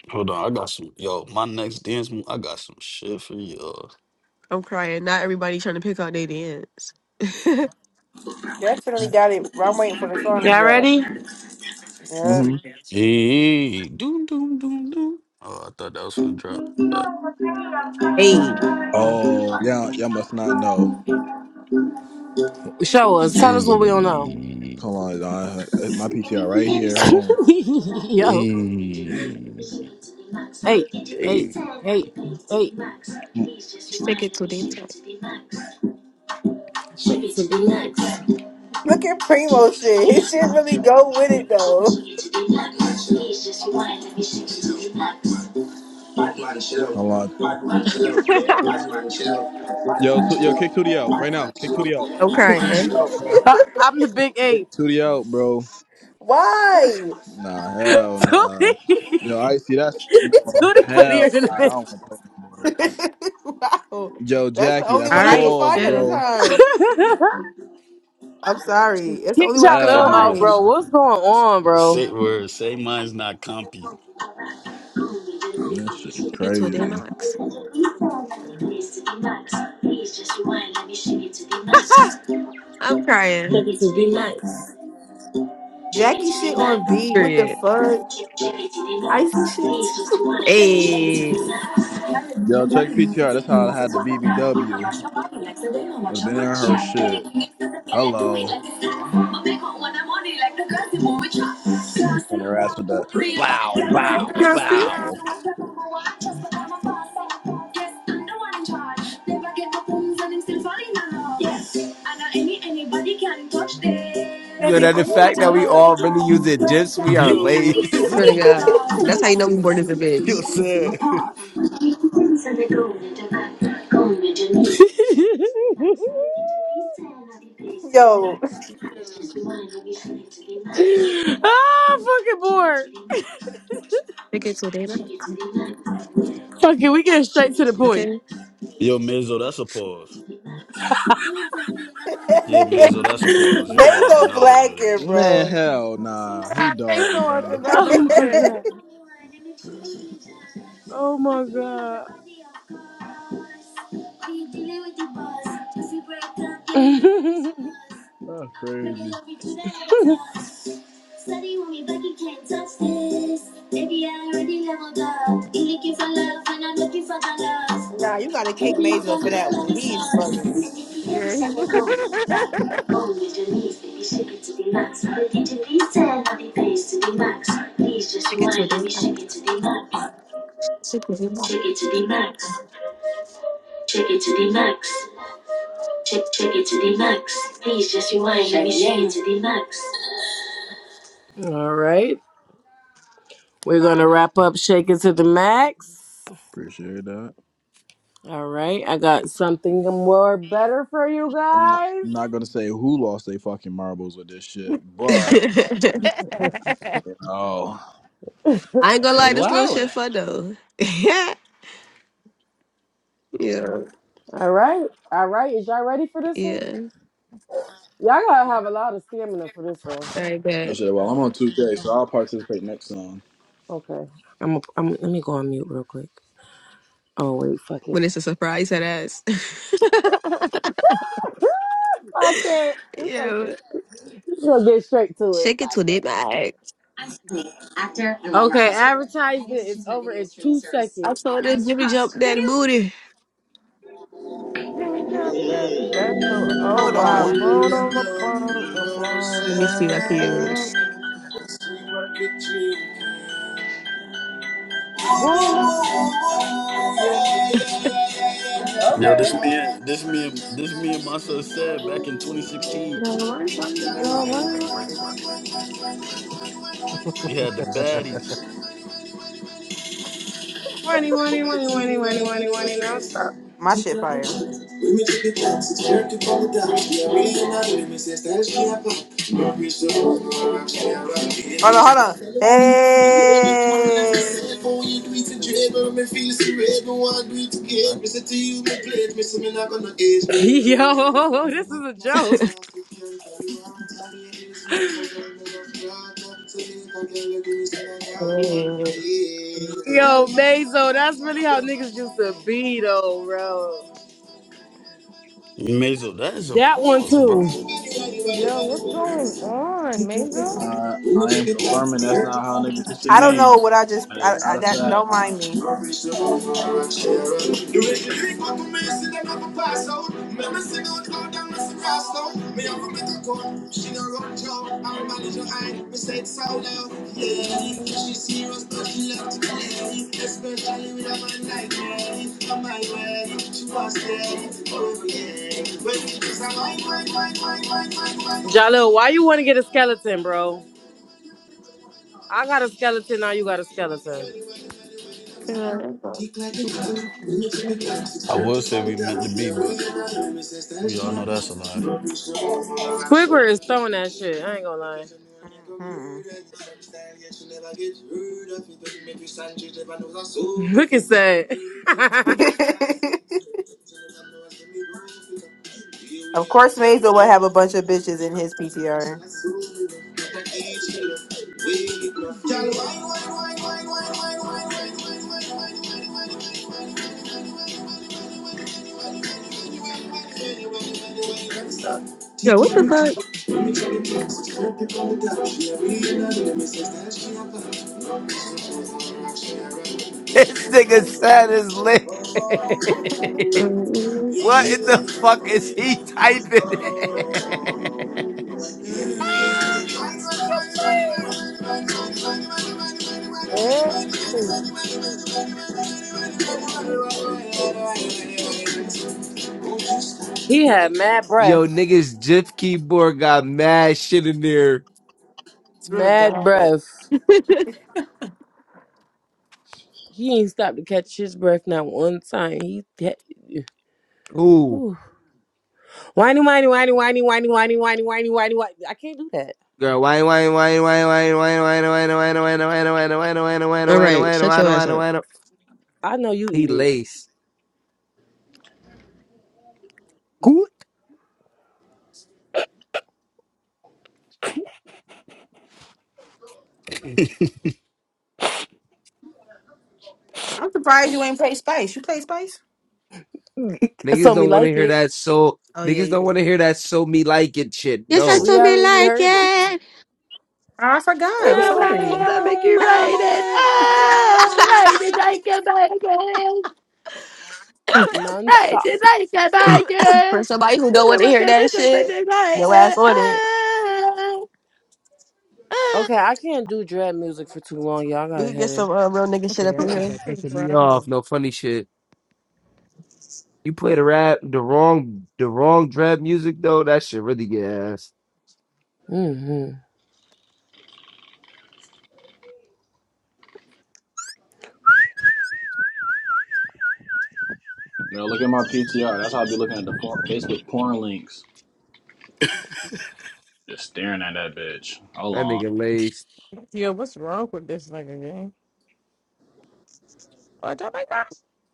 Speaker 14: Hold on, I got some. Yo, my next dance move, I got some shit for y'all.
Speaker 1: crying. Not everybody trying to pick out their dance.
Speaker 5: Definitely got it. I'm waiting for the song to
Speaker 12: Y'all
Speaker 5: drop.
Speaker 12: ready?
Speaker 5: Yeah.
Speaker 21: hmm
Speaker 14: Hey, doom, doom, doom, doom. Oh, I thought that was gonna drop. My bad.
Speaker 1: hey.
Speaker 21: Oh yeah, y'all must not know.
Speaker 12: Show us. Tell us what we don't know.
Speaker 14: Hey,
Speaker 21: Hold on, uh, my PTR right here. Hold on,
Speaker 12: Yo.
Speaker 14: hey,
Speaker 12: Hey, hey,
Speaker 14: hey.
Speaker 12: hey, hey.
Speaker 21: Mm,
Speaker 1: Just take it to the inside.
Speaker 5: Look at Primo shit. His shit really go with it though.
Speaker 21: hold on. Yo, to, yo, kick Tootie out right now. Kick Tootie out.
Speaker 1: I'm
Speaker 21: Kick
Speaker 1: crying.
Speaker 21: Tootie out, bro.
Speaker 12: Uh, I'm the big
Speaker 21: Kick
Speaker 12: eight.
Speaker 21: Tootie out, bro.
Speaker 5: Why?
Speaker 21: Nah, hell nah. Yo,
Speaker 12: Tootie,
Speaker 21: Icy, that's no
Speaker 12: Tootie
Speaker 21: hell.
Speaker 12: funnier than the
Speaker 21: I
Speaker 12: bitch.
Speaker 21: don't want to play no more.
Speaker 5: wow.
Speaker 21: Yo,
Speaker 5: That's the
Speaker 21: Jackie,
Speaker 5: only
Speaker 21: that's a
Speaker 1: All
Speaker 5: one I could
Speaker 1: right,
Speaker 21: pause,
Speaker 5: find at the
Speaker 1: chill.
Speaker 21: bro.
Speaker 5: time. I'm sorry. That's the
Speaker 12: Kick
Speaker 5: only one I
Speaker 12: y'all
Speaker 5: could
Speaker 14: Say
Speaker 12: little
Speaker 21: Hell
Speaker 12: out,
Speaker 5: find.
Speaker 12: bro.
Speaker 14: mine's.
Speaker 21: nah.
Speaker 12: What's going on, bro?
Speaker 14: Say word. Say mine's not compy.
Speaker 12: So
Speaker 21: This shit
Speaker 1: I get to a damn
Speaker 21: crazy.
Speaker 1: max.
Speaker 12: this
Speaker 1: I'm crying.
Speaker 12: is the max. Check it
Speaker 5: Jackie
Speaker 12: to the
Speaker 5: shit
Speaker 12: max.
Speaker 5: on B. What the
Speaker 1: Period.
Speaker 5: fuck?
Speaker 12: Check, check it to the max.
Speaker 5: Icy
Speaker 12: Please
Speaker 5: shit.
Speaker 12: just rewind, let me check it to
Speaker 1: Hey.
Speaker 12: the max.
Speaker 21: Yo, check PTR. That's how I had the BBW. Would have been in her shit. Hello. And her ass with that bow,
Speaker 6: We're back
Speaker 21: bow,
Speaker 12: Now
Speaker 6: up
Speaker 12: see?
Speaker 6: being
Speaker 21: bow.
Speaker 6: nasty.
Speaker 2: Yo,
Speaker 1: Baby,
Speaker 2: that
Speaker 1: I
Speaker 2: the
Speaker 1: you not
Speaker 2: fact
Speaker 1: at
Speaker 2: that we
Speaker 1: hoe.
Speaker 2: all really using dips, we are
Speaker 14: Yo,
Speaker 2: laced.
Speaker 1: Swear to God. That's how you know we born as a
Speaker 14: yo,
Speaker 1: bitch.
Speaker 14: sad.
Speaker 12: ah,
Speaker 5: Yo,
Speaker 12: I'm fucking bored.
Speaker 1: Take it to a day max.
Speaker 12: Fuck it, we get straight to the
Speaker 1: Okay?
Speaker 12: point.
Speaker 14: Yo, Mezzo, that's a pause. Yeah,
Speaker 6: Yeah,
Speaker 14: Mezzo, that's a pause. You wilding
Speaker 5: Mazo
Speaker 14: out over there.
Speaker 5: Blacker,
Speaker 21: Man,
Speaker 5: bro.
Speaker 21: hell
Speaker 6: you
Speaker 21: nah. He
Speaker 6: got face
Speaker 21: dogging,
Speaker 6: on
Speaker 21: bro.
Speaker 6: some
Speaker 12: Oh
Speaker 6: other
Speaker 12: my
Speaker 6: shit.
Speaker 12: god. Oh my
Speaker 21: That's crazy.
Speaker 12: god. Steady with me, but you can't touch this. Baby, I already leveled up. You looking for love, and I'm looking for the love.
Speaker 5: Nah, you gotta kick
Speaker 12: Baby, you
Speaker 5: Mazo
Speaker 12: can
Speaker 5: for that
Speaker 12: handle all
Speaker 5: one.
Speaker 12: these
Speaker 5: He's
Speaker 12: songs. And
Speaker 5: bugging.
Speaker 12: if you hear
Speaker 6: Yeah,
Speaker 12: this on
Speaker 6: he was
Speaker 12: the go, you do back. Go with your knees, baby, shake it to the max. Baby, do these 10, I'll be bass to the max. Please just
Speaker 1: Take it to a
Speaker 12: rewind, let
Speaker 1: day
Speaker 12: me
Speaker 1: max.
Speaker 12: shake it to the max.
Speaker 1: Take it to a day max.
Speaker 12: Shake it to the max. Shake it to the max. Shake, shake it to the max. Please just rewind, let me shake it to the max. All right. We're going to
Speaker 6: laughing.
Speaker 12: wrap up Shake It to the Max.
Speaker 21: Appreciate that.
Speaker 12: All right, I got something more better for you
Speaker 21: I'm not
Speaker 12: guys.
Speaker 21: I'm not gonna say who lost they fucking marbles with this shit, but you know,
Speaker 1: I ain't gonna
Speaker 21: it's
Speaker 1: lie, this
Speaker 12: All
Speaker 1: little
Speaker 21: wild.
Speaker 1: shit fun though. yeah. Yeah.
Speaker 12: right, all right. Is y'all ready for this one?
Speaker 1: Yeah.
Speaker 12: Y'all gotta have a lot of stamina for this one.
Speaker 1: All right,
Speaker 21: That
Speaker 1: bet.
Speaker 21: Shit, well,
Speaker 5: All
Speaker 21: I'm on
Speaker 5: right.
Speaker 21: 2K, so I'll participate next song.
Speaker 12: Okay, I'm. A, I'm. Let me go on mute real quick. Oh wait, fuck it.
Speaker 1: When it's a surprise, that ass.
Speaker 12: Fuck it. We gonna,
Speaker 1: yeah.
Speaker 12: we gonna get straight to it.
Speaker 1: Shake it
Speaker 12: Fuck
Speaker 1: to the
Speaker 12: it.
Speaker 1: max.
Speaker 12: Sure. Okay, advertisement is over. It's two
Speaker 1: I
Speaker 12: seconds.
Speaker 1: told that Jimmy jump that booty.
Speaker 6: Jimmy Jump, bro. That's so. Oh
Speaker 5: Hold
Speaker 6: wow,
Speaker 5: on.
Speaker 12: Twenty,
Speaker 6: blown on my phone, the blown
Speaker 1: Let me see what I can
Speaker 6: something.
Speaker 1: use.
Speaker 6: Boom, boom.
Speaker 14: Yo, this me, and this me, and this me and my son said back in 2016.
Speaker 6: Yo, why you-
Speaker 14: We had the baddies.
Speaker 12: twenty, twenty, twenty, twenty, twenty, twenty. Don't stop.
Speaker 5: My shit fire. Oh no, hold on. Hey,
Speaker 12: Before you do it in jail, but me feel so red. No one do it again.
Speaker 6: what?
Speaker 12: Me say to you, me plate. Me say me not gonna age. Yo, this is a joke. Yo, Mazo, that's really how niggas used to be, though, bro.
Speaker 14: Mazel, that is a
Speaker 12: That one,
Speaker 14: pause, bro.
Speaker 12: too.
Speaker 6: Yo, what's going on, Mazel?
Speaker 21: Uh, I am confirming that's not how niggas should
Speaker 5: I don't
Speaker 21: be.
Speaker 5: know what I just
Speaker 21: That is
Speaker 5: I,
Speaker 21: not
Speaker 5: I,
Speaker 21: a
Speaker 5: that.
Speaker 21: fact.
Speaker 5: Don't mind me.
Speaker 12: Joe, I'm about to your eye, we say so Yeah,
Speaker 6: Mm,
Speaker 12: she's serious, but she love to play. Especially with her man like me. On my way, she was there. Oh, yeah. When she was a wine, wine, wine, wine, wine. Jalil, why you want to get a skeleton, bro? I got a skeleton, now you got a skeleton.
Speaker 1: Yeah.
Speaker 14: I would say we meant to be, but we all know that's a lie.
Speaker 12: Squidward is throwing that shit. I ain't gonna lie.
Speaker 5: hmm
Speaker 12: Look at that.
Speaker 5: of course, Maysville will have a bunch of bitches in his PTR.
Speaker 1: Yo, what the fuck?
Speaker 2: this nigga sad as lit. What
Speaker 1: Um,
Speaker 2: in the fuck is he typing?
Speaker 6: Hey, bring
Speaker 12: he had mad
Speaker 2: Yo,
Speaker 12: breath.
Speaker 2: niggas, GIF keyboard got mad shit in there.
Speaker 5: Swear to
Speaker 12: Mad
Speaker 5: God,
Speaker 12: breath. He ain't stopped to catch his breath not one time. He
Speaker 2: Ooh.
Speaker 12: Ooh. Whiny, whiny, whiny, whiny, whiny, whiny, whiny, whiny, whiny, whiny. I can't do that.
Speaker 2: Girl, why, why, why, why, why, why, why, why, why, why, why, why, why, why, why, why, why, why,
Speaker 1: All right,
Speaker 2: why,
Speaker 1: shut
Speaker 2: why,
Speaker 1: your ass
Speaker 2: why,
Speaker 1: up.
Speaker 2: why,
Speaker 12: I know you
Speaker 2: He
Speaker 12: eat it.
Speaker 2: lace.
Speaker 5: I'm surprised you ain't played Spice. You played Spice?
Speaker 2: Niggas
Speaker 12: so me
Speaker 2: don't want to
Speaker 12: like
Speaker 2: hear
Speaker 12: it.
Speaker 2: that so.
Speaker 5: Oh yeah,
Speaker 2: Niggas
Speaker 5: you
Speaker 2: don't
Speaker 5: did.
Speaker 2: want to hear that so me like it shit.
Speaker 1: Yes,
Speaker 2: No.
Speaker 1: that's
Speaker 12: We
Speaker 1: what me
Speaker 12: already
Speaker 1: like
Speaker 12: heard it.
Speaker 1: it.
Speaker 5: Oh, I forgot.
Speaker 2: We
Speaker 5: I'm
Speaker 12: Ah,
Speaker 2: don't want to
Speaker 12: boom,
Speaker 6: everybody in
Speaker 2: sit
Speaker 5: sorry.
Speaker 2: and
Speaker 12: boom,
Speaker 6: my
Speaker 2: make
Speaker 12: boom,
Speaker 2: you
Speaker 12: ba-da,
Speaker 2: write it.
Speaker 12: boom, boom, boom,
Speaker 2: Ah,
Speaker 12: boom,
Speaker 2: write it
Speaker 12: boom.
Speaker 2: like a tiger.
Speaker 1: Ah.
Speaker 2: Write
Speaker 12: Non-stop.
Speaker 2: it like a
Speaker 1: For
Speaker 2: tiger.
Speaker 1: somebody who
Speaker 2: We
Speaker 1: don't want
Speaker 2: don't
Speaker 1: to
Speaker 2: want
Speaker 1: hear
Speaker 2: to
Speaker 1: that
Speaker 2: sit
Speaker 1: shit,
Speaker 2: and write
Speaker 1: your ass
Speaker 2: it.
Speaker 1: on it.
Speaker 2: Ah, ah.
Speaker 12: Okay, I can't do dread music for too long, y'all. I got
Speaker 1: We
Speaker 12: a
Speaker 1: could get
Speaker 12: headache.
Speaker 1: some uh, real nigga shit
Speaker 2: Yeah,
Speaker 1: up in
Speaker 2: that's just
Speaker 1: here.
Speaker 2: that
Speaker 6: I'm
Speaker 2: pissing me off.
Speaker 6: crying.
Speaker 2: No funny shit. You play the rap, the wrong, the wrong drab music though. That shit really get ass.
Speaker 12: hmm
Speaker 21: You know, look at my PTR. That's how I be looking at the for- Facebook porn links. Just staring at that bitch. Hold
Speaker 2: That
Speaker 21: on.
Speaker 2: nigga lace.
Speaker 6: Yo, what's wrong with this nigga game? Watch out, my God.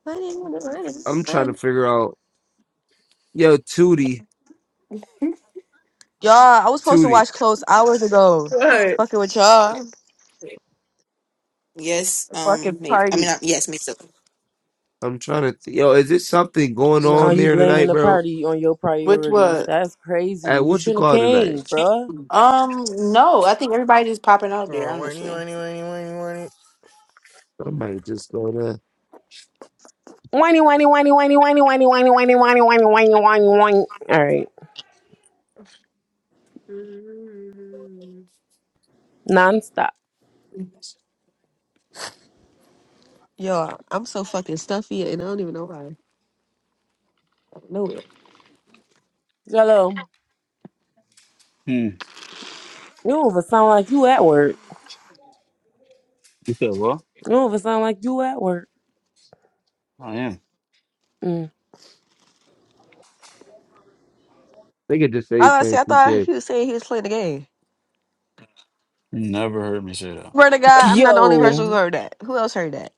Speaker 1: Running, running, running,
Speaker 2: I'm trying to
Speaker 1: run.
Speaker 2: figure out. Yo, Tootie,
Speaker 1: Y'all, I was supposed to
Speaker 2: Tootie.
Speaker 1: watch Close hours ago.
Speaker 5: What?
Speaker 1: Fucking with y'all.
Speaker 5: Yes.
Speaker 1: A
Speaker 5: Um.
Speaker 1: fucking
Speaker 5: May- I mean,
Speaker 1: party.
Speaker 5: uh, yes, Maysville.
Speaker 2: I'm trying to. Th- Yo, is it something going
Speaker 12: Now
Speaker 2: on
Speaker 12: you
Speaker 2: there
Speaker 12: blaming
Speaker 2: tonight,
Speaker 12: the
Speaker 2: bro?
Speaker 12: party on your
Speaker 5: Which
Speaker 12: priorities.
Speaker 5: what?
Speaker 12: That's crazy.
Speaker 2: At
Speaker 12: You
Speaker 2: what you
Speaker 12: should have
Speaker 2: call it tonight?
Speaker 12: came, bruh.
Speaker 5: Um. No, I think everybody just popping out there.
Speaker 18: Uh, whiny,
Speaker 5: Honestly.
Speaker 18: whiny, whiny, whiny, whiny.
Speaker 2: Somebody just go there.
Speaker 12: Whiny, whiny, whiny, whiny, whiny, whiny, whiny, whiny, whiny, whiny, whiny, whiny, whiny. All right. Non-stop.
Speaker 1: Yo, I'm so fucking stuffy and I don't even know why. I know it.
Speaker 12: Hello.
Speaker 14: Hmm.
Speaker 12: You don't even sound like you at work.
Speaker 14: You said what?
Speaker 12: You don't even sound like you at work.
Speaker 14: I am.
Speaker 12: Mm.
Speaker 2: They could just say he's
Speaker 1: Oh, see,
Speaker 2: playing
Speaker 1: I thought
Speaker 2: 2K.
Speaker 1: he was saying he was playing the game.
Speaker 14: You Never heard me say that.
Speaker 1: Swear to God, I'm not the only person who
Speaker 12: Yo.
Speaker 1: heard that. Who else heard that?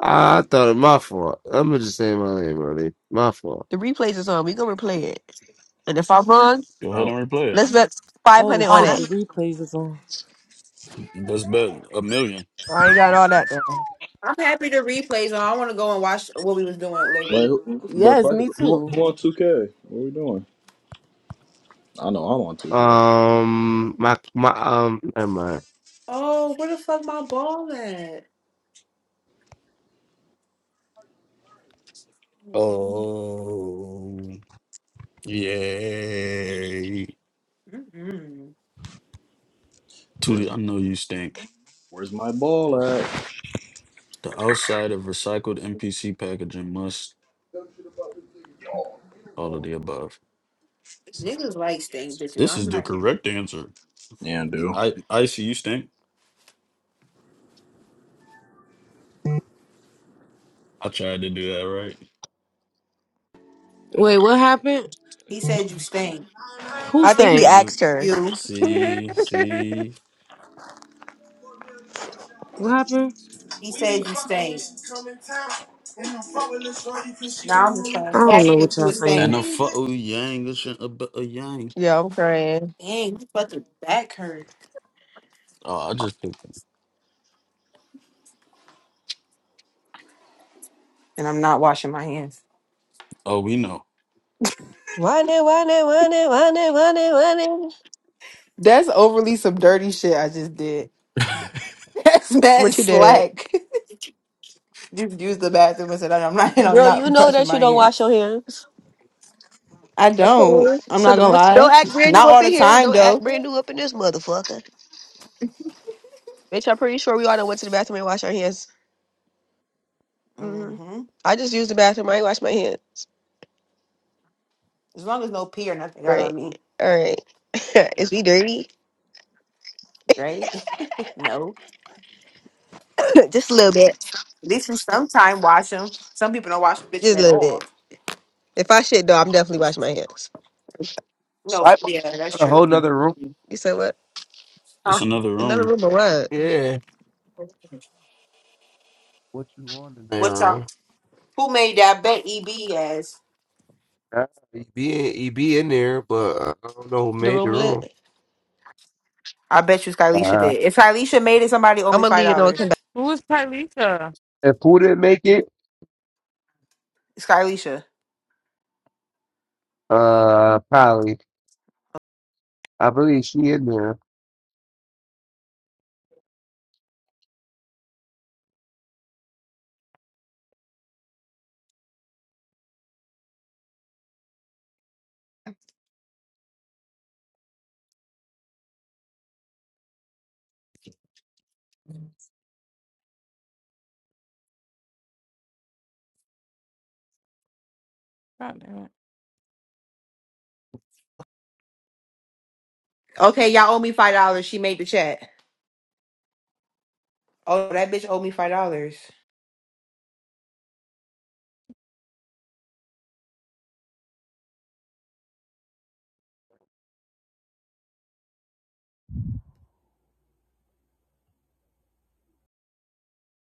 Speaker 2: I, I thought it my fault. I'm gonna just say my name, really. My fault.
Speaker 1: The replays is on. We gonna replay it. And if I'm wrong,
Speaker 14: Go ahead
Speaker 21: Oh,
Speaker 14: and replay it.
Speaker 1: let's bet five
Speaker 12: Oh
Speaker 1: hundred on
Speaker 5: Oh.
Speaker 12: shit, the
Speaker 1: it.
Speaker 12: replays is on.
Speaker 14: Let's bet a million.
Speaker 1: I ain't got all that now.
Speaker 5: I'm happy to replays on. I want to go and watch what we was doing later.
Speaker 21: wait, who- but
Speaker 12: Yes,
Speaker 21: fuck it.
Speaker 12: me
Speaker 21: Who,
Speaker 12: too.
Speaker 21: who on 2K? What we doing? I know I'm on 2K.
Speaker 2: Um, my my um, never mind.
Speaker 5: Oh, where the fuck my ball at? Mm-mm.
Speaker 14: Oh, yay.
Speaker 21: Where's
Speaker 14: Tootie, I know you stink.
Speaker 21: Where's my ball at?
Speaker 14: The outside of recycled NPC packaging must all of the above.
Speaker 5: Niggas like stink bitches.
Speaker 14: This
Speaker 5: I'm
Speaker 14: is the
Speaker 5: not here.
Speaker 14: correct answer.
Speaker 21: Yeah, dude.
Speaker 14: I I see you stink. I tried to do that right,
Speaker 12: Wait, what happened?
Speaker 5: He said you stink.
Speaker 12: Who
Speaker 1: I think he
Speaker 12: sang?
Speaker 14: nigga.
Speaker 1: asked her.
Speaker 5: You.
Speaker 14: See, see.
Speaker 12: What happened?
Speaker 5: He
Speaker 12: We be
Speaker 5: said you
Speaker 12: fucking when
Speaker 5: stink.
Speaker 12: she come in town. And I'm fucking with this shorty 'cause she
Speaker 5: Now
Speaker 12: gon'
Speaker 5: I'm just
Speaker 12: really- I
Speaker 5: saying. He
Speaker 12: don't
Speaker 5: asked
Speaker 12: know
Speaker 5: me if
Speaker 12: what
Speaker 5: you
Speaker 12: y'all
Speaker 5: was
Speaker 12: saying.
Speaker 14: And
Speaker 5: stink.
Speaker 14: a fuck oh, yang, this shit a, bu- a yang.
Speaker 1: Yeah, I'm crying.
Speaker 5: Dang, you fucking back hurt.
Speaker 14: Oh, I just picked.
Speaker 5: And I'm not washing my hands.
Speaker 14: Oh, we know.
Speaker 1: One it, one it, one it, one it, one it, one it.
Speaker 5: That's overly some dirty shit I just did. That's mad
Speaker 1: What you did,
Speaker 5: slack. Just used the bathroom and said, I'm not, I'm
Speaker 1: girl? You
Speaker 5: not
Speaker 1: know
Speaker 5: brushing
Speaker 1: that you
Speaker 5: my
Speaker 1: don't
Speaker 5: hands.
Speaker 1: wash your hands.
Speaker 5: I don't.
Speaker 1: Okay.
Speaker 5: I'm
Speaker 1: So
Speaker 5: not
Speaker 1: the,
Speaker 5: gonna
Speaker 1: which, don't
Speaker 5: lie.
Speaker 1: act brand new
Speaker 5: Not
Speaker 1: up
Speaker 5: all
Speaker 1: in
Speaker 5: the
Speaker 1: here.
Speaker 5: time
Speaker 1: Don't act
Speaker 5: though.
Speaker 1: brand new up in this motherfucker, bitch. I'm pretty sure we all done went to the bathroom and washed our hands. hmm
Speaker 5: hmm
Speaker 1: I just used the bathroom. I ain't washed my hands.
Speaker 5: As long as no pee or nothing got on
Speaker 1: Right.
Speaker 5: me,
Speaker 1: All right. Is we dirty?
Speaker 5: right? no.
Speaker 1: just a little bit.
Speaker 5: At least for some time, wash them. Some people don't wash
Speaker 1: Just
Speaker 5: bitches
Speaker 1: a
Speaker 5: at
Speaker 1: little bit.
Speaker 5: all.
Speaker 1: If I shit though, I'm definitely washing my hands.
Speaker 5: No, f-
Speaker 2: Swipe up
Speaker 5: yeah, that's
Speaker 2: got a whole
Speaker 5: true.
Speaker 2: nother room.
Speaker 1: You said what?
Speaker 14: That's another
Speaker 1: Another
Speaker 14: room.
Speaker 1: room or what?
Speaker 2: Yeah, what you want in there?
Speaker 5: What's up?
Speaker 2: room?
Speaker 5: Who made that bet? EB as
Speaker 2: Uh, He be in, he be in there, but uh, I don't know who
Speaker 1: The
Speaker 2: made the
Speaker 1: room
Speaker 2: room.
Speaker 1: lit.
Speaker 5: I bet you Skylisha
Speaker 2: Uh,
Speaker 5: did. If Skylisha made it, somebody owe
Speaker 1: I'm
Speaker 5: me
Speaker 1: gonna
Speaker 5: five
Speaker 1: leave. You know,
Speaker 5: dollars.
Speaker 6: Who is Tylisa?
Speaker 2: if who didn't make it,
Speaker 5: Skylisha.
Speaker 2: uh, probably I believe she in there.
Speaker 6: God damn it.
Speaker 5: Okay, y'all owe me five dollars. She made the chat. Oh, that bitch owe me five dollars.